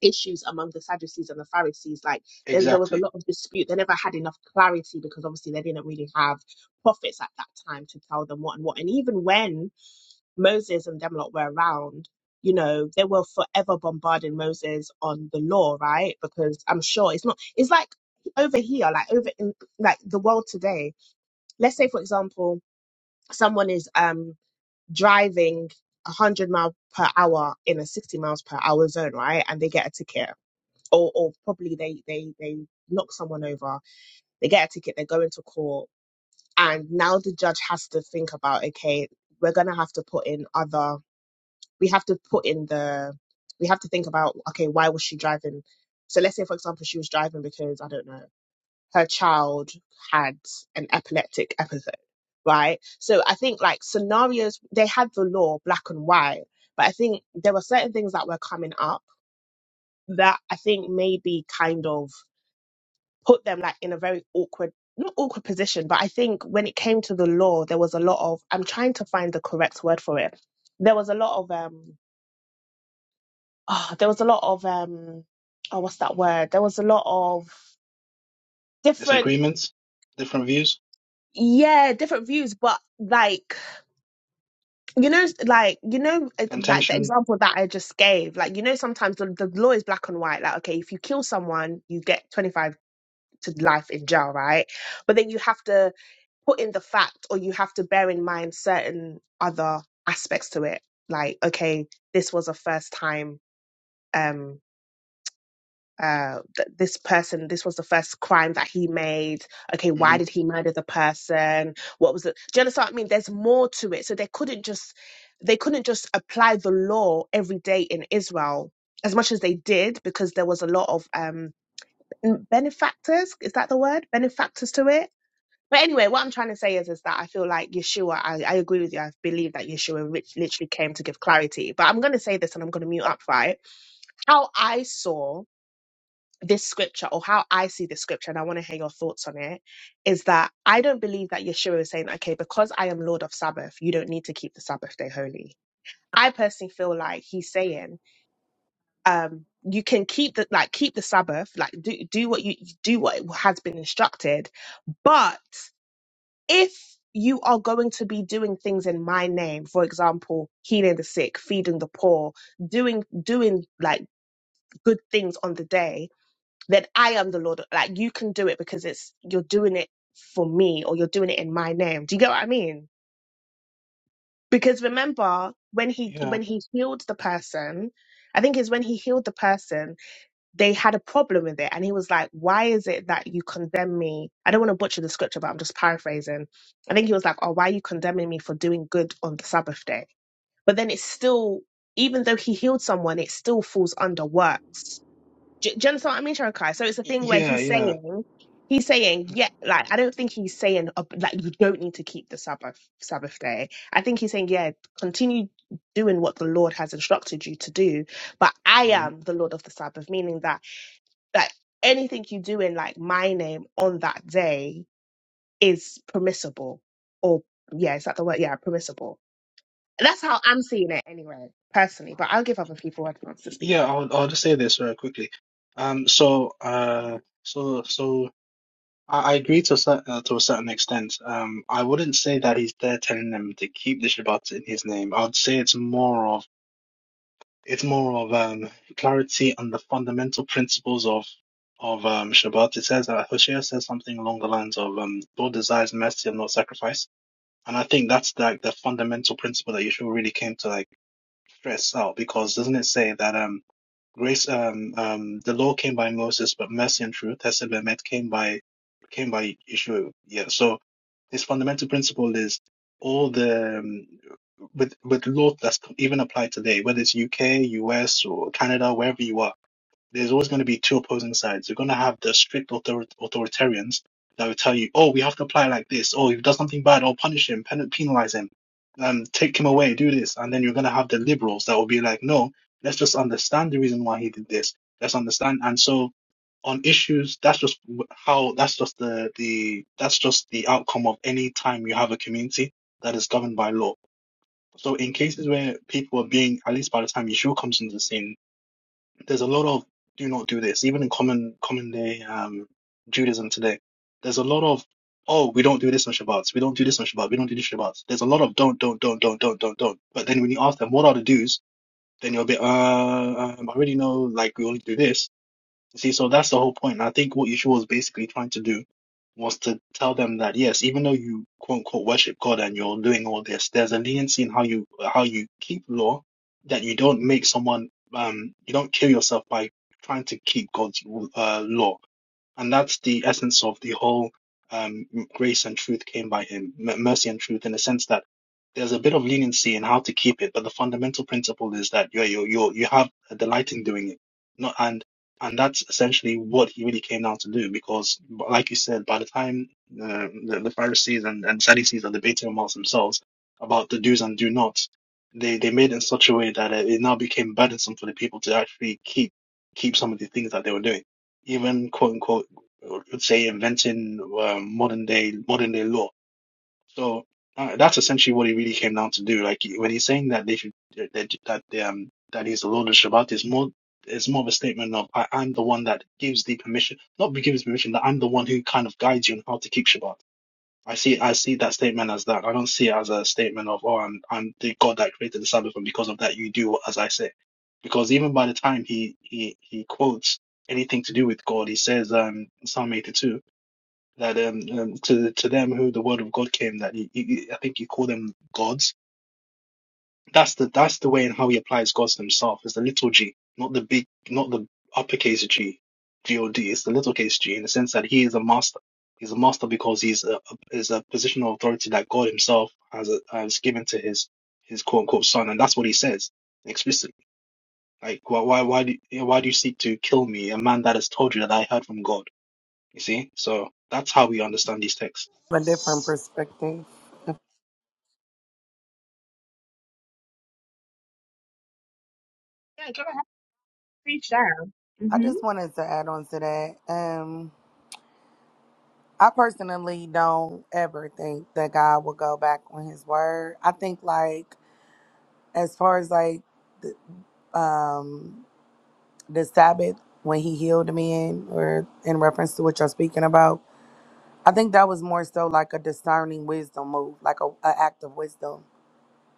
Speaker 4: issues among the Sadducees and the Pharisees. Like there there was a
Speaker 11: exactly.
Speaker 4: lot of dispute. They never had enough clarity because obviously they didn't really have prophets at that time to tell them what and what. And even when Moses and them lot were around, you know, they were forever bombarding Moses on the law, right? Because I'm sure it's not, it's like over here, like over in like the world today. Let's say, for example, someone is um driving 100 mile per hour in a 60 miles per hour zone, right? And they get a ticket, or or probably they they they knock someone over, they get a ticket, they go into court, and now the judge has to think about, okay, we're gonna have to put in other we have to put in the we have to think about okay why was she driving so let's say for example she was driving because i don't know her child had an epileptic episode right so i think like scenarios they had the law black and white but i think there were certain things that were coming up that i think maybe kind of put them like in a very awkward not awkward position but i think when it came to the law there was a lot of i'm trying to find the correct word for it there was a lot of um oh, there was a lot of um oh what's that word there was a lot of different
Speaker 11: Disagreements, different views,
Speaker 4: yeah different views but like you know like you know eh, like the
Speaker 11: contention.
Speaker 4: example that i just gave like you know sometimes the, the law is black and white like okay if you kill someone you get 25 to life in jail right but then you have to put in the fact or you have to bear in mind certain other aspects to it like okay this was a first time um, uh, that this person, this was the first crime that he made. Okay, why
Speaker 11: hmm
Speaker 4: did he murder the person? What was it? Do you understand what I mean? There's more to it. So they couldn't just they couldn't just apply the law every day in Israel as much as they did because there was a lot of um n- benefactors. Is that the word? Benefactors to it. But anyway, what I'm trying to say is, is that I feel like Yeshua, I, I agree with you. I believe that Yeshua rich, literally came to give clarity. But I'm going to say this and I'm going to mute up, right? How I saw this scripture or how I see this scripture, and I want to hear your thoughts on it, is that I don't believe that Yeshua is saying, okay, because I am Lord of Sabbath, you don't need to keep the Sabbath day holy. I personally feel like he's saying, um, you can keep the like keep the Sabbath, like do do what you do what has been instructed, but if you are going to be doing things in my name, for example, healing the sick, feeding the poor, doing doing like good things on the day, then I am the Lord. Like you can do it because it's you're doing it for me or you're doing it in my name. Do you get what I mean? Because remember when he
Speaker 11: Yeah,
Speaker 4: when he healed the person, I think is when he healed the person, they had a problem with it. And he was like, Why is it that you condemn me? I don't want to butcher the scripture, but I'm just paraphrasing. I think he was like, Oh, why are you condemning me for doing good on the Sabbath day? But then it's still even though he healed someone, it still falls under works do, do you understand what I mean, Sharon Kai? So it's a
Speaker 11: Y-
Speaker 4: thing where
Speaker 11: yeah,
Speaker 4: he's
Speaker 11: yeah.
Speaker 4: saying, he's saying, yeah, like I don't think he's saying uh, like you don't need to keep the Sabbath Sabbath day. I think he's saying, yeah, continue doing what the Lord has instructed you to do. But I
Speaker 11: Mm-hmm.
Speaker 4: am the Lord of the Sabbath, meaning that that anything you do in like my name on that day is permissible, or yeah, is that the word? Yeah, permissible. That's how I'm seeing it anyway, personally. But I'll give other people a chance to speak.
Speaker 11: Yeah, I'll I'll just say this very quickly. Um, so uh, so so I, I agree to a cer uh, to a certain extent. Um, I wouldn't say that he's there telling them to keep the Shabbat in his name. I'd say it's more of it's more of um clarity on the fundamental principles of of um Shabbat. It says that Hosea says something along the lines of um God desires mercy and not sacrifice, and I think that's like the fundamental principle that Yeshua really came to like stress out because doesn't it say that um. Grace, um, um, the law came by Moses, but mercy and truth, Hesed Bemet, came by came by Yeshua. Yeah. So his fundamental principle is all the um, with with law that's even applied today, whether it's UK, US, or Canada, wherever you are, there's always going to be two opposing sides. You're going to have the strict author- authoritarians that will tell you, "Oh, we have to apply like this. Oh, if he does something bad, oh, punish him, pen- penalize him, um, take him away, do this." And then you're going to have the liberals that will be like, "No, let's just understand the reason why he did this. Let's understand." And so on issues, that's just w- how that's just the the that's just the outcome of any time you have a community that is governed by law so in cases where people are being, at least by the time Yeshua comes into the scene, there's a lot of do not do this. Even in common common day um, Judaism today, there's a lot of oh we don't do this on Shabbat, we don't do this on Shabbat, we don't do this on Shabbat. There's a lot of don't don't don't don't don't don't don't. But then when you ask them what are the do's, then you're a bit uh um, I already know like we only do this. See, so that's the whole point. And I think what Yeshua was basically trying to do was to tell them that yes, even though you quote unquote worship God and you're doing all this, there's a leniency in how you how you keep law that you don't make someone um you don't kill yourself by trying to keep God's uh, law. And that's the essence of the whole um, grace and truth came by him, m- mercy and truth, in the sense that there's a bit of leniency in how to keep it, but the fundamental principle is that you you you you have a delight in doing it, not and and that's essentially what he really came down to do. Because, b- like you said, by the time uh, the the Pharisees and, and Sadducees are debating amongst themselves about the do's and do nots, they they made it in such a way that it, it now became burdensome for the people to actually keep keep some of the things that they were doing even quote unquote or let's say inventing uh, modern day modern day law. So uh, that's essentially what it really came down to do. Like when he's saying that they should that that that, um that he's the Lord of Shabbat is more it's more of a statement of I, I'm the one that gives the permission, not gives permission, that I'm the one who kind of guides you on how to keep Shabbat. I see I see that statement as that. I don't see it as a statement of oh I'm I'm the God that created the Sabbath and because of that you do as I say. Because even by the time he he he quotes anything to do with God, he says um Psalm 82 that um, um to to them who the word of God came that he, he, I think you call them gods. That's the that's the way in how he applies gods to himself. It's the little g, not the big, not the uppercase g, G O D. It's the little case g in the sense that he is a master. He's a master because he's a, a is a position of authority that God Himself has a, has given to his his quote unquote son, and that's what he says explicitly. Like why why why do you know, why do you seek to kill me, a man that has told you that I heard from God? You see, so that's how we understand these texts.
Speaker 16: a different perspective.
Speaker 4: Yeah, go ahead, please share.
Speaker 16: I
Speaker 4: hmm
Speaker 16: just wanted to add on to that. Um, I personally don't ever think that God will go back on His word. I think, like, as far as like the, um, the Sabbath when He healed the man, or in reference to what you're speaking about, I think that was more so like a discerning wisdom move, like a, a act of wisdom.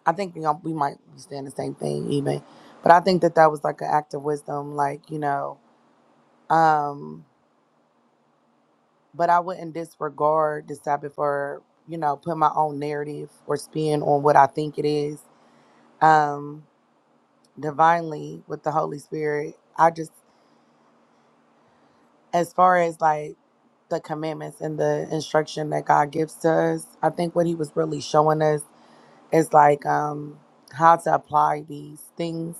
Speaker 16: I think we we might be saying the same thing even, but I think that that was like an act of wisdom, like you know. Um, but I wouldn't disregard the Sabbath or, you know, put my own narrative or spin on what I think it is. Um, divinely with the Holy Spirit, I just, as far as like the commandments and the instruction that God gives to us, I think what He was really showing us is like um, how to apply these things.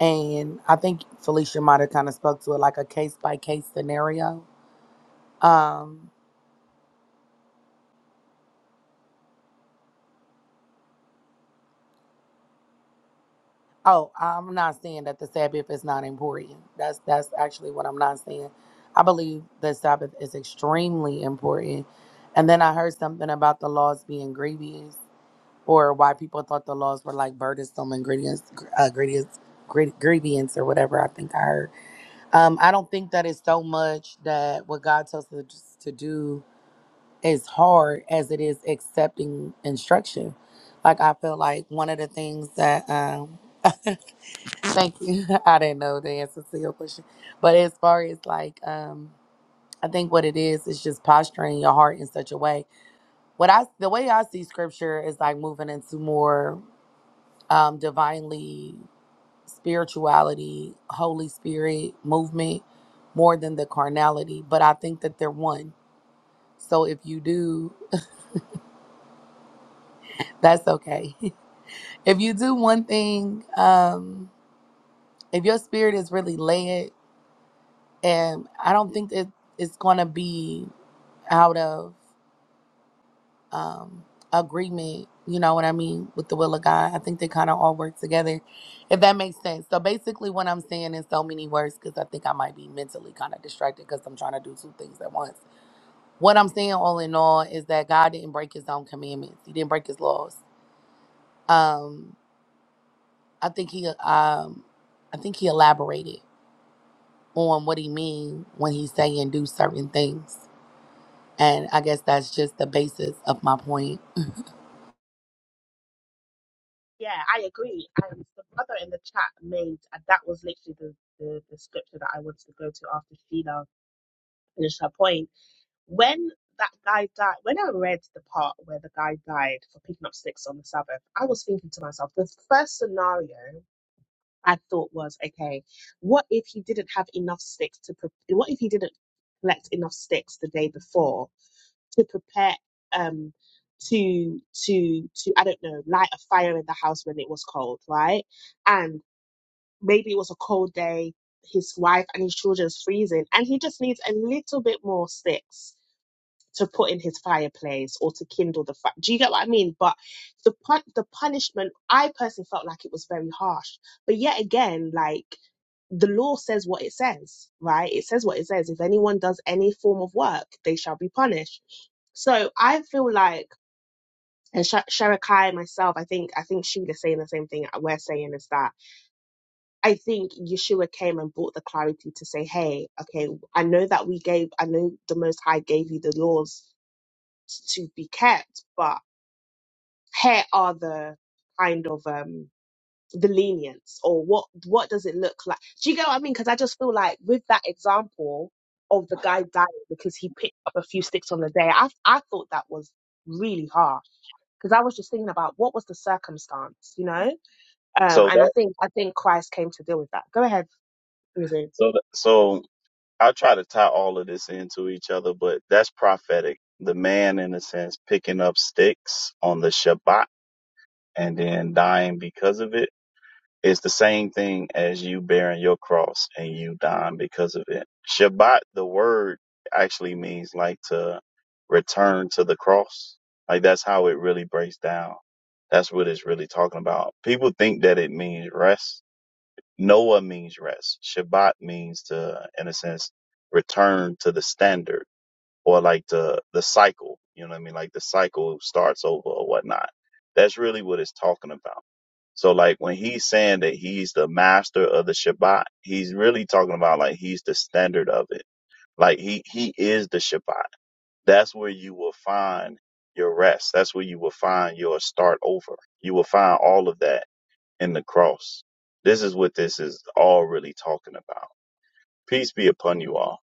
Speaker 16: And I think Felicia might have kind of spoke to it like a case by case scenario. Um, Oh, I'm not saying that the Sabbath is not important. That's that's actually what I'm not saying. I believe the Sabbath is extremely important. And then I heard something about the laws being grievous, or why people thought the laws were like burdensome and grievous, uh, grievous, grie- grievance, or whatever. I think I heard. Um, I don't think that it's so much that what God tells us to do is hard as it is accepting instruction. Like I feel like one of the things that. Um, Thank you. I didn't know the answer to your question. But as far as like um I think what it is is just posturing your heart in such a way. What I the way I see scripture is like moving into more um divinely spirituality, Holy Spirit movement more than the carnality, but I think that they're one. So if you do, that's okay. if you do one thing, um if your spirit is really led and I don't think that it's going to be out of um, agreement, you know what I mean, with the will of God. I think they kind of all work together, if that makes sense. So basically, what I'm saying in so many words, because I think I might be mentally kind of distracted because I'm trying to do two things at once. What I'm saying, all in all, is that God didn't break His own commandments. He didn't break His laws. Um, I think He, um, I think He elaborated on what He mean when He's saying do certain things, and I guess that's just the basis of my point.
Speaker 4: Yeah, I agree. And the brother in the chat made and that was literally the, the, the scripture that I wanted to go to after Sheila finished her point. When that guy died, when I read the part where the guy died for picking up sticks on the Sabbath, I was thinking to myself, the first scenario I thought was okay, what if he didn't have enough sticks to pre- what if he didn't collect enough sticks the day before to prepare um to to to I don't know light a fire in the house when it was cold, right? And maybe it was a cold day, his wife and his children's freezing, and he just needs a little bit more sticks to put in his fireplace or to kindle the fire. Do you get what I mean? But the pun- the punishment I personally felt like it was very harsh. But yet again, like the law says what it says, right? It says what it says. If anyone does any form of work, they shall be punished. So I feel like, and Sha Sherekai myself, I think, I think she saying the same thing we're saying is that I think Yeshua came and brought the clarity to say, hey, okay, I know that we gave, I know the Most High gave you the laws to be kept, but here are the kind of um the lenience or what what does it look like do you get what i mean because i just feel like with that example of the guy dying because he picked up a few sticks on the day i i thought that was really harsh because i was just thinking about what was the circumstance you know um
Speaker 9: So
Speaker 4: and i
Speaker 9: that
Speaker 4: think i think christ came to deal with that go ahead Mizu.
Speaker 9: so that, so I try to tie all of this into each other, but that's prophetic. The man, in a sense, picking up sticks on the Shabbat and then dying because of it It's the same thing as you bearing your cross and you dying because of it. Shabbat, the word actually means like to return to the cross. Like that's how it really breaks down. That's what it's really talking about. People think that it means rest. Noah means rest. Shabbat means to, in a sense, return to the standard or like the, the cycle. You know what I mean? Like the cycle starts over or whatnot. That's really what it's talking about. So like when he's saying that he's the master of the Shabbat, he's really talking about like he's the standard of it. Like he he is the Shabbat. That's where you will find your rest. That's where you will find your start over. You will find all of that in the cross. This is what this is all really talking about. Peace be upon you all.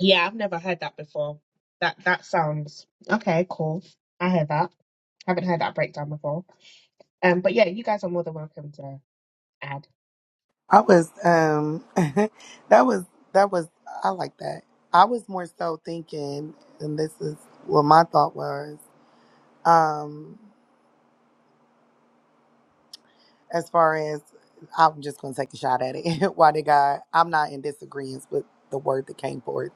Speaker 4: yeah i've never heard that before that that sounds okay cool i heard that haven't heard that breakdown before um but yeah you guys are more than welcome to add
Speaker 16: I was um that was that was I like that. I was more so thinking and this is what my thought was, um, as far as I'm just gonna take a shot at it. Why did God I'm not in disagreement with the word that came forth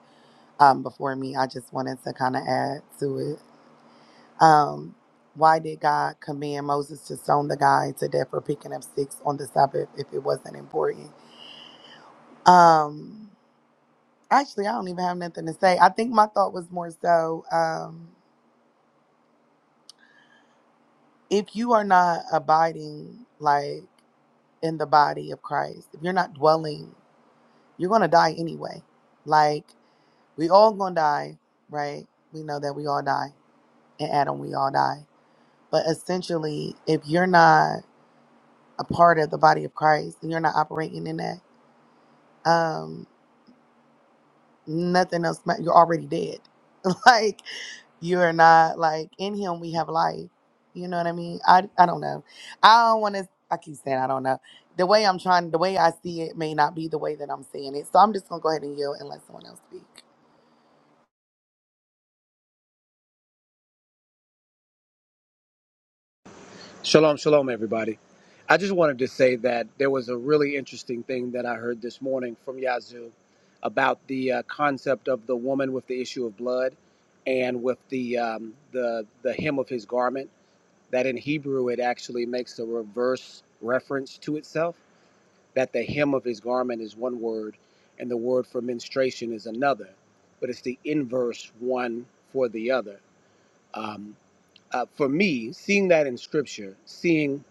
Speaker 16: um before me. I just wanted to kinda add to it. Um why did God command Moses to stone the guy to death for picking up sticks on the Sabbath if it wasn't important? Um Actually, I don't even have nothing to say. I think my thought was more so um, if you are not abiding, like in the body of Christ, if you're not dwelling, you're going to die anyway. Like, we all going to die, right? We know that we all die. In Adam, we all die. But essentially, if you're not a part of the body of Christ and you're not operating in that, um, nothing else, ma- you're already dead like you're not like in him we have life you know what i mean i i don't know i don't want to i keep saying i don't know the way i'm trying the way i see it may not be the way that i'm seeing it so i'm just gonna go ahead and yield and let someone else speak
Speaker 17: Shalom, shalom, everybody. I just wanted to say that there was a really interesting thing that I heard this morning from Yazoo about the uh, concept of the woman with the issue of blood and with the, um, the, the hem of his garment, that in Hebrew it actually makes a reverse reference to itself, that the hem of his garment is one word and the word for menstruation is another, but it's the inverse one for the other. Um, uh, for me, seeing that in scripture, seeing,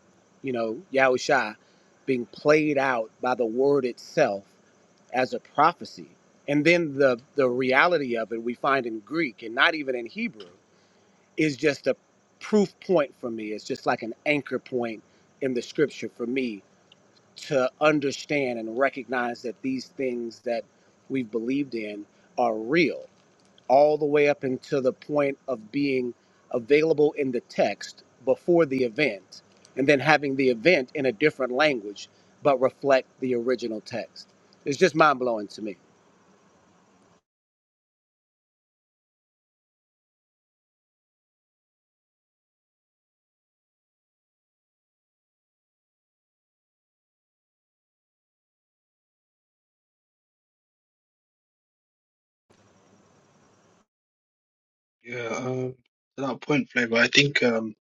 Speaker 17: you know, Yahusha being played out by the word itself as a prophecy, and then the, the reality of it we find in Greek and not even in Hebrew is just a proof point for me. It's just like an anchor point in the scripture for me to understand and recognize that these things that we've believed in are real all the way up until the point of being available in the text before the event, and then having the event in a different language but reflect the original text. It's just mind blowing to me.
Speaker 11: Yeah, uh, to that point, Flavor, I think um,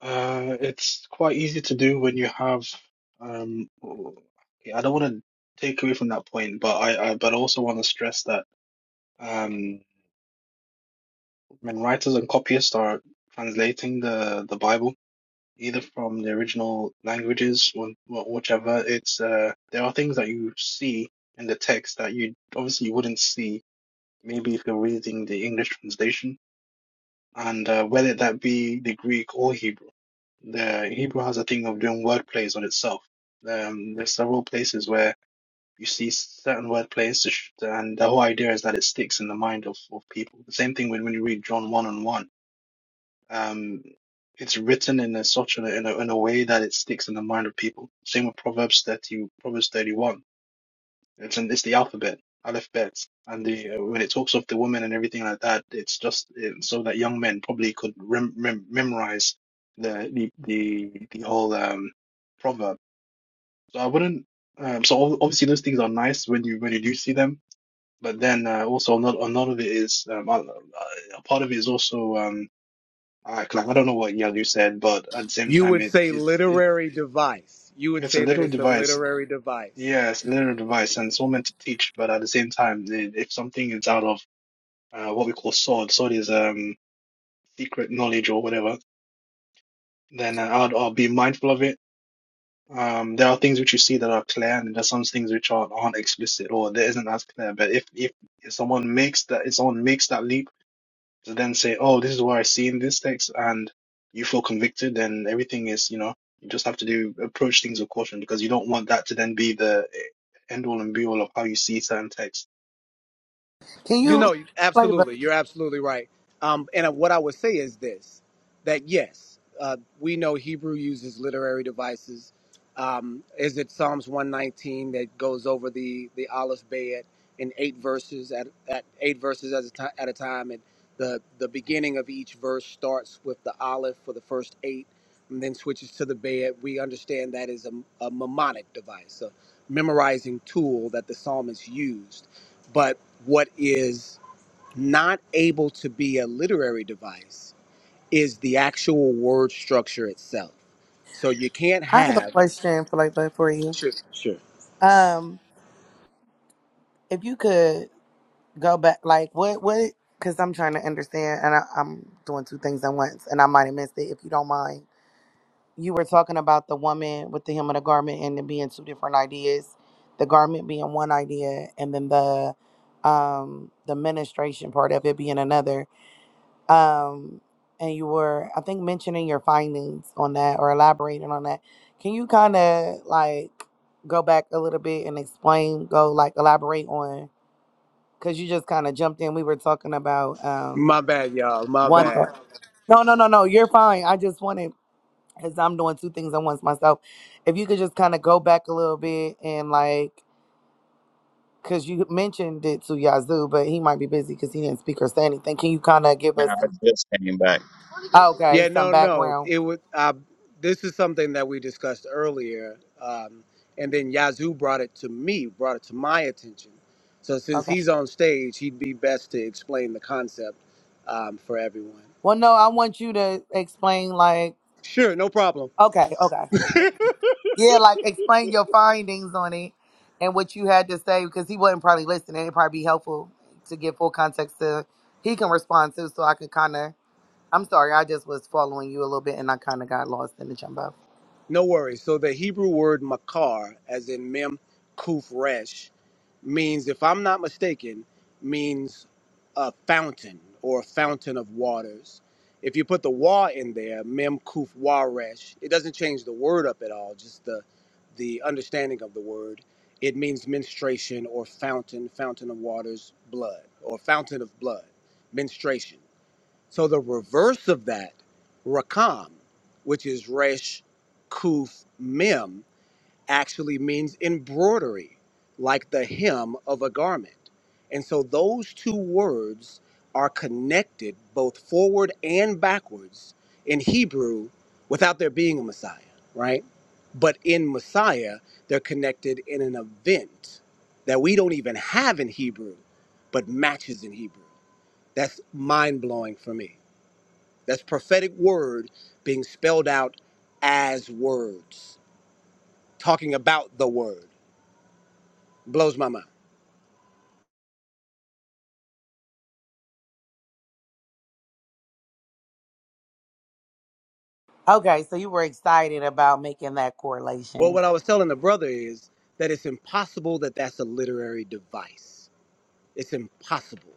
Speaker 11: uh, it's quite easy to do when you have. Um, okay, I don't want to take away from that point, but I, I but I also want to stress that um, when writers and copyists are translating the the Bible, either from the original languages or wh- whichever, it's uh, there are things that you see in the text that you obviously you wouldn't see maybe if you're reading the English translation, and uh, whether that be the Greek or Hebrew. The Hebrew has a thing of doing word plays on itself. Um, there's several places where you see certain word plays, to sh- and the whole idea is that it sticks in the mind of, of people. The same thing when, when you read John one and one. Um, it's written in a such in a, in a in a way that it sticks in the mind of people. Same with Proverbs thirty, Proverbs thirty one. It's in, it's the alphabet, alphabet, and the uh, when it talks of the woman and everything like that, it's just uh, so that young men probably could rem mem memorize the the the the whole um proverb. So I wouldn't. Um, so ob- obviously those things are nice when you when you do see them, but then uh, also another another of it is um, uh, a part of it is also um I, like I don't know what Yalu said, but at the same
Speaker 17: You
Speaker 11: time
Speaker 17: would
Speaker 11: it
Speaker 17: say
Speaker 11: it's it,
Speaker 17: literary device. You would
Speaker 11: it's a
Speaker 17: say that
Speaker 11: literal
Speaker 17: it's a
Speaker 11: device
Speaker 17: literary device.
Speaker 11: Yeah, it's literal device, and it's all meant to teach, but at the same time, i- if something is out of uh, what we call sword, sword is um secret knowledge or whatever, then uh, I'd, I'll be mindful of it. Um, there are things which you see that are clear, and there's some things which aren't, aren't explicit or there isn't as clear. But if, if if someone makes that, if someone makes that leap to then say, "Oh, this is what I see in this text," and you feel convicted, then everything is, you know, you just have to do approach things with caution because you don't want that to then be the end all and be all of how you see certain texts
Speaker 16: can
Speaker 17: You
Speaker 16: you
Speaker 17: know,
Speaker 16: flavor
Speaker 17: absolutely. You're absolutely right. Um, and uh, what I would say is this that yes, uh, we know Hebrew uses literary devices. Um, is it Psalms 119 that goes over the, the Aleph Bayet in eight verses at, at eight verses at a, ti- at a time? And the, the beginning of each verse starts with the Aleph for the first eight and then switches to the Bayet. We understand that is a, a mnemonic device, a memorizing tool that the psalmist used but what is not able to be a literary device is the actual word structure itself. So you can't
Speaker 16: i have a
Speaker 17: have.
Speaker 16: question flavor for you
Speaker 17: Sure, sure.
Speaker 16: um if you could go back like what what because i'm trying to understand and I, i'm doing two things at once and i might have missed it if you don't mind you were talking about the woman with the hem of the garment and it being two different ideas the garment being one idea and then the um the ministration part of it being another um and you were i think mentioning your findings on that or elaborating on that can you kind of like go back a little bit and explain go like elaborate on because you just kind of jumped in we were talking about um
Speaker 17: My bad, y'all. My
Speaker 16: one
Speaker 17: bad.
Speaker 16: thought no no no no you're fine i just wanted because I'm doing two things at once myself. If you could just kind of go back a little bit and like, because you mentioned it to Yazoo, but he might be busy because he didn't speak or say anything. Can you kind of give
Speaker 9: Now
Speaker 16: us
Speaker 9: I
Speaker 16: some,
Speaker 9: just came back.
Speaker 16: okay,
Speaker 17: Yeah,
Speaker 16: some
Speaker 17: no, no.
Speaker 16: background?
Speaker 17: It would. Uh, this is something that we discussed earlier, um, and then Yazoo brought it to me, brought it to my attention. So since
Speaker 16: Okay.
Speaker 17: he's on stage, he'd be best to explain the concept um, for everyone.
Speaker 16: Well, no, I want you to explain, like,
Speaker 17: Sure, no problem.
Speaker 16: okay, okay. Yeah, like explain your findings on it and what you had to say because he wasn't probably listening. It'd probably be helpful to get full context to, he can respond to so I could kind of, I'm sorry, I just was following you a little bit and I kind of got lost in the jumbo.
Speaker 17: No worries. So the Hebrew word makar, as in mem kuf resh, means, if I'm not mistaken, means a fountain or a fountain of waters. If you put the wa in there, mem kuf wa resh, it doesn't change the word up at all. Just the the understanding of the word. It means menstruation or fountain, fountain of waters, blood or fountain of blood, menstruation. So the reverse of that, rakam, which is resh, kuf, mem, actually means embroidery, like the hem of a garment. And so those two words are connected both forward and backwards in Hebrew without there being a Messiah, right? But in Messiah, they're connected in an event that we don't even have in Hebrew, but matches in Hebrew. That's mind blowing for me. That's prophetic word being spelled out as words, talking about the word. Blows my mind.
Speaker 16: Okay, so you were excited about making that
Speaker 17: Well,
Speaker 16: correlation.
Speaker 17: what I was telling the brother is that it's impossible that that's a literary device. It's impossible.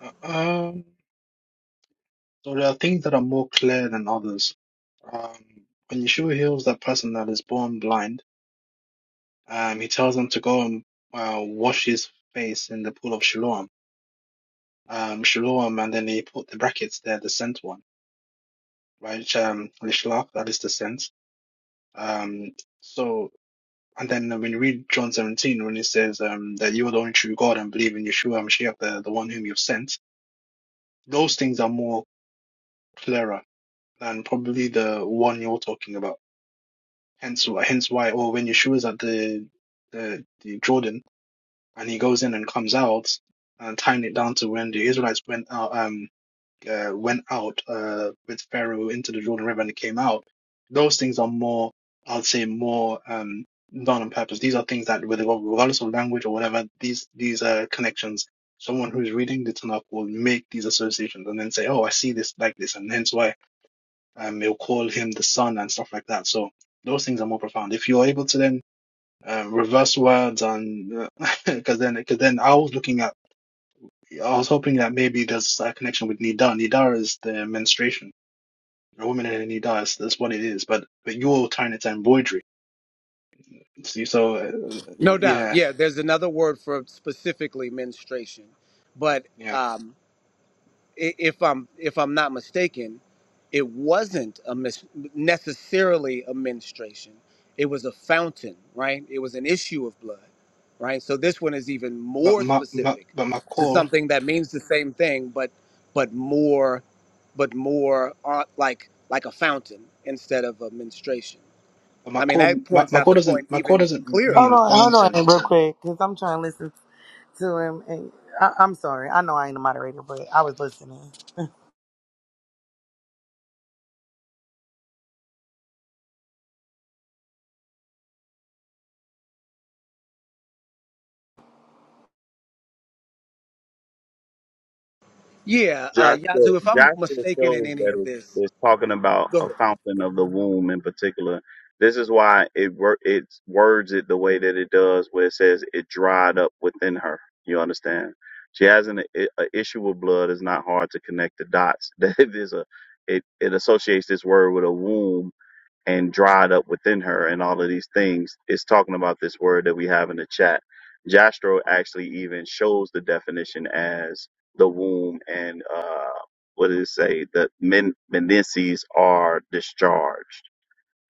Speaker 11: Uh, Um, so there are things that are more clear than others. Um, when Yeshua heals that person that is born blind, um, he tells them to go and uh, wash his face in the pool of Siloam. Um, Siloam, and then he put the brackets there, the sent one, right? Which, Um, Lishlach, that is the sent. Um, so, and then when you read John 17, when he says um, that you are the only true God and believe in Yeshua Mashiach, the, the one whom you've sent, those things are more clearer than probably the one you're talking about. Hence, wh- hence why, or when Yeshua is at the, the the Jordan and he goes in and comes out, and tying it down to when the Israelites went out, um, uh, went out uh, with Pharaoh into the Jordan River and they came out. Those things are more, I'd say, more um, done on purpose. These are things that, with regardless of language or whatever, these these uh, connections. Someone who's reading the Tanakh will make these associations and then say, "Oh, I see this like this," and hence why um, they'll call him the sun and stuff like that. So those things are more profound. If you're able to then um, reverse words and because then because then I was looking at I was hoping that maybe there's a connection with Nidar. Nidar is the menstruation. A woman in a Nidar is that's what it is. But but you're tying it to embroidery. See, so uh,
Speaker 17: No doubt.
Speaker 11: yeah,
Speaker 17: Yeah, there's another word for specifically menstruation, but
Speaker 11: yeah.
Speaker 17: um, i- if I'm if I'm not mistaken, it wasn't a mis- necessarily a menstruation. It was a fountain, right? It was an issue of blood, right? So this one is even
Speaker 11: But
Speaker 17: more
Speaker 11: my, my
Speaker 17: specific
Speaker 11: but my
Speaker 17: to
Speaker 11: core.
Speaker 17: something that means the same thing, but but more, but more uh, like like a fountain instead of a menstruation.
Speaker 11: But my
Speaker 17: I mean
Speaker 11: core,
Speaker 17: that
Speaker 11: my,
Speaker 17: points
Speaker 11: my
Speaker 17: out
Speaker 11: core
Speaker 17: the point
Speaker 11: doesn't my core
Speaker 17: even
Speaker 11: doesn't
Speaker 17: clearer.
Speaker 16: Hold
Speaker 11: mean
Speaker 16: on, hold
Speaker 11: fountain.
Speaker 16: on, real quick, because I'm trying to listen to him. And I, I'm sorry, I know I ain't a moderator, but I was listening.
Speaker 17: Yeah, uh,
Speaker 9: Joshua,
Speaker 17: Yazoo. If I'm
Speaker 9: Joshua
Speaker 17: mistaken in
Speaker 9: shows
Speaker 17: any
Speaker 9: that
Speaker 17: of
Speaker 9: it's,
Speaker 17: this,
Speaker 9: it's talking about
Speaker 17: go
Speaker 9: a
Speaker 17: ahead.
Speaker 9: fountain of the womb in particular. This is why it wor- it words it the way that it does, where it says it dried up within her. You understand? She has an i- a issue with blood. It's not hard to connect the dots. That it is a it, it associates this word with a womb and dried up within her and all of these things It's talking about this word that we have in the chat. Jastro actually even shows the definition as the womb and uh what did it say? The men menences are discharged.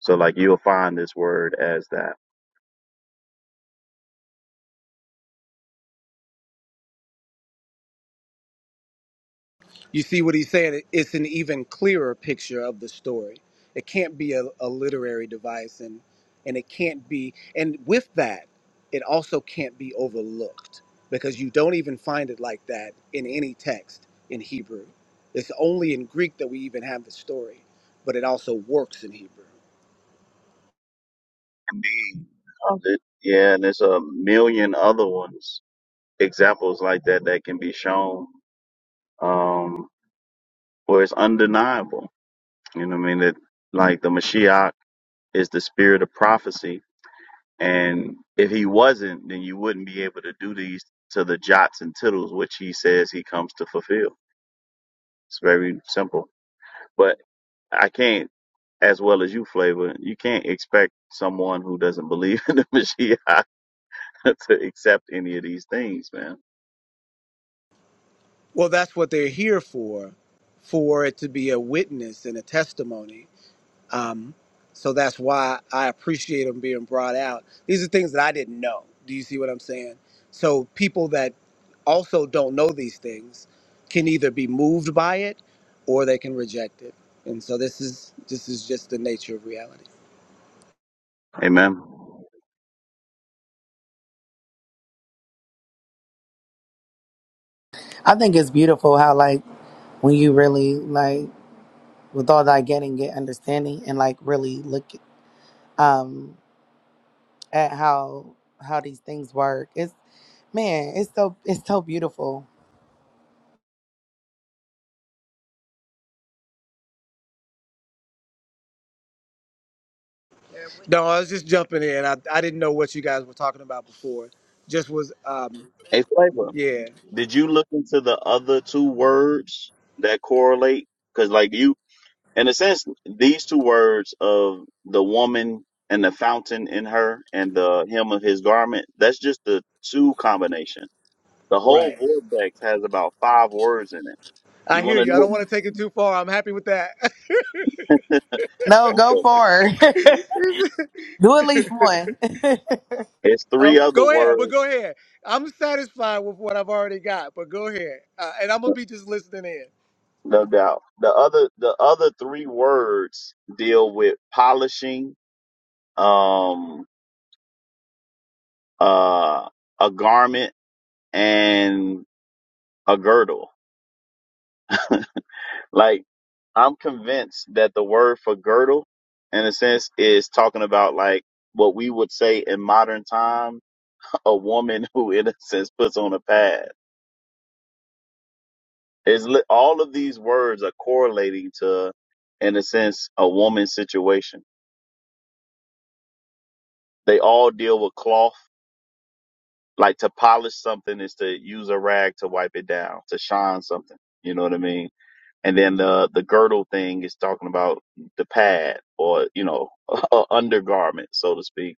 Speaker 9: So like you'll find this word as that.
Speaker 17: You see what he's saying? It's an even clearer picture of the story. It can't be a, a literary device, and and it can't be. And with that, it also can't be overlooked because you don't even find it like that in any text in Hebrew. It's only in Greek that we even have the story, but it also works in Hebrew.
Speaker 9: Indeed. Uh, th- Yeah, and there's a million other ones, examples like that that can be shown um where it's undeniable. You know what I mean? That like the Mashiach is the spirit of prophecy. And if he wasn't, then you wouldn't be able to do these to the jots and tittles, which he says he comes to fulfill. It's very simple. But I can't, as well as you, Flavor, you can't expect someone who doesn't believe in the Mashiach to accept any of these things, man.
Speaker 17: Well, that's what they're here for, for it to be a witness and a testimony Um, so that's why I appreciate them being brought out. These are things that I didn't know. Do you see what I'm saying? So people that also don't know these things can either be moved by it or they can reject it. And so this is this is just the nature of reality.
Speaker 9: Amen.
Speaker 16: I think it's beautiful how, like, when you really like, with all that getting, get understanding, and like really look um at how how these things work. It's man, it's so it's so beautiful.
Speaker 17: No, I was just jumping in. I, I didn't know what you guys were talking about before. Just was um
Speaker 9: Hey, Flavor,
Speaker 17: yeah,
Speaker 9: did you look into the other two words that correlate? Because, like, you in a sense, these two words of the woman and the fountain in her and the hem of his garment, that's just the two combination. The whole
Speaker 17: right.
Speaker 9: vortex has about five words in it.
Speaker 17: I
Speaker 9: You
Speaker 17: hear
Speaker 9: want to
Speaker 17: you. I don't want to take it too far. I'm happy with that.
Speaker 9: know?
Speaker 16: No, go
Speaker 9: okay.
Speaker 16: for it. Do at least one.
Speaker 9: It's
Speaker 17: Uh,
Speaker 9: three other
Speaker 17: go ahead, but
Speaker 9: words,
Speaker 17: go ahead. I'm satisfied with what I've already got, but go ahead, uh, and I'm gonna be just listening in.
Speaker 9: no doubt. The other, the other three words deal with polishing, um, uh, a garment and a girdle Like I'm convinced that the word for girdle, in a sense, is talking about like what we would say in modern time, a woman who, in a sense, puts on a pad. Is li- all of these words are correlating to, in a sense, a woman's situation. They all deal with cloth. Like to polish something is to use a rag to wipe it down, to shine something. You know what I mean? And then the the girdle thing is talking about the pad or you know a undergarment, so to speak.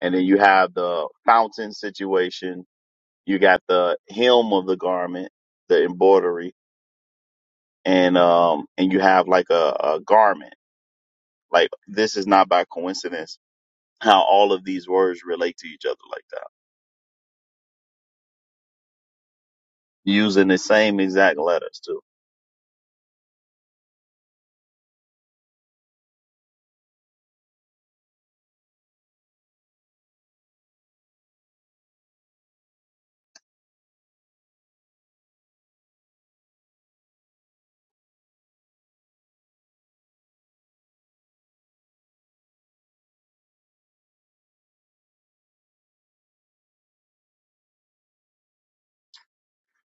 Speaker 9: And then you have the fountain situation. You got the hem of the garment, the embroidery, and um and you have like a, a garment. Like this is not by coincidence how all of these words relate to each other like that, using the same exact letters too.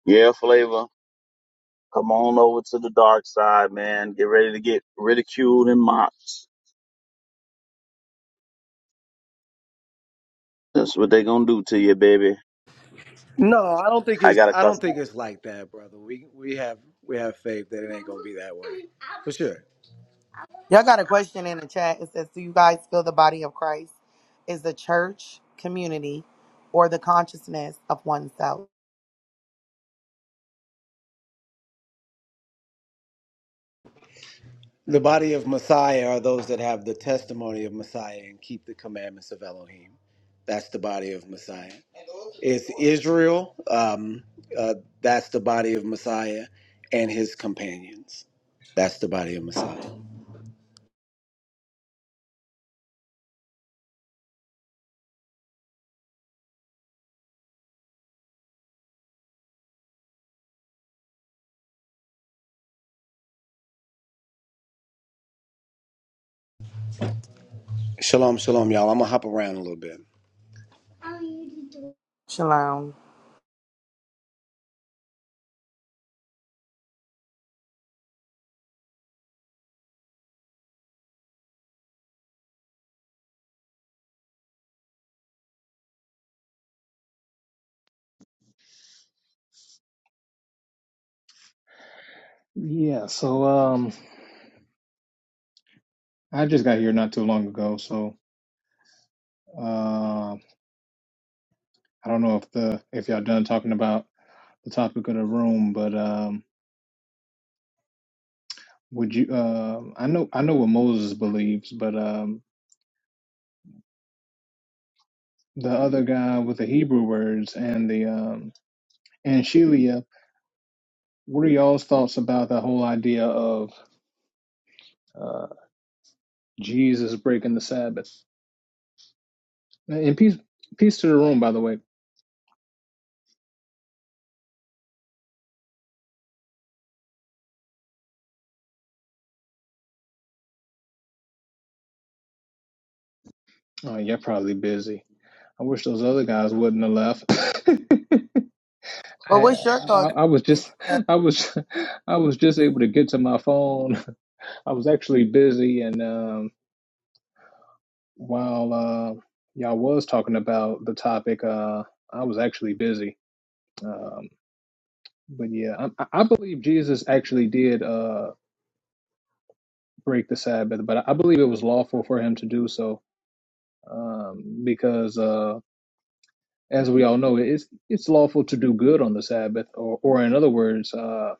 Speaker 9: Yeah, flavor. Come on over to the dark side, man. Get ready to get ridiculed and mocked. That's what they gonna do to you, baby.
Speaker 17: No, I don't think
Speaker 9: I
Speaker 17: it's
Speaker 9: got a
Speaker 17: I don't
Speaker 9: customer.
Speaker 17: think it's like that, brother. We we have we have faith that it ain't gonna be that way. For sure.
Speaker 16: Y'all got a question in the chat. It says, Do you guys feel the body of Christ is the church community or the consciousness of oneself?
Speaker 17: The body of Messiah are those that have the testimony of Messiah and keep the commandments of Elohim. That's the body of Messiah. It's Israel. Um, uh, that's the body of Messiah and his companions. That's the body of Messiah. Shalom, shalom, y'all. I'm gonna hop around a little bit.
Speaker 16: Shalom.
Speaker 18: Yeah, so um, I just got here not too long ago, so uh, I don't know if the if y'all done talking about the topic of the room, but um, would you? Uh, I know I know what Moses believes, but um, the other guy with the Hebrew words and the um, and Shelia, what are y'all's thoughts about the whole idea of uh, Jesus breaking the Sabbath? And peace peace to the room, by the way. Oh, you're probably busy. I wish those other guys wouldn't have left.
Speaker 16: Well,
Speaker 18: I,
Speaker 16: what's your
Speaker 18: I
Speaker 16: thoughts?
Speaker 18: I was
Speaker 16: Okay,
Speaker 18: just I was I was just able to get to my phone. I was actually busy, and um, while uh, y'all was talking about the topic, uh, I was actually busy. Um, but yeah, I, I I believe Jesus actually did uh, break the Sabbath, but I believe it was lawful for him to do so um, because, uh, as we all know, it's it's lawful to do good on the Sabbath, or or in other words. Uh,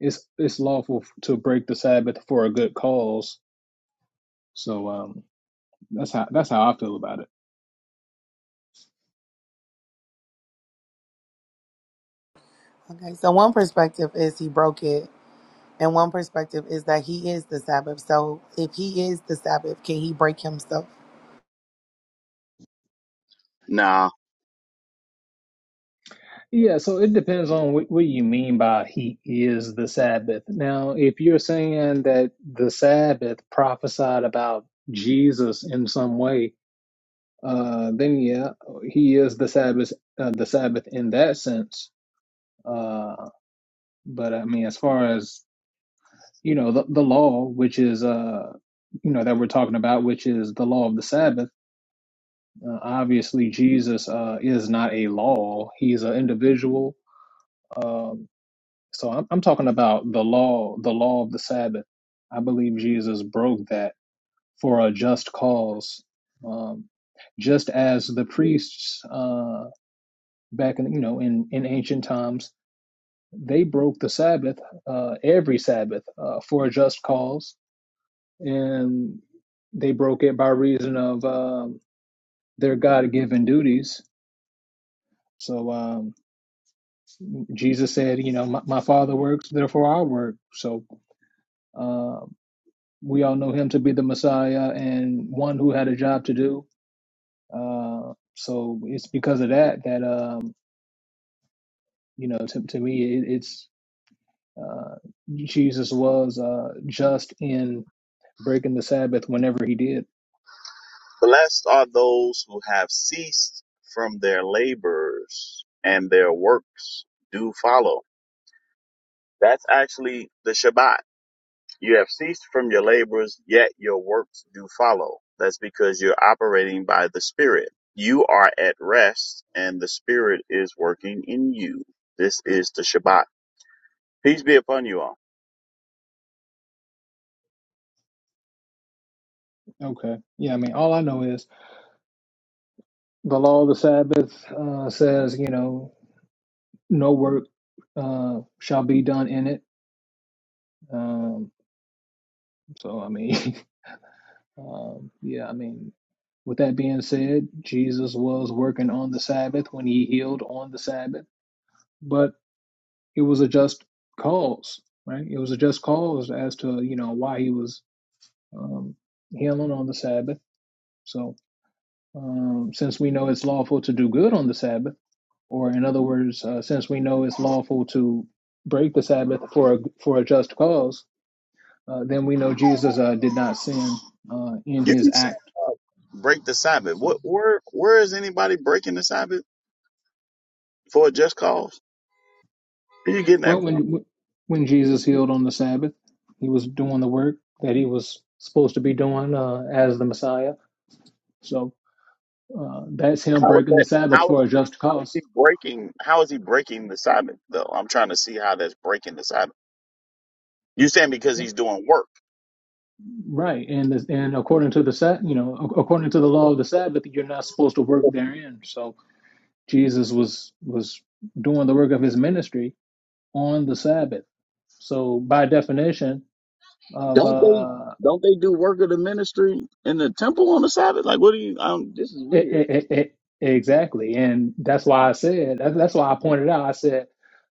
Speaker 18: it's it's lawful to break the Sabbath for a good cause. So um, that's how that's how I feel about it.
Speaker 16: so one perspective is he broke it, and one perspective is that he is the Sabbath. So if he is the Sabbath, can he break himself?
Speaker 9: now.
Speaker 18: Yeah. So it depends on what, what you mean by he is the Sabbath. Now, if you're saying that the Sabbath prophesied about Jesus in some way, uh, then yeah, he is the Sabbath. Uh, the Sabbath in that sense. Uh, but I mean, as far as you know, the, the law, which is uh, you know that we're talking about, which is the law of the Sabbath Uh, obviously, Jesus uh, is not a law; he's an individual. Um, so I'm, I'm talking about the law, the law of the Sabbath. I believe Jesus broke that for a just cause, um, just as the priests uh, back in you know in in ancient times they broke the Sabbath uh, every Sabbath uh, for a just cause, and they broke it by reason of um, their God-given duties. So. Um, Jesus said, you know, my, my father works, therefore I work. So uh, we all know him to be the Messiah and one who had a job to do. Uh, so it's because of that that, um, you know, to, to me, it, it's uh, Jesus was uh, just in breaking the Sabbath whenever he did.
Speaker 9: Blessed are those who have ceased from their labors and their works do follow. That's actually the Shabbat. You have ceased from your labors, yet your works do follow. That's because you're operating by the Spirit. You are at rest and the Spirit is working in you. This is the Shabbat. Peace be upon you all.
Speaker 18: Okay. Yeah, I mean, all I know is the law of the Sabbath uh, says, you know, no work uh, shall be done in it. Um, so I mean, um, yeah, I mean, with that being said, Jesus was working on the Sabbath when he healed on the Sabbath, but it was a just cause, right? It was a just cause as to you know why he was um, healing on the Sabbath. So um, since we know it's lawful to do good on the Sabbath, or in other words, uh, since we know it's lawful to break the Sabbath for a, for a just cause, Uh, then we know Jesus uh, did not sin uh, in
Speaker 9: You
Speaker 18: his
Speaker 9: keep saying
Speaker 18: act.
Speaker 9: break the Sabbath.
Speaker 18: So,
Speaker 9: What where where is anybody breaking the Sabbath? for a just cause? Who you getting
Speaker 18: well,
Speaker 9: that from?
Speaker 18: when when Jesus healed on the Sabbath, he was doing the work that he was supposed to be doing uh, as the Messiah. So uh, that's him
Speaker 9: How is
Speaker 18: breaking the
Speaker 9: that?
Speaker 18: Sabbath
Speaker 9: How is
Speaker 18: for a
Speaker 9: he?
Speaker 18: just
Speaker 9: How is
Speaker 18: cause,
Speaker 9: he breaking? How is he breaking the Sabbath though? I'm trying to see how that's breaking the Sabbath. You saying because he's doing work?
Speaker 18: right? And and according to the Sa- you know, according to the law of the Sabbath, you're not supposed to work therein. So Jesus was was doing the work of his ministry on the Sabbath. So by definition of
Speaker 9: Don't they?
Speaker 18: uh,
Speaker 9: Don't they do work of the ministry in the temple on the Sabbath? Like, what do you? Um, this is
Speaker 18: It,
Speaker 9: weird.
Speaker 18: it, it, it, exactly. And that's why I said, that, that's why I pointed out, I said,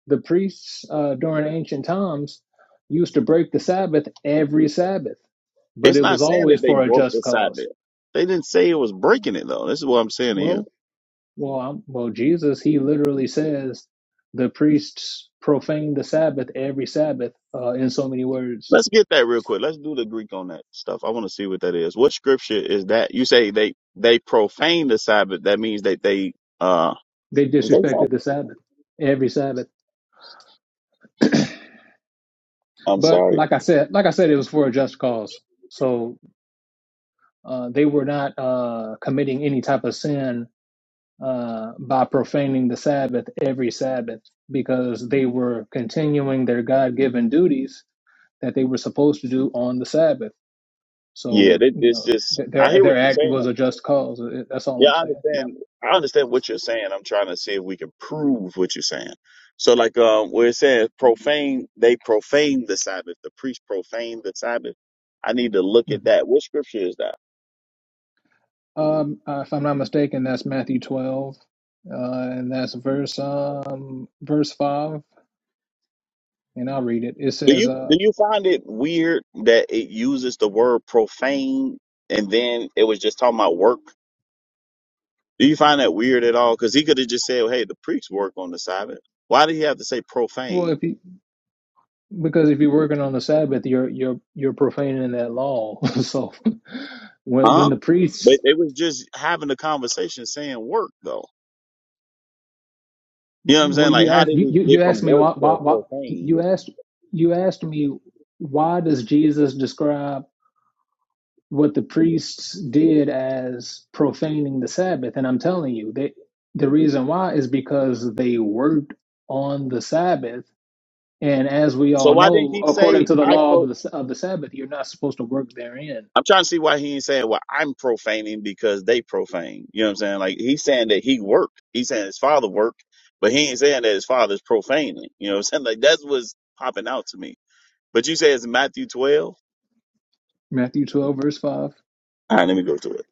Speaker 18: the priests uh, during ancient times used to break the Sabbath every Sabbath, but
Speaker 9: It's
Speaker 18: it
Speaker 9: not
Speaker 18: was
Speaker 9: saying that
Speaker 18: always
Speaker 9: they
Speaker 18: for a
Speaker 9: broke
Speaker 18: just
Speaker 9: the
Speaker 18: cause.
Speaker 9: Sabbath. They didn't say it was breaking it though. This is what I'm saying to you.
Speaker 18: Well, well, I'm, well, Jesus, he literally says the priests profane the Sabbath every Sabbath uh, in so many words.
Speaker 9: Let's get that real quick. Let's do the Greek on that stuff. I want to see what that is. What scripture is that? You say they they profane the Sabbath. That means that they uh.
Speaker 18: They
Speaker 9: Is they
Speaker 18: disrespected
Speaker 9: fighting?
Speaker 18: the Sabbath every Sabbath.
Speaker 9: I'm
Speaker 18: But
Speaker 9: sorry.
Speaker 18: like I said, like I said, it was for a just cause. So. Uh, they were not uh, committing any type of sin uh, by profaning the Sabbath every Sabbath because they were continuing their God given duties that they were supposed to do on the Sabbath.
Speaker 9: Yeah,
Speaker 18: So
Speaker 9: they,
Speaker 18: you
Speaker 9: it's
Speaker 18: know
Speaker 9: just
Speaker 18: th-
Speaker 9: I
Speaker 18: their
Speaker 9: hear
Speaker 18: their
Speaker 9: what you're
Speaker 18: act was
Speaker 9: saying.
Speaker 18: a just cause. It- That's all
Speaker 9: Yeah,
Speaker 18: I'm
Speaker 9: I
Speaker 18: saying. Yeah.
Speaker 9: understand. I understand what you're saying. I'm trying to see if we can prove what you're saying. So, like, um, where it says profane, they profane the Sabbath. The priest profane the Sabbath. I need to look at
Speaker 18: Mhm.
Speaker 9: that. What scripture is that?
Speaker 18: Um, uh, if I'm not mistaken, that's Matthew 12, uh, and that's verse um verse five, and I'll read it. It
Speaker 9: Do
Speaker 18: says,
Speaker 9: you
Speaker 18: uh,
Speaker 9: do you find it weird that it uses the word profane and then it was just talking about work? Do you find that weird at all? Because he could have just said, "Hey, the priests work on the Sabbath." Why did he have to say
Speaker 18: well,
Speaker 9: profane?
Speaker 18: if you Because if you're working on the Sabbath, you're you're you're profaning that law. so when when
Speaker 9: Huh?
Speaker 18: the priests,
Speaker 9: But they was just having a conversation saying work though. You know what I'm
Speaker 18: well,
Speaker 9: saying? Like
Speaker 18: you
Speaker 9: how
Speaker 18: asked
Speaker 9: did
Speaker 18: you, you
Speaker 9: it
Speaker 18: you
Speaker 9: get
Speaker 18: asked
Speaker 9: from
Speaker 18: me
Speaker 9: work
Speaker 18: why why
Speaker 9: to
Speaker 18: why
Speaker 9: profane?
Speaker 18: you asked you asked me why does Jesus describe what the priests did as profaning the Sabbath? And I'm telling you that the reason why is because they worked on the Sabbath, and as we
Speaker 9: So
Speaker 18: all
Speaker 9: why didn't
Speaker 18: know,
Speaker 9: he
Speaker 18: according
Speaker 9: say
Speaker 18: to the
Speaker 9: I
Speaker 18: law of
Speaker 9: pro
Speaker 18: the of the Sabbath, you're not supposed to work therein.
Speaker 9: I'm trying to see why he ain't saying well I'm profaning because they profane. You know what I'm saying? Like he's saying that he worked. He's saying his father worked, but he ain't saying that his father's profaning. You know what I'm saying? Like that's what's popping out to me. But you say it's Matthew twelve?
Speaker 18: Matthew 12, verse 5.
Speaker 9: All right, let me go to it.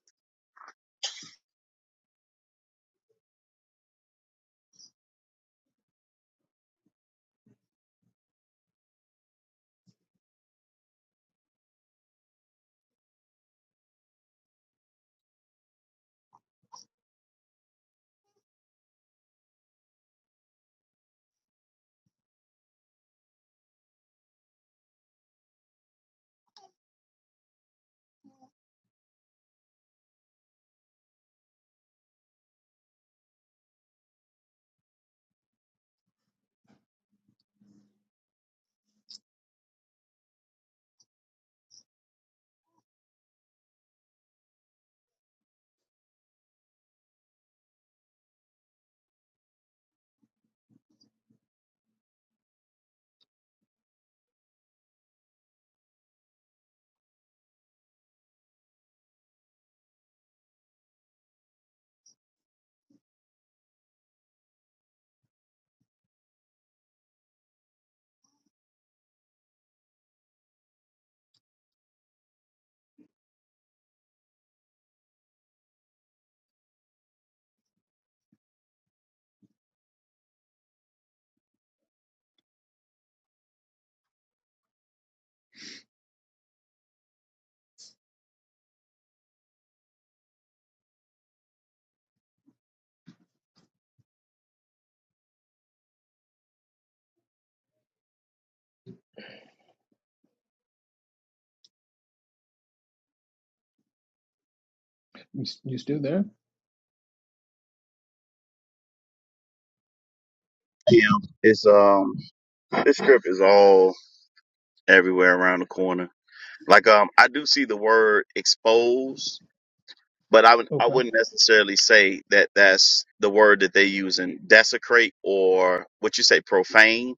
Speaker 18: You, you still there?
Speaker 9: Yeah. It's um this script is all everywhere around the corner. Like um, I do see the word exposed, but I would I
Speaker 18: Okay.
Speaker 9: wouldn't necessarily say that that's the word that they use in desecrate or what you say profane.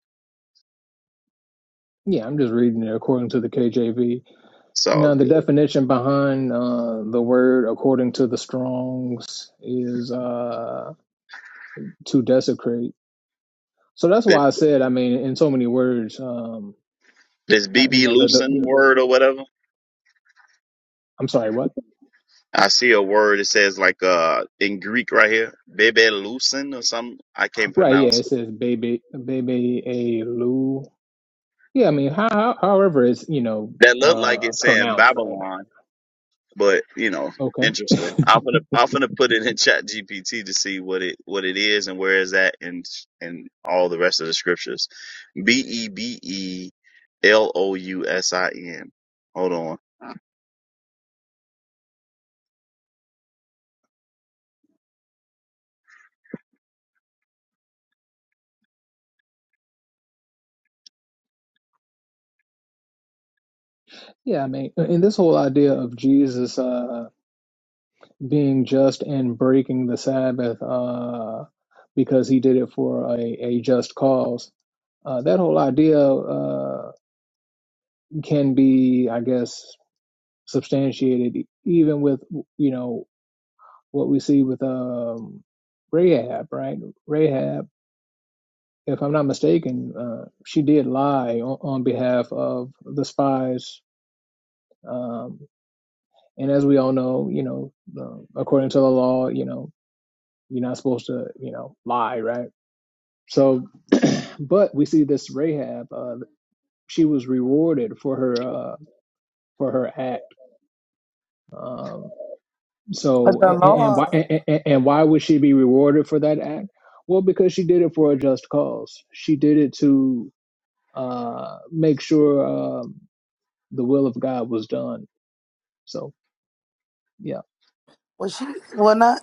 Speaker 18: Yeah, I'm just reading it according to the KJV.
Speaker 9: So
Speaker 18: Now, the definition behind uh, the word according to the Strongs is uh, to desecrate. So that's
Speaker 9: th-
Speaker 18: why I said, I mean, in so many words, um,
Speaker 9: this
Speaker 18: I, you
Speaker 9: BB
Speaker 18: know, the, the,
Speaker 9: loosen
Speaker 18: the,
Speaker 9: word
Speaker 18: the,
Speaker 9: or whatever.
Speaker 18: I'm sorry, what?
Speaker 9: I see a word that says like uh in Greek right here, bebe loosen or something. I can't
Speaker 18: Right, yeah,
Speaker 9: pronounce
Speaker 18: it
Speaker 9: it.
Speaker 18: says baby, baby, a lu. Yeah, I mean, how, how- however it's, you know,
Speaker 9: That looked like
Speaker 18: uh,
Speaker 9: it's saying
Speaker 18: pronounced right
Speaker 9: Babylon, but you know,
Speaker 18: Okay.
Speaker 9: interesting. I'm gonna I'm gonna put it in Chat GPT to see what it what it is and where is that in in all the rest of the scriptures. B e b e l o u s i n. Hold on.
Speaker 18: Yeah, I mean, in this whole idea of Jesus. uh, being just and breaking the Sabbath uh, because he did it for a, a just cause. Uh, that whole idea uh, can be, I guess, substantiated e- even with you know what we see with um, Rahab, right? Rahab, if I'm not mistaken, uh, she did lie on, on behalf of the spies. Um, and as we all know, you know, uh, according to the law, you know, you're not supposed to, you know, lie, right? So, but we see this Rahab. Uh, she was rewarded for her uh, for her act. Um,
Speaker 16: But
Speaker 18: so,
Speaker 16: the
Speaker 18: and, and why
Speaker 16: Lord,
Speaker 18: and, and why would she be rewarded for that act? Well, because she did it for a just cause. She did it to uh, make sure um, the will of God was done. So, yeah.
Speaker 16: was she, well, not,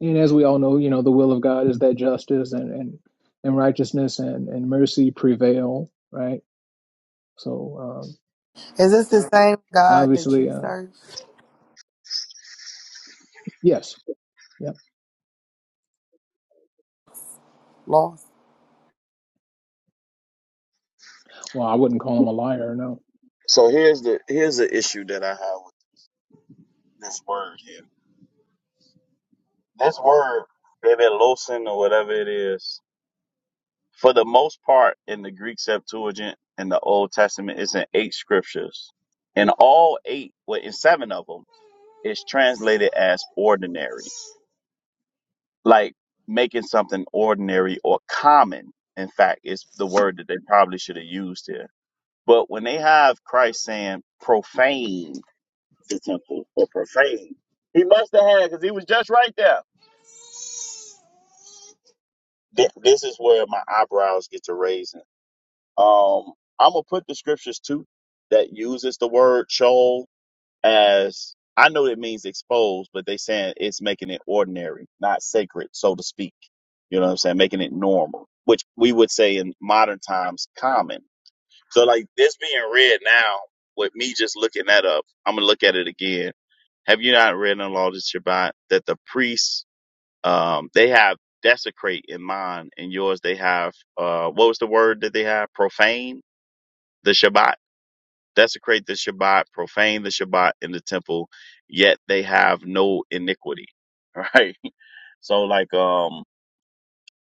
Speaker 18: And as we all know, you know, the will of God is that justice and and, and righteousness and, and mercy prevail, right? So, um,
Speaker 16: is this the same God that
Speaker 18: obviously,
Speaker 16: you
Speaker 18: uh,
Speaker 16: serve?
Speaker 18: yes.
Speaker 16: Lost.
Speaker 18: Well, I wouldn't call him a liar, no.
Speaker 9: So here's the here's the issue that I have with this word here. This word, revelosin or whatever it is, for the most part in the Greek Septuagint and the Old Testament, it's in eight scriptures. And all eight, well, in seven of them, is translated as ordinary, like making something ordinary or common. In fact, it's the word that they probably should have used here. But when they have Christ saying profane the temple or profane. He must have had because he was just right there. Th- This is where my eyebrows get to raising. Um, I'm gonna put the scriptures too that uses the word show as I know it means exposed, but they saying it's making it ordinary, not sacred, so to speak. You know what I'm saying? Making it normal, which we would say in modern times common. So like this being read now, with me just looking that up, I'm gonna look at it again. Have you not read in the law of Shabbat that the priests um they have desecrate in mind and yours they have uh what was the word that they have? Profane the Shabbat. Desecrate the Shabbat, profane the Shabbat in the temple, yet they have no iniquity. Right. So like um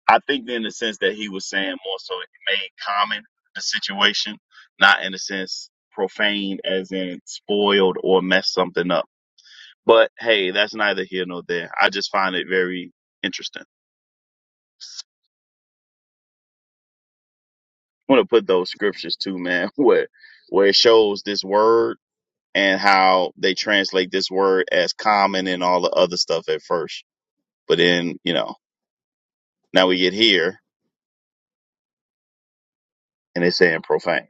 Speaker 9: I think in the sense that he was saying more so it made common the situation, not in a sense profane, as in spoiled or messed something up. But hey, that's neither here nor there. I just find it very interesting. I want to put those scriptures too, man, where where it shows this word and how they translate this word as common and all the other stuff at first. But then, you know, now we get here and it's saying profane.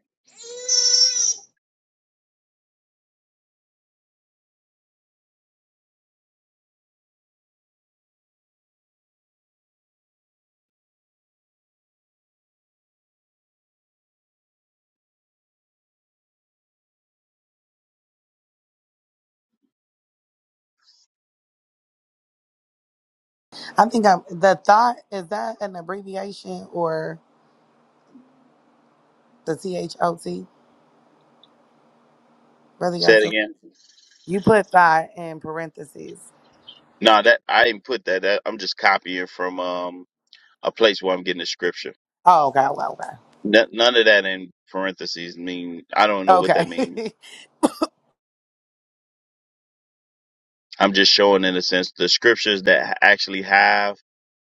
Speaker 16: I think I'm, the thought, is that an abbreviation or the THOT? Brother
Speaker 9: Say it
Speaker 16: Yazoo,
Speaker 9: again.
Speaker 16: you put thigh in parentheses.
Speaker 9: No, that I didn't put that. that I'm just copying from um a place where I'm getting the scripture.
Speaker 16: Oh, okay, okay,
Speaker 9: N- none of that in parentheses mean I don't know what that
Speaker 16: okay.
Speaker 9: means.
Speaker 16: Okay.
Speaker 9: I'm just showing in a sense the scriptures that ha- actually have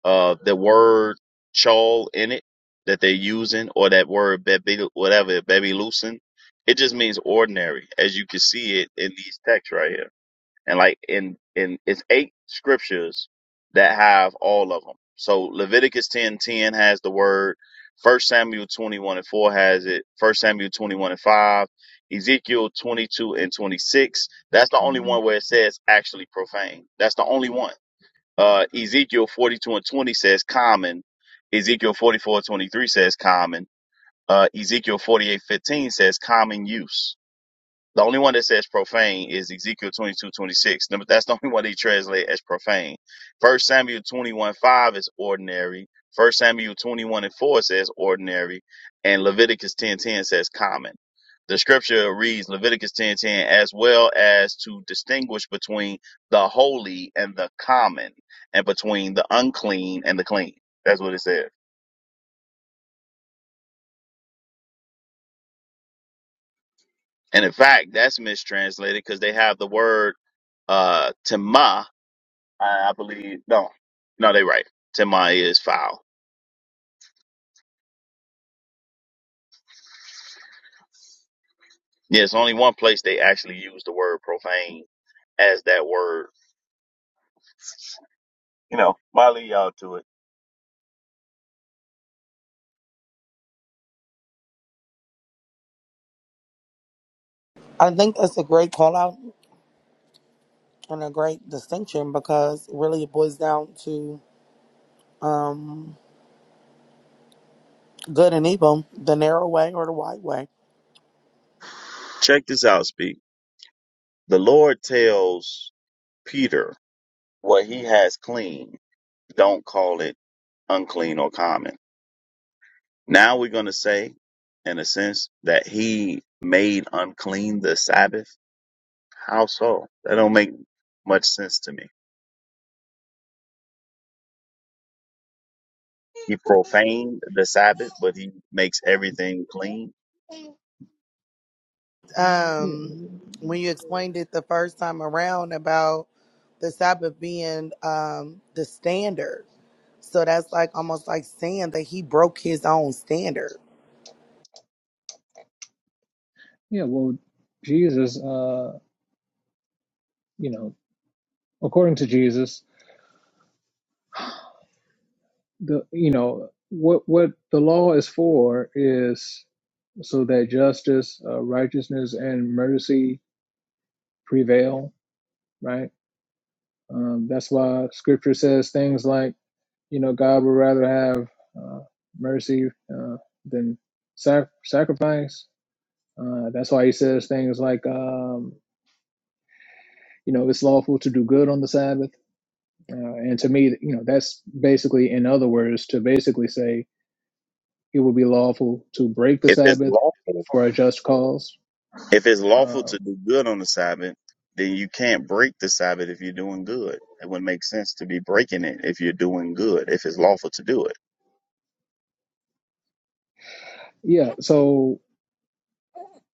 Speaker 9: uh the word chol in it that they're using or that word bebe, whatever "baby loosen. It just means ordinary, as you can see it in these texts right here. and like in in it's eight scriptures that have all of them. So Leviticus ten ten has the word. First Samuel twenty one and four has it. First Samuel twenty one and five. Ezekiel twenty two and twenty six. That's the only hmm one where it says actually profane. That's the only one. Uh, Ezekiel forty two and twenty says common. Ezekiel forty four and twenty three says common. Uh, Ezekiel forty eight fifteen says common use the only one that says profane is Ezekiel twenty-two twenty-six. 26. Number- That's the only one they translate as profane. First Samuel 21, 5 is ordinary. First Samuel 21 and 4 says ordinary. And Leviticus 10 10 says common. The scripture reads Leviticus 10 10 as well as to distinguish between the holy and the common and between the unclean and the clean. That's what it says. And in fact, that's mistranslated because they have the word uh, tema I, I believe no, no, they right. Timai is foul. Yeah, it's only one place they actually use the word profane as that word. You know, I lead y'all to it.
Speaker 16: I think it's a great call out and a great distinction because really it really boils down to um, good and evil, the narrow way or the wide way.
Speaker 9: Check this out, speak. The Lord tells Peter what he has clean. Don't call it unclean or common. Now we're going to say, in a sense, that he made unclean the Sabbath. How so? That don't make much sense to me. He profaned the Sabbath, but he makes everything clean.
Speaker 18: Yeah,
Speaker 16: Um, when you explained it the first time around about the Sabbath being um, the standard. So that's like almost like saying that he broke his own standard.
Speaker 18: yeah. Well, Jesus, uh, you know, according to Jesus, the you know what what the law is for is so that justice, uh, righteousness, and mercy prevail, right? Um, that's why Scripture says things like, you know, God would rather have uh, mercy uh, than sac- sacrifice. Uh, that's why He says things like, um, you know, it's lawful to do good on the Sabbath Uh, and to me, you know, that's basically, in other words, to basically say it would be lawful to break the
Speaker 9: If it's
Speaker 18: Sabbath
Speaker 9: lawful,
Speaker 18: for a just cause.
Speaker 9: if it's lawful
Speaker 18: Uh,
Speaker 9: to do good on the Sabbath, then you can't break the Sabbath if you're doing good. It wouldn't make sense to be breaking it if you're doing good, if it's lawful to do it.
Speaker 18: yeah. So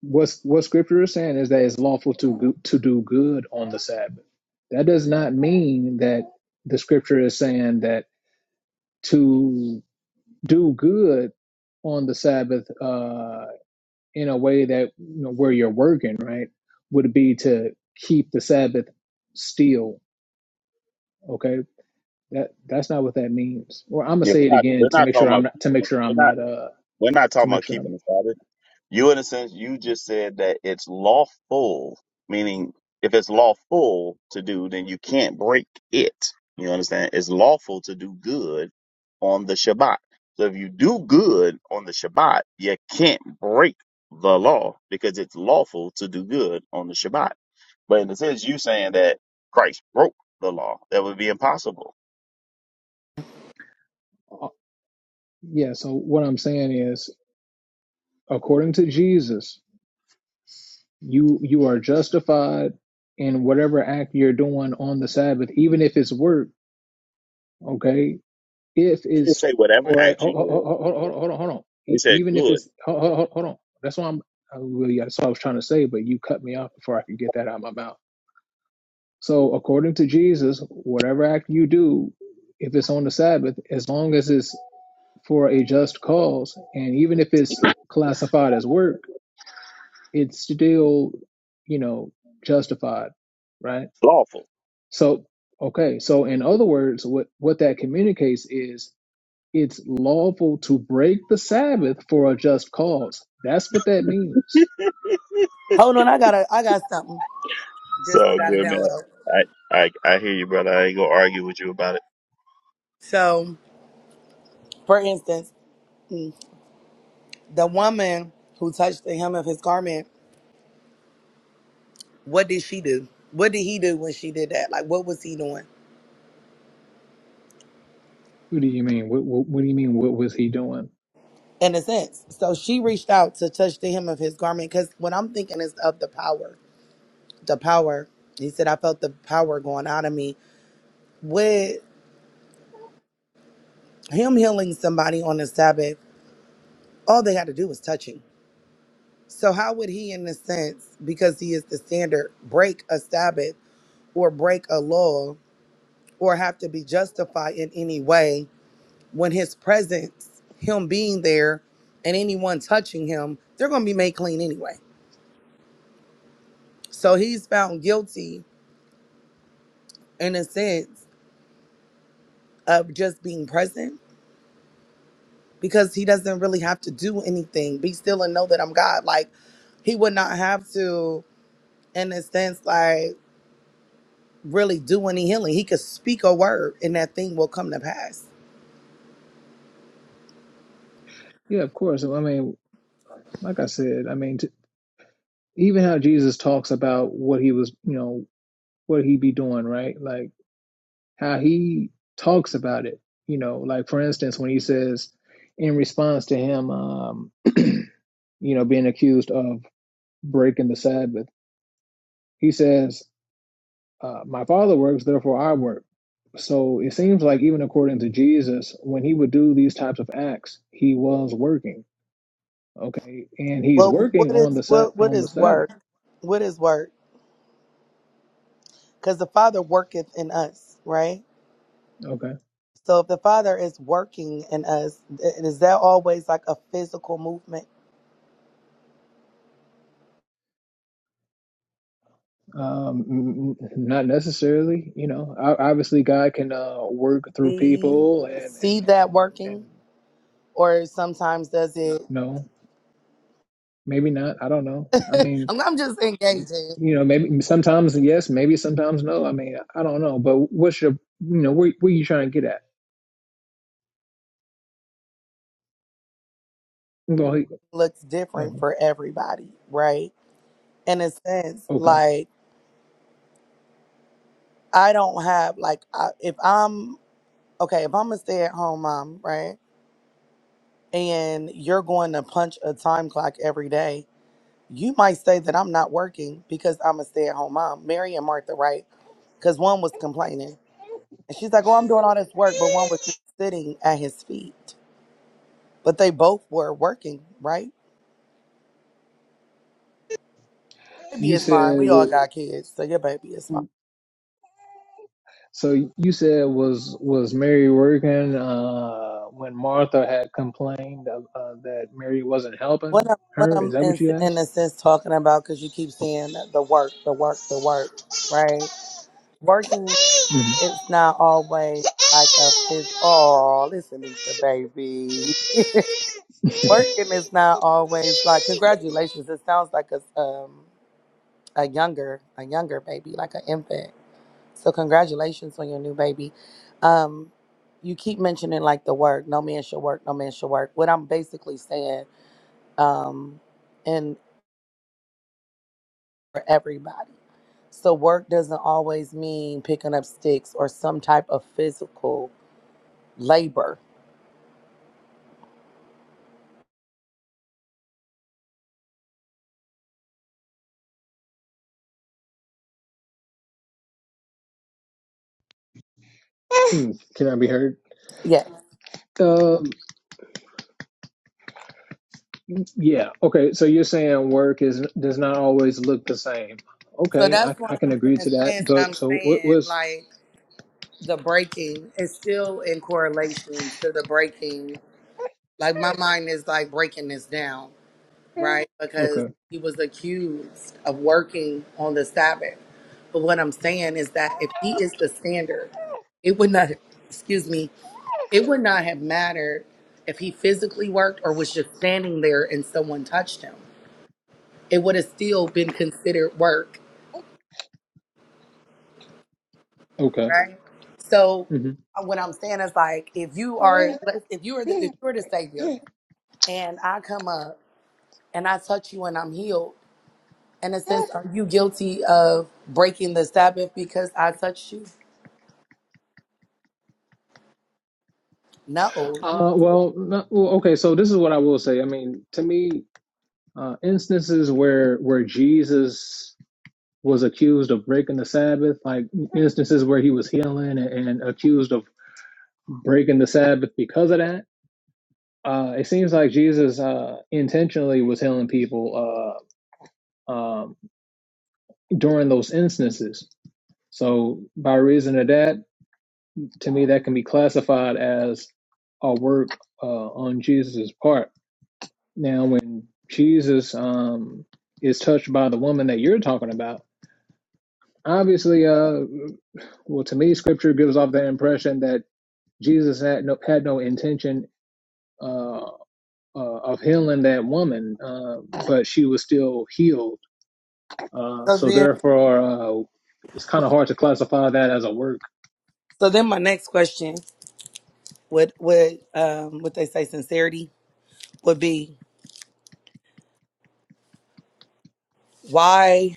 Speaker 18: what's what Scripture is saying is that it's lawful to to do good on the Sabbath. That does not mean that the Scripture is saying that to do good on the Sabbath uh, in a way that you know, where you're working, right, would be to keep the Sabbath still. Okay, That that's not what that means. Or I'm gonna
Speaker 9: Yeah,
Speaker 18: say it
Speaker 9: we're not we're
Speaker 18: again to
Speaker 9: not
Speaker 18: make sure
Speaker 9: talking
Speaker 18: I'm
Speaker 9: about
Speaker 18: not to
Speaker 9: keeping
Speaker 18: make
Speaker 9: it.
Speaker 18: sure I'm
Speaker 9: We're not
Speaker 18: not uh
Speaker 9: we're not
Speaker 18: to
Speaker 9: talking
Speaker 18: make
Speaker 9: about
Speaker 18: sure I'm
Speaker 9: keeping the Sabbath. You, in a sense, you just said that it's lawful, meaning if it's lawful to do, then you can't break it. You understand? It's lawful to do good on the Shabbat. So if you do good on the Shabbat, you can't break the law because it's lawful to do good on the Shabbat. But in a sense, you saying that Christ broke the law. That would be impossible.
Speaker 18: uh, yeah. So what I'm saying is, according to Jesus, you you are justified in whatever act you're doing on the Sabbath, even if it's work. Okay, if
Speaker 9: He didn't
Speaker 18: is
Speaker 9: say whatever
Speaker 18: for a,
Speaker 9: act
Speaker 18: hold,
Speaker 9: you
Speaker 18: hold, hold,
Speaker 9: do.
Speaker 18: hold, hold on, hold on.
Speaker 9: He
Speaker 18: E-
Speaker 9: said
Speaker 18: Even if it's
Speaker 9: good,
Speaker 18: hold, hold, hold hold on, that's why I'm I really that's what I was trying to say, but you cut me off before I could get that out of my mouth. So according to Jesus, whatever act you do, if it's on the Sabbath, as long as it's for a just cause, and even if it's classified as work, it's still you know justified, right?
Speaker 9: lawful.
Speaker 18: So okay, so in other words, what what that communicates is It's lawful to break the Sabbath for a just cause. That's what that means.
Speaker 16: Hold on, I gotta I got something. Just I
Speaker 9: So
Speaker 16: gotta
Speaker 9: good, man.
Speaker 16: download.
Speaker 9: I, I I hear you, brother. I ain't gonna argue with you about it.
Speaker 16: So For instance, the woman who touched the hem of his garment, what did she do? What did he do when she did that? Like, what was he doing?
Speaker 18: What do you mean? What, what, what do you mean? What was he doing?
Speaker 16: In a sense. So she reached out to touch the hem of his garment because what I'm thinking is of the power. The power. He said, I felt the power going out of me. With him healing somebody on the Sabbath, all they had to do was touch him. So, how would he, in a sense, because he is the standard, break a Sabbath or break a law or have to be justified in any way? when his presence, him being there, and anyone touching him, they're going to be made clean anyway. So he's found guilty in a sense of just being present because he doesn't really have to do anything. Be still and know that I'm God. Like he would not have to, in a sense, like really do any healing. He could speak a word and that thing will come to pass.
Speaker 18: Yeah, of course. I mean, like I said, I mean, t even how Jesus talks about what he was, you know, what he be doing, right? Like how he talks about it. You know, like for instance, when he says in response to him, um, you know, being accused of breaking the Sabbath, he says, uh, "My Father works, therefore I work." So it seems like even according to Jesus, when he would do these types of acts, he was working. Okay, and he's
Speaker 16: Well, what
Speaker 18: working on
Speaker 16: is
Speaker 18: the sa-
Speaker 16: what what
Speaker 18: on the
Speaker 16: is
Speaker 18: Sabbath.
Speaker 16: work? What is work? Because the Father worketh in us, right?
Speaker 18: Okay
Speaker 16: So if the Father is working in us, th- is that always like a physical movement?
Speaker 18: Um, not necessarily, you know. O- Obviously, God can uh work through
Speaker 16: See,
Speaker 18: people and
Speaker 16: see
Speaker 18: and and
Speaker 16: that working,
Speaker 18: and
Speaker 16: or sometimes does it?
Speaker 18: no, maybe not. I don't know. I mean,
Speaker 16: I'm, I'm just engaging.
Speaker 18: you know, maybe sometimes yes, maybe sometimes no. I mean, I don't know. But what's your, you know, where where you trying to get at? Go ahead.
Speaker 16: Looks
Speaker 18: Uh,
Speaker 16: different for everybody, right? In a sense,
Speaker 18: okay.
Speaker 16: like I don't have like I, if I'm okay, if I'm a stay at home mom, right, and you're going to punch a time clock every day You might say that I'm not working because I'm a stay at home mom. Mary and Martha, right? Because one was complaining. And she's like, Oh, I'm doing all this work, but one was just sitting at his feet. But they both were working, right? Baby
Speaker 18: You
Speaker 16: is fine.
Speaker 18: said
Speaker 16: We all
Speaker 18: wa-
Speaker 16: got kids, so your baby is fine.
Speaker 18: so. You said was was Mary working uh when Martha had complained of, uh, that Mary wasn't helping
Speaker 16: What I'm, what
Speaker 18: her? Is
Speaker 16: I'm
Speaker 18: that
Speaker 16: in,
Speaker 18: what you asked?
Speaker 16: in a sense talking about, because you keep saying that the work, the work, the work, right? Working it's not always like a phys- oh, listen to the baby. Working is not always like congratulations. It sounds like a um a younger a younger baby, like an infant. So congratulations on your new baby. Um, you keep mentioning like the work. No man should work. No man should work. What I'm basically saying, um, and for everybody. So work doesn't always mean picking up sticks or some type of physical. labor.
Speaker 18: Hmm, Can I be heard?
Speaker 16: Yes.
Speaker 18: Um, yeah. Okay. So you're saying work is does not always look the same.
Speaker 16: So
Speaker 18: Okay,
Speaker 16: that's
Speaker 18: I,
Speaker 16: why
Speaker 18: I can
Speaker 16: I'm in
Speaker 18: agree to
Speaker 16: a
Speaker 18: that.
Speaker 16: sense
Speaker 18: But
Speaker 16: I'm
Speaker 18: so what
Speaker 16: saying
Speaker 18: was
Speaker 16: like the breaking is still in correlation to the breaking. Like my mind is like breaking this down. right? Because
Speaker 18: okay?
Speaker 16: he was accused of working on the Sabbath. But what I'm saying is that if he is the standard, it would not, excuse me, it would not have mattered if he physically worked or was just standing there and someone touched him. It would have still been considered work,
Speaker 18: Okay.
Speaker 16: right? So
Speaker 18: hmm
Speaker 16: uh, what I'm saying is like if you are if you are the if you're the savior and I come up and I touch you and I'm healed, In a sense, are you guilty of breaking the Sabbath because I touched you? No.
Speaker 18: Uh, well, no, well, okay. So this is what I will say. I mean, to me, uh, instances where where Jesus was accused of breaking the Sabbath, like instances where he was healing and and accused of breaking the Sabbath because of that uh, it seems like Jesus uh, intentionally was healing people uh, um, during those instances. So, by reason of that, to me, that can be classified as a work uh, on Jesus' part. Now, when Jesus um, is touched by the woman that you're talking about, obviously, uh, well, to me, Scripture gives off the impression that Jesus had no had no intention uh, uh, of healing that woman, uh, but she was still healed Uh,
Speaker 16: So
Speaker 18: so
Speaker 16: then,
Speaker 18: therefore, uh, it's kind of hard to classify that as a work.
Speaker 16: so then, my next question would would um, what they say sincerity would be why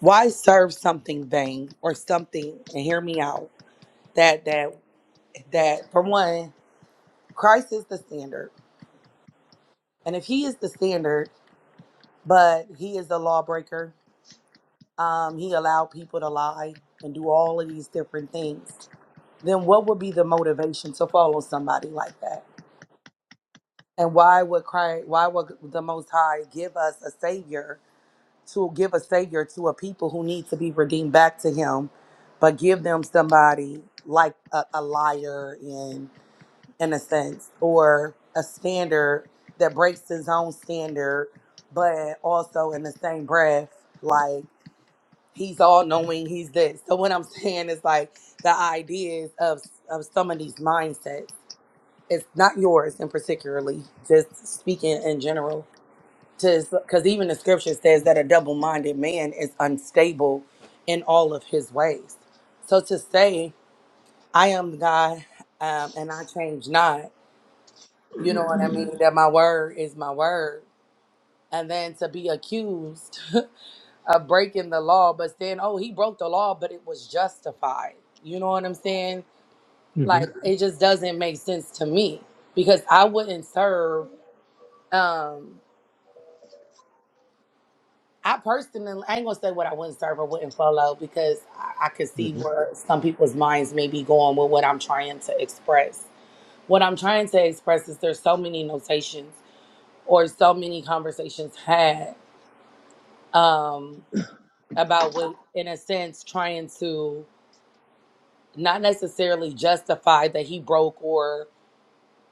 Speaker 16: why serve something vain or something and hear me out that that that for one Christ is the standard and if He is the standard but He is the lawbreaker um, He allowed people to lie and do all of these different things then what would be the motivation to follow somebody like that? And why would Christ, why would the Most High give us a Savior to give a Savior to a people who need to be redeemed back to Him, but give them somebody like a, a liar in in a sense, or a standard that breaks his own standard, but also in the same breath, like he's all knowing, he's this. So what I'm saying is like the ideas of of some of these mindsets. it's not yours in particularly just speaking in general because even the scripture says that a double-minded man is unstable in all of his ways so to say i am god um, and i change not you know what i mean that my word is my word and then to be accused of breaking the law but saying oh he broke the law but it was justified you know what i'm saying
Speaker 18: hmm
Speaker 16: like it just doesn't make sense to me because i wouldn't serve um I personally, I ain't gonna say what I wouldn't serve or wouldn't follow because I, I could
Speaker 18: hmm
Speaker 16: see where some people's minds may be going with what I'm trying to express. What I'm trying to express is there's so many notations or so many conversations had um, about what, in a sense, trying to not necessarily justify that he broke or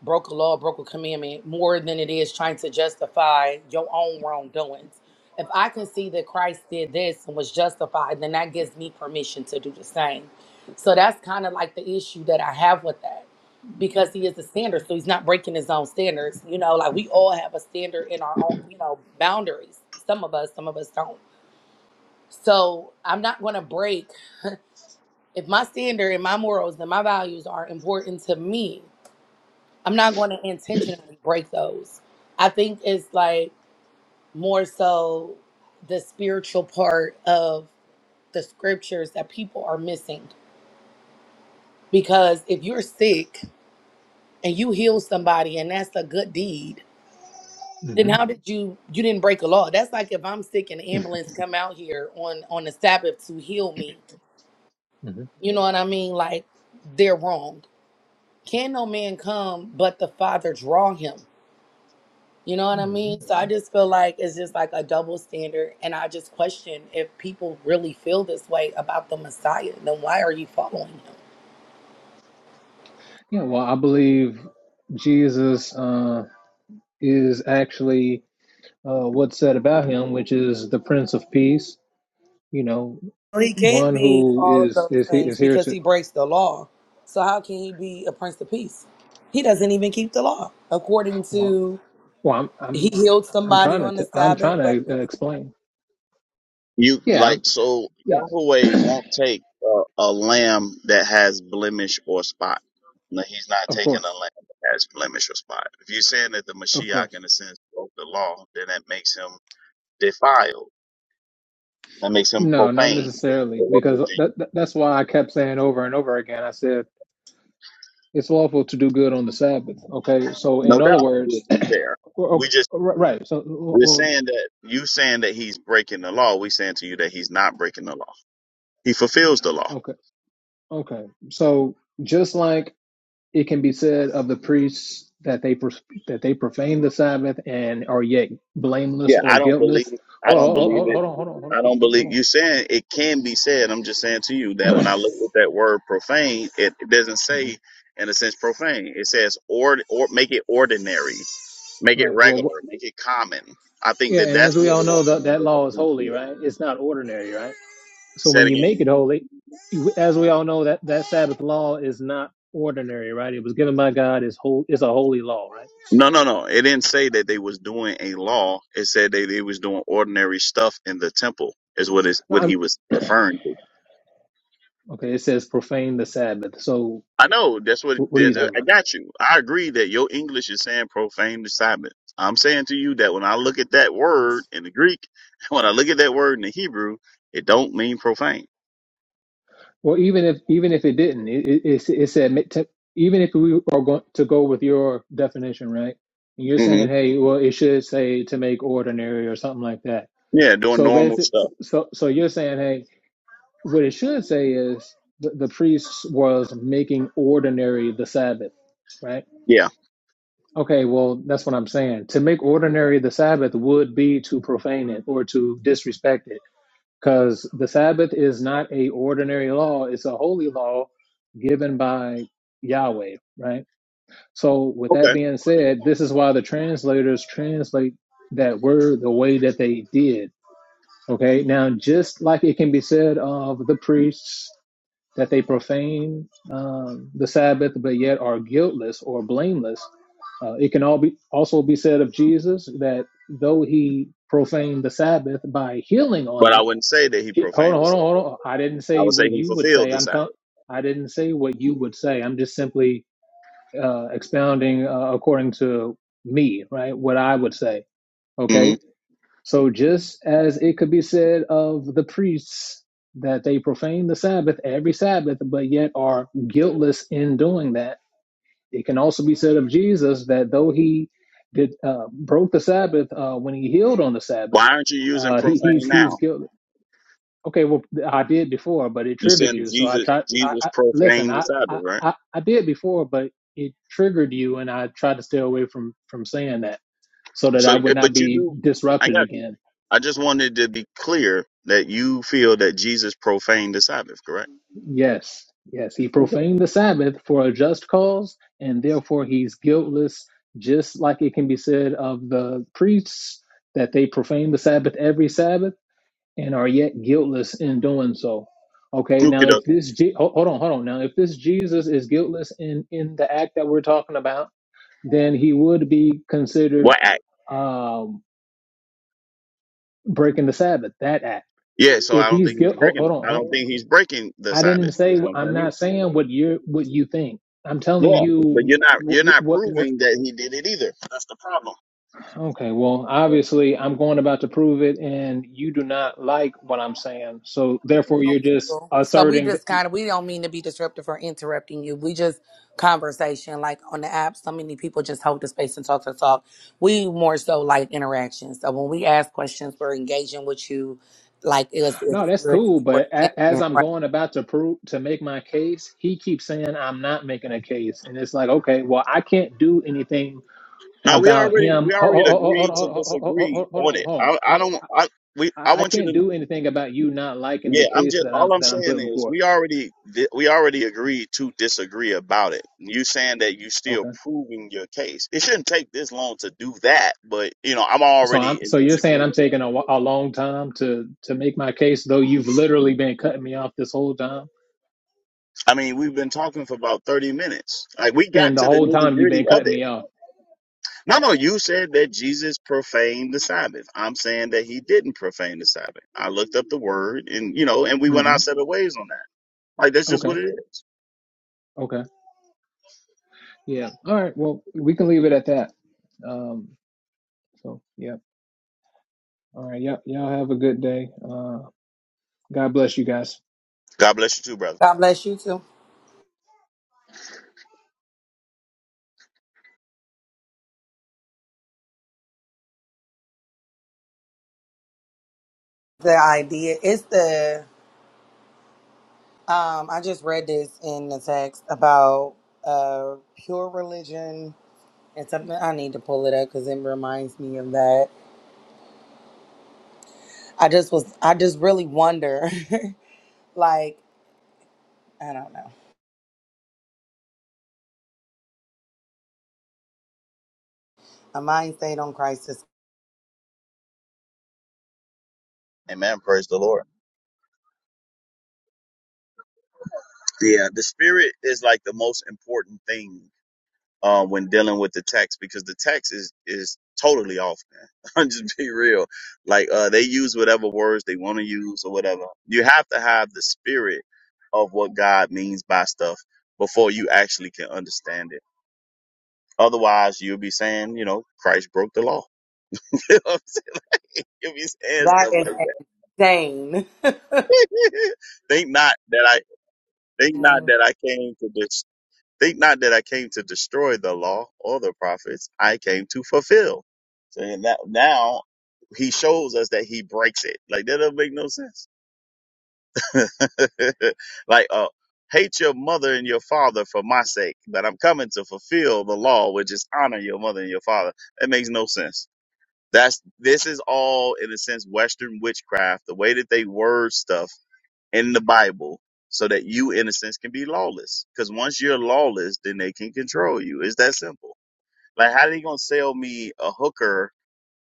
Speaker 16: broke a law, broke a commandment more than it is trying to justify your own wrongdoings. If I can see that Christ did this and was justified, then that gives me permission to do the same. So that's kind of like the issue that I have with that because he is the standard. So he's not breaking his own standards. You know, like we all have a standard in our own, you know, boundaries. Some of us, some of us don't. So I'm not going to break if my standard and my morals and my values are important to me I'm not going to intentionally break those. I think it's like more so the spiritual part of the scriptures that people are missing. Because if you're sick and you heal somebody and that's a good deed, then
Speaker 18: hmm
Speaker 16: how did you you didn't break a law? That's like if I'm sick and the ambulance come out here on on the Sabbath to heal me.
Speaker 18: hmm
Speaker 16: You know what I mean? Like they're wrong. Can no man come but the Father draw him? You know what I
Speaker 18: hmm
Speaker 16: mean? So I just feel like it's just like a double standard. And I just question if people really feel this way about the Messiah, then why are you following him?
Speaker 18: Yeah, well, I believe Jesus uh, is actually uh, what's said about him, which is the Prince of Peace. You know,
Speaker 16: Well, He can't
Speaker 18: one
Speaker 16: be
Speaker 18: who
Speaker 16: all of
Speaker 18: is
Speaker 16: those
Speaker 18: is he-
Speaker 16: things
Speaker 18: is here
Speaker 16: because
Speaker 18: to.
Speaker 16: he breaks the law. So how can he be a prince of peace? He doesn't even keep the law. According
Speaker 18: Well,
Speaker 16: to
Speaker 18: well I'm
Speaker 16: he
Speaker 18: I'm
Speaker 16: healed
Speaker 18: I'm
Speaker 16: somebody
Speaker 18: trying to
Speaker 16: on the
Speaker 18: t- I'm
Speaker 16: Sabbath, but
Speaker 18: trying to uh, explain.
Speaker 9: You
Speaker 18: Yeah,
Speaker 9: like
Speaker 18: I'm,
Speaker 9: so
Speaker 18: yeah,
Speaker 9: Yahweh won't take uh, a lamb that has blemish or spot. No, he's not
Speaker 18: of
Speaker 9: taking a
Speaker 18: course,
Speaker 9: lamb that has blemish or spot. If you're saying that the
Speaker 18: of
Speaker 9: Mashiach,
Speaker 18: course.
Speaker 9: in a sense, broke the law, then that makes him defiled. That makes him
Speaker 18: No, not
Speaker 9: profane.
Speaker 18: necessarily,
Speaker 9: The word
Speaker 18: because
Speaker 9: that you- use.
Speaker 18: that, that- that's why I kept saying over and over again. I said it's lawful to do good on the Sabbath. Okay, so in
Speaker 9: No
Speaker 18: other
Speaker 9: doubt, we
Speaker 18: words,
Speaker 9: agree there.
Speaker 18: well,
Speaker 9: We
Speaker 18: okay,
Speaker 9: just
Speaker 18: ri- right? So,
Speaker 9: we're
Speaker 18: well,
Speaker 9: saying that you saying that he's breaking the law. We saying to you that he's not breaking the law. He fulfills the law.
Speaker 18: okay, okay. So just like it can be said of the priests that they pros- that they profane the Sabbath and are yet blameless
Speaker 9: Yeah,
Speaker 18: or
Speaker 9: I don't believe.
Speaker 18: guiltless.
Speaker 9: I
Speaker 18: Oh, oh,
Speaker 9: don't
Speaker 18: oh,
Speaker 9: believe
Speaker 18: oh,
Speaker 9: it.
Speaker 18: hold on, hold on, hold
Speaker 9: I
Speaker 18: on,
Speaker 9: don't
Speaker 18: hold on.
Speaker 9: believe
Speaker 18: Hold
Speaker 9: you saying it can be said. I'm just saying to you that when I
Speaker 18: on.
Speaker 9: look at that word profane, it, it doesn't say
Speaker 18: Mhm.
Speaker 9: in a sense profane. It says or or make it ordinary, make it
Speaker 18: Right. Well,
Speaker 9: regular,
Speaker 18: wh-
Speaker 9: make it common. I think
Speaker 18: yeah,
Speaker 9: that
Speaker 18: and as
Speaker 9: that's
Speaker 18: we
Speaker 9: what
Speaker 18: all
Speaker 9: it was
Speaker 18: know, that
Speaker 9: saying
Speaker 18: that
Speaker 9: that the
Speaker 18: law is
Speaker 9: priest
Speaker 18: holy,
Speaker 9: did.
Speaker 18: right? It's not ordinary, right? So
Speaker 9: Say it
Speaker 18: when you make it
Speaker 9: again.
Speaker 18: holy, as we all know, that that Sabbath law is not ordinary, right? It was given by God. It's whole. It's a holy law, right?
Speaker 9: No, no, no. It didn't say that they was doing a law. It said that they was doing ordinary stuff in the temple. Is what is
Speaker 18: No,
Speaker 9: what
Speaker 18: I'm,
Speaker 9: he was referring to.
Speaker 18: okay, it says profane the Sabbath. So
Speaker 9: I know that's what
Speaker 18: wh-
Speaker 9: it
Speaker 18: what are you
Speaker 9: did.
Speaker 18: talking
Speaker 9: I
Speaker 18: about?
Speaker 9: got you. I agree that your English is saying profane to Simon. I'm saying to you that when I look at that word in the Greek, when I look at that word in the Hebrew, it don't mean profane.
Speaker 18: Well, even if even if it didn't, it it, it, it said ma- te- even if we are going to go with your definition, right? And you're
Speaker 9: hmm
Speaker 18: saying, hey, well, it should say to make ordinary or something like that.
Speaker 9: Yeah, doing
Speaker 18: So
Speaker 9: normal
Speaker 18: basically, so
Speaker 9: stuff.
Speaker 18: so so you're saying, hey. What it should say is the, the priest was making ordinary the Sabbath, right?
Speaker 9: Yeah.
Speaker 18: Okay, well, that's what I'm saying. To make ordinary the Sabbath would be to profane it or to disrespect it because the Sabbath is not a ordinary law, it's a holy law given by Yahweh, right? So, with that
Speaker 9: Okay.
Speaker 18: being said, this is why the translators translate that word the way that they did. Okay, now just like it can be said of the priests that they profane um, the Sabbath, but yet are guiltless or blameless. Uh, it can all be also be said of Jesus that though he profaned the Sabbath by healing on
Speaker 9: But I
Speaker 18: it.
Speaker 9: wouldn't say that he
Speaker 18: He, hold
Speaker 9: profaned
Speaker 18: on,
Speaker 9: the
Speaker 18: hold on,
Speaker 9: Sabbath.
Speaker 18: hold on. I didn't
Speaker 9: I
Speaker 18: say
Speaker 9: would say
Speaker 18: what
Speaker 9: he
Speaker 18: you would
Speaker 9: fulfilled
Speaker 18: say.
Speaker 9: the
Speaker 18: I'm telling.
Speaker 9: Sabbath.
Speaker 18: I didn't say what you would say. I'm just simply uh, expounding uh, according to me, right? What I would say. Okay
Speaker 9: hmm
Speaker 18: so just as it could be said of the priests that they profane the Sabbath every Sabbath, but yet are guiltless in doing that, it can also be said of Jesus that though he did uh, broke the Sabbath uh, when he healed on the Sabbath,
Speaker 9: Why aren't you using
Speaker 18: uh, he,
Speaker 9: profane
Speaker 18: he's he's
Speaker 9: now?
Speaker 18: guilty. Okay, well I did before, but it
Speaker 9: You
Speaker 18: triggered
Speaker 9: saying
Speaker 18: you. So I
Speaker 9: Jesus
Speaker 18: tried. I,
Speaker 9: Jesus
Speaker 18: I listen.
Speaker 9: profaned the
Speaker 18: I,
Speaker 9: Sabbath,
Speaker 18: I
Speaker 9: right?
Speaker 18: I I did before, but it triggered you, and I tried to stay away from from saying that so that
Speaker 9: So,
Speaker 18: I
Speaker 9: eh,
Speaker 18: would not
Speaker 9: but you
Speaker 18: be
Speaker 9: do, I
Speaker 18: disrupted
Speaker 9: got you.
Speaker 18: again
Speaker 9: I just wanted to be clear that you feel that Jesus profaned the Sabbath, correct?
Speaker 18: Yes, yes, he
Speaker 9: Okie
Speaker 18: profaned the Sabbath for a just cause, and therefore he's guiltless, just like it can be said of the priests that they profane the Sabbath every Sabbath and are yet guiltless in doing so. Okay, now if
Speaker 9: dokie.
Speaker 18: this Je- ho- hold on, hold on. Now if this Jesus is guiltless in in the act that we're talking about, then he would be considered
Speaker 9: What act?
Speaker 18: um breaking the Sabbath, that act.
Speaker 9: Yeah, so I
Speaker 18: If
Speaker 9: don't
Speaker 18: he's
Speaker 9: think he's
Speaker 18: guilt, hold,
Speaker 9: breaking
Speaker 18: hold
Speaker 9: it.
Speaker 18: on,
Speaker 9: I
Speaker 18: hold
Speaker 9: don't
Speaker 18: on.
Speaker 9: think he's breaking the
Speaker 18: I
Speaker 9: Sabbath.
Speaker 18: didn't
Speaker 9: That's
Speaker 18: say
Speaker 9: what I'm
Speaker 18: I'm
Speaker 9: telling you.
Speaker 18: not saying what you what you think. I'm telling
Speaker 9: Yeah. But
Speaker 18: you
Speaker 9: you're not
Speaker 18: what,
Speaker 9: you're not
Speaker 18: what what
Speaker 9: proving that he did it either. That's the problem.
Speaker 18: okay, well, obviously I'm going about to prove it and you do not like what I'm saying. So therefore
Speaker 16: know,
Speaker 18: you're just
Speaker 16: people. So we
Speaker 18: asserting that,
Speaker 16: just kind of we don't mean to be disruptive or interrupting you. We just conversation like on the app. So many people just hold the space and talk to talk. We more so like interaction. So when we ask questions, we're engaging with you, like it's
Speaker 18: no,
Speaker 16: it's
Speaker 18: that's cool,
Speaker 16: We're
Speaker 18: but
Speaker 16: standing
Speaker 18: a, as
Speaker 16: in
Speaker 18: I'm
Speaker 16: front.
Speaker 18: going about to prove to make my case, he keeps saying I'm not making a case and it's like, okay, well, I can't do anything
Speaker 9: Now we
Speaker 18: about
Speaker 9: already
Speaker 18: him.
Speaker 9: we
Speaker 18: Hold, hold,
Speaker 9: already
Speaker 18: hold,
Speaker 9: agreed
Speaker 18: hold,
Speaker 9: to
Speaker 18: hold,
Speaker 9: disagree
Speaker 18: hold hold
Speaker 9: on
Speaker 18: on, hold
Speaker 9: it.
Speaker 18: on.
Speaker 9: I
Speaker 18: I
Speaker 9: I don't I we I
Speaker 18: I I
Speaker 9: want you
Speaker 18: can't
Speaker 9: to
Speaker 18: do anything about you not liking the
Speaker 9: Yeah, I'm
Speaker 18: case
Speaker 9: just
Speaker 18: that I'm
Speaker 9: all I'm
Speaker 18: that I'm
Speaker 9: saying
Speaker 18: putting
Speaker 9: is
Speaker 18: forth.
Speaker 9: we already di- we already agreed to disagree about it. You saying that you
Speaker 18: Okay.
Speaker 9: still proving your case. It shouldn't take this long to do that, but you know, I'm
Speaker 18: So I'm
Speaker 9: already
Speaker 18: so
Speaker 9: in
Speaker 18: you're saying
Speaker 9: disagreement.
Speaker 18: I'm taking a, a long time to to make my case, though you've literally been cutting me off this whole time,
Speaker 9: I mean, we've been talking for about 30 minutes. Like we got
Speaker 18: and the
Speaker 9: to the
Speaker 18: whole time you've
Speaker 9: nitty-gritty
Speaker 18: been
Speaker 9: of
Speaker 18: cutting
Speaker 9: it.
Speaker 18: me off.
Speaker 9: No, no, you said that Jesus profaned the Sabbath. I'm saying that he didn't profane the Sabbath. I looked up the word and you know, and we went
Speaker 18: hmm
Speaker 9: our separate ways on that. Like that's just
Speaker 18: Okay,
Speaker 9: what it is.
Speaker 18: okay, yeah. All right. Well, we can leave it at that. Um. So yeah. All right. Yep. Y'all have a good day. Uh. God bless you guys.
Speaker 9: God bless you too, brother.
Speaker 16: God bless you too. The idea is the um. I just read this in the text about uh pure religion. and something I need to pull it up because it reminds me of that. I just was I just really wonder Like, I don't know. A mind stayed on Christ is
Speaker 9: Amen. Praise the Lord. Yeah, the spirit is like the most important thing uh, when dealing with the text because the text is is totally off, man. I'm just be real. Like uh, they use whatever words they want to use or whatever. You have to have the spirit of what God means by stuff before you actually can understand it. Otherwise, you'll be saying, you know, Christ broke the law. you know what I'm saying? You'll be saying
Speaker 16: that
Speaker 9: stuff
Speaker 16: is
Speaker 9: like
Speaker 16: insane.
Speaker 9: that. think not that I think not
Speaker 16: Mm,
Speaker 9: that I came to destroy. Think not that I came to destroy the law or the prophets. I came to fulfill. So in that now he shows us that he breaks it. Like that doesn't make no sense. like uh hate your mother and your father for my sake, but I'm coming to fulfill the law, which is honor your mother and your father. That makes no sense. That's this is all in a sense Western witchcraft, the way that they word stuff in the Bible so that you, in a sense, can be lawless. Because once you're lawless, then they can control you. It's that simple. Like, how they gonna sell me a hooker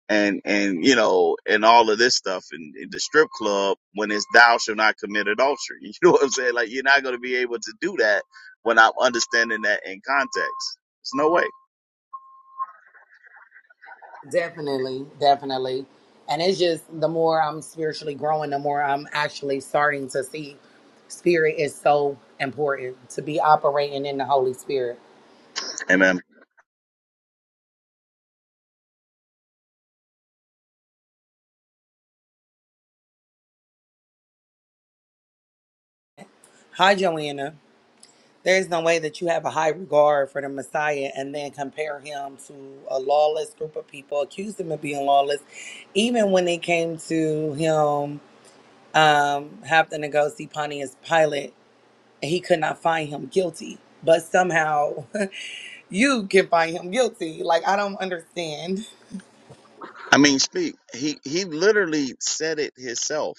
Speaker 9: and and you know and all of this stuff in, in the strip club when it's thou shall not commit adultery? You know what I'm saying? Like, you're not gonna be able to do that when I'm understanding that in context. There's no way.
Speaker 16: definitely, definitely. And it's just the more I'm spiritually growing, the more I'm actually starting to see spirit is so important to be operating in the Holy Spirit.
Speaker 9: Amen.
Speaker 16: Hi, Joanna. There's no way that you have a high regard for the Messiah and then compare him to a lawless group of people, accuse him of being lawless, even when it came to him um, happened to go see Pontius Pilate, and he could not find him guilty. But somehow you can find him guilty. Like, I don't understand.
Speaker 9: I mean, speak. He he literally said it himself.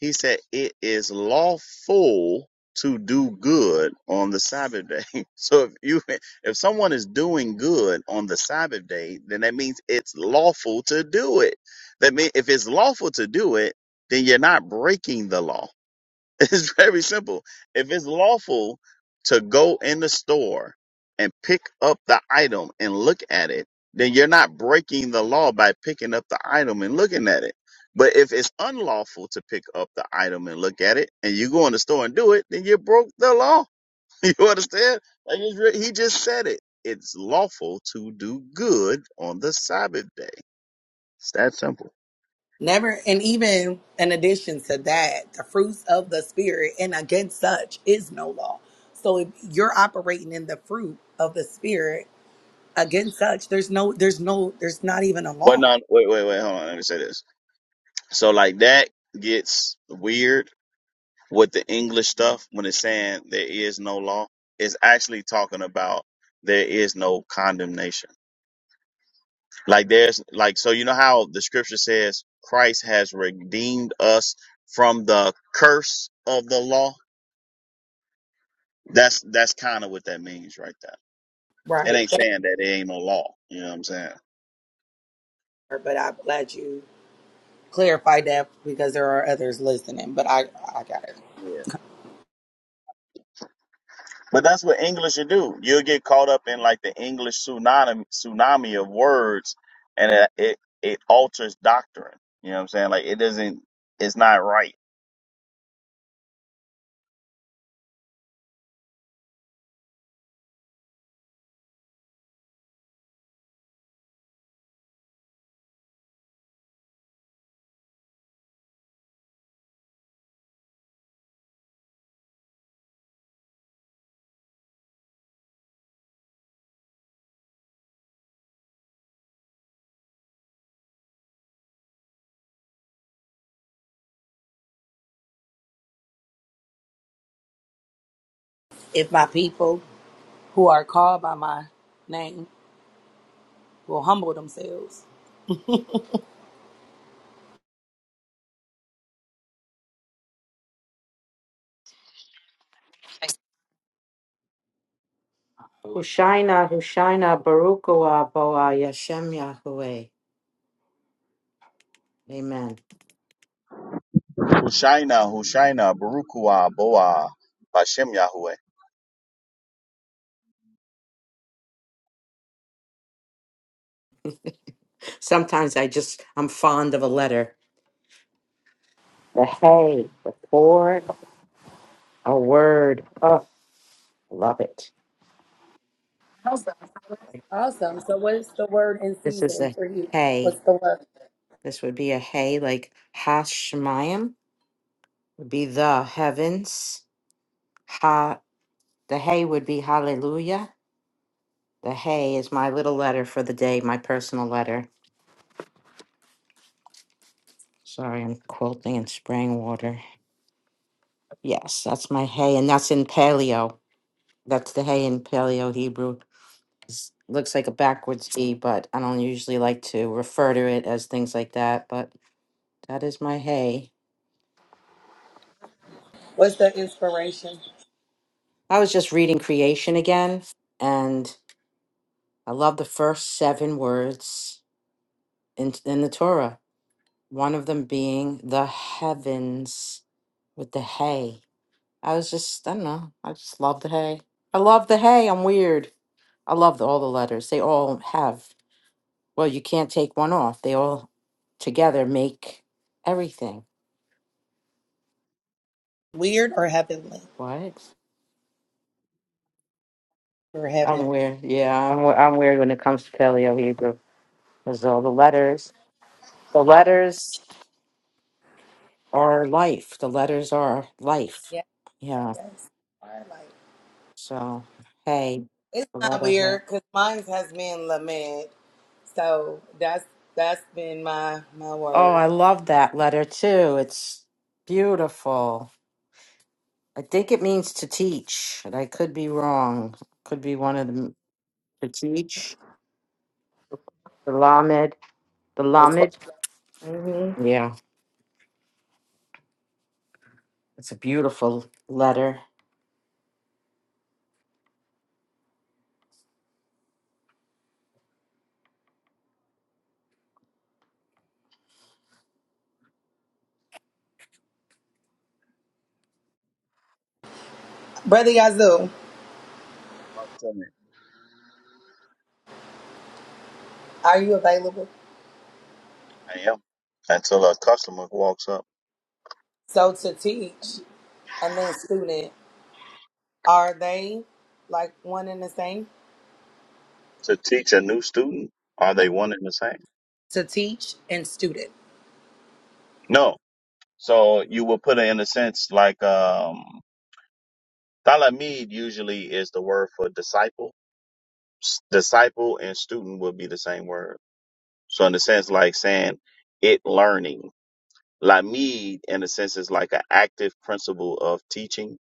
Speaker 9: He said it is lawful to do good on the Sabbath day. So if you if someone is doing good on the Sabbath day, then that means it's lawful to do it. That means if it's lawful to do it, then you're not breaking the law. It's very simple. If it's lawful to go in the store and pick up the item and look at it, then you're not breaking the law by picking up the item and looking at it. But if it's unlawful to pick up the item and look at it, and you go in the store and do it, then you broke the law. You understand? Like it's re- he just said it. It's lawful to do good on the Sabbath day. It's that simple.
Speaker 16: Never, and even in addition to that, the fruits of the Spirit, and against such is no law. So if you're operating in the fruit of the Spirit, against such, there's no, there's no, there's not even a
Speaker 9: Well, no,
Speaker 16: law
Speaker 9: wait, wait, wait. Hold on. Let me say this. So, like that gets weird with the English stuff when it's saying there is no law, it's actually talking about there is no condemnation. Like there's like so you know how the scripture says Christ has redeemed us from the curse of the law? That's that's kind of what that means right there. It
Speaker 16: right
Speaker 9: ain't saying that it ain't no law. You know what I'm saying?
Speaker 16: there. But I'm glad you clarified that because there are others listening. But I, I got it.
Speaker 9: But that's what English will do. You'll get caught up in like the English tsunami tsunami of words, and it it, it alters doctrine. You know what I'm saying? Like it doesn't. It's not right.
Speaker 16: If my people who are called by my name will humble themselves.
Speaker 3: Hushaina, Hushaina, Baruch Hu Abba Yashem Yahweh. Amen.
Speaker 9: Hushaina, Hushaina, Barukua, Boa, Bashem Yahweh.
Speaker 3: Sometimes I just I'm fond of a letter. The hay, the poured, a word. Oh, love it.
Speaker 16: Awesome. So, what is the word in
Speaker 3: This is
Speaker 16: season
Speaker 3: a
Speaker 16: for you? What's
Speaker 3: hay.
Speaker 16: the word?
Speaker 3: This would be a hay, like Hashemayim would be the heavens. Ha, the hay would be hallelujah. The hay is my little letter for the day, my personal letter. Sorry, I'm quilting and spraying water. Yes, that's my hay, and that's in Paleo. That's the hay in Paleo Hebrew. s- looks like a backwards E, but I don't usually like to refer to it as things like that. But that is my hay.
Speaker 16: What's the inspiration?
Speaker 3: I was just reading creation again, and I love the first seven words in, in the Torah, one of them being the heavens with the hay. I was just, I don't know, I just love the hay. I love the hay. I'm weird. I love the, all the letters. They all have, well, you can't take one off. They all together make everything.
Speaker 16: Weird or heavenly?
Speaker 3: What?
Speaker 16: Or
Speaker 3: I'm
Speaker 16: heavenly?
Speaker 3: weird. Yeah, I'm, we- I'm weird when it comes to Paleo Hebrew. Because all the letters, the letters are life. The letters are life.
Speaker 16: Yeah.
Speaker 3: Yeah.
Speaker 16: Yes. Or like-
Speaker 3: So, hey,
Speaker 16: It's
Speaker 3: the
Speaker 16: not
Speaker 3: letter hey.
Speaker 16: weird because mine has been lament. So that's that's been my my
Speaker 3: Oh,
Speaker 16: word.
Speaker 3: I love that letter too. It's beautiful. I think it means to teach, and I could be wrong. Could be one of them to teach. The Lamed, the
Speaker 16: The 12
Speaker 3: Lamed.
Speaker 16: hmm
Speaker 3: Yeah, it's a beautiful letter.
Speaker 16: Brother Yazoo,
Speaker 9: I'm telling
Speaker 16: are you available?
Speaker 9: I am. Until a customer walks up
Speaker 16: So to teach and then student, are they like one and the same?
Speaker 9: to teach a new student, are
Speaker 16: No.
Speaker 9: they one and the same?
Speaker 16: to teach and student.
Speaker 9: No. So you will put it in a sense like um, Talamid usually is the word for disciple s- disciple and student would be the same word. So in the sense like saying it learning. Lamid in a sense is like an active principle of teaching.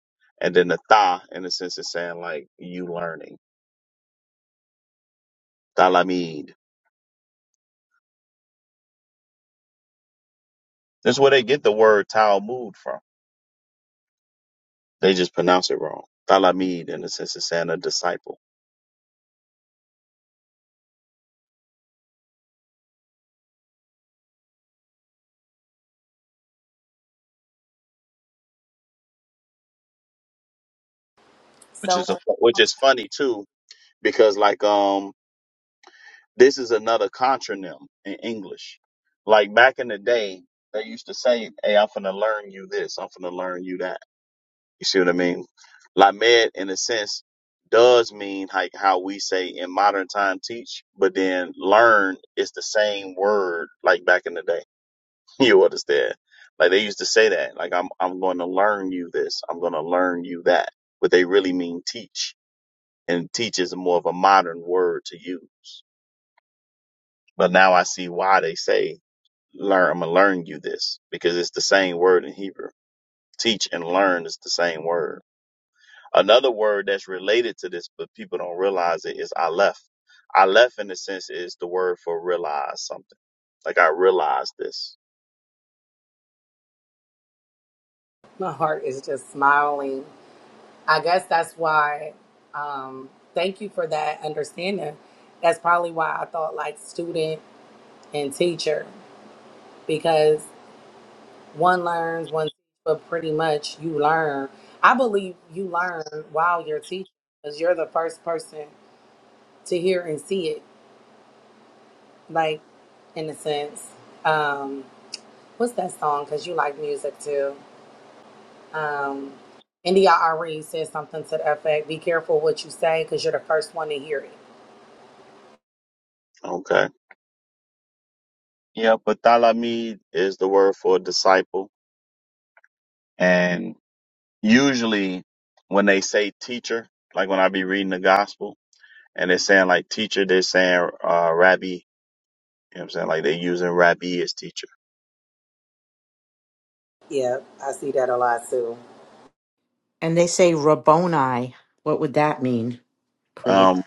Speaker 9: And then the ta in a sense is saying like you learning. Talamid. That's where they get the word Talmud from. They just pronounce it wrong. Talamid in a sense is saying a disciple. Which
Speaker 16: So
Speaker 9: is a, which is funny too, because like um This is another contronym in English. Like back in the day, they used to say, Hey, I'm finna learn you this, I'm finna learn you that. You see what I mean? Lamed, in a sense, does mean like how we say in modern time teach, but then learn is the same word like back in the day. you understand? Like they used to say that, like I'm I'm gonna learn you this, I'm gonna learn you that. But they really mean teach. And teach is more of a modern word to use but now I see why they say learn. I'm gonna learn you this because it's the same word in Hebrew. Teach and learn is the same word. Another word that's related to this, but people don't realize it, is aleph. Aleph, in a sense, is the word for realize something. Like I realized this.
Speaker 16: my heart is just smiling. I guess that's why. Um, thank you for that understanding. That's probably why I thought like student and teacher because one learns, one but pretty much you learn. I believe you learn while you're teaching because you're the first person to hear and see it. Like in a sense, um, what's that song? Because you like music too. Um, India already said something to the effect, be careful what you say because you're the first one to hear it.
Speaker 9: Okay. Yeah, but talamid is the word for disciple, and usually when they say teacher, like when I be reading the gospel and they're saying like teacher, they're saying uh, rabbi. You know what I'm saying? Like they're using rabbi as teacher.
Speaker 16: Yeah, I see that a lot too.
Speaker 3: And they say Rabboni. What would that mean, please?
Speaker 9: Um,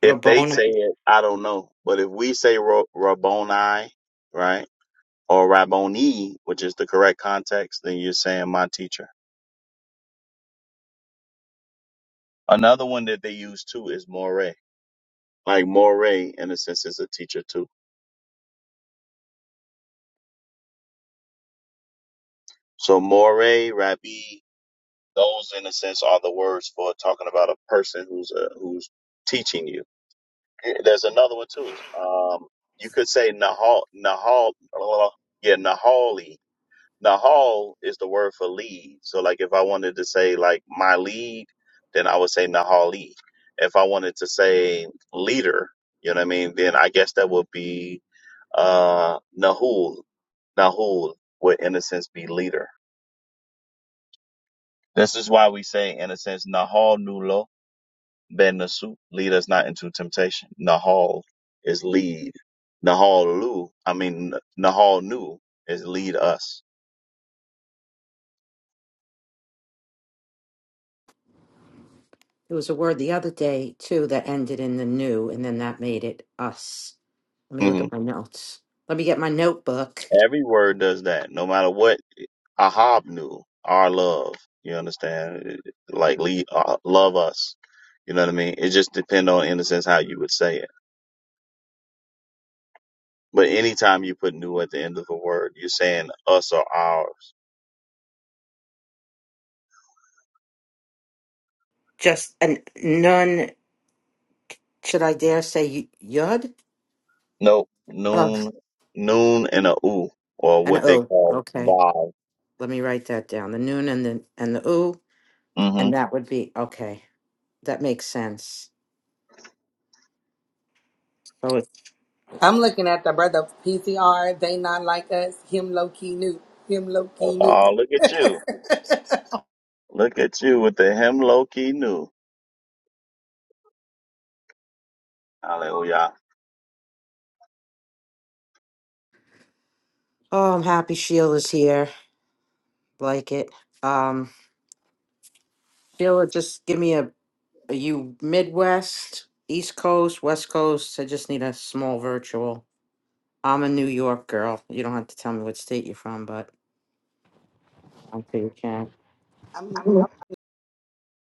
Speaker 9: If they say
Speaker 3: Rabboni.
Speaker 9: it, I don't know. But if we say Ra- Rabboni, right, or Rabboni, which is the correct context, then you're saying my teacher. Another one that they use too is Moreh. Like Moreh, in a sense, is a teacher too. So Moreh, Rabbi, those in a sense are the words for talking about a person who's uh who's teaching you. Eh, There's another one too. Um, you could say Nahal, Nahal, yeah, Nahali Nahal is the word for lead. So like if I wanted to say like my lead, then I would say Nahali. If I wanted to say leader, you know what I mean, then I guess that would be uh Nahul. Nahul would in a sense be leader. This is why we say in a sense Nahal Nulo Ben Nasu, lead us not into temptation. Nahal is lead. Nahal Lu, I mean Nahal Nu is lead us.
Speaker 3: There was a word the other day too that ended in the new, and then that made it us. Let me look
Speaker 9: hmm
Speaker 3: at my notes. Let me get my notebook.
Speaker 9: Every word does that. No matter what ahabnu, our love. You understand? Like, lead, uh, love us. You know what I mean? It just depends on, in a sense, how you would say it. But anytime you put new at the end of a word, you're saying us or ours.
Speaker 3: Just an nun. Should I dare say y- yud?
Speaker 9: Nope.
Speaker 3: Oh,
Speaker 9: Noon, noon and a oo, or
Speaker 3: an
Speaker 9: what they
Speaker 3: o.
Speaker 9: call
Speaker 3: Okay,
Speaker 9: vav.
Speaker 3: let me write that down. The noon and the and the ooh,
Speaker 9: hmm
Speaker 3: and that would be okay. That makes sense. Oh, it's okay.
Speaker 16: I'm looking at the brother PCR, they not like us, him low key new, him low key new.
Speaker 9: Oh, look at you. Look at you with the hem low key new. Hallelujah.
Speaker 3: Oh, I'm happy Sheila's here. Like it. Um, Sheila, just give me a Are you Midwest, East Coast, West Coast? I just need a small virtual. I'm a New York girl. You don't have to tell me what state you're from, but I'm sure you can.
Speaker 16: I'm, I'm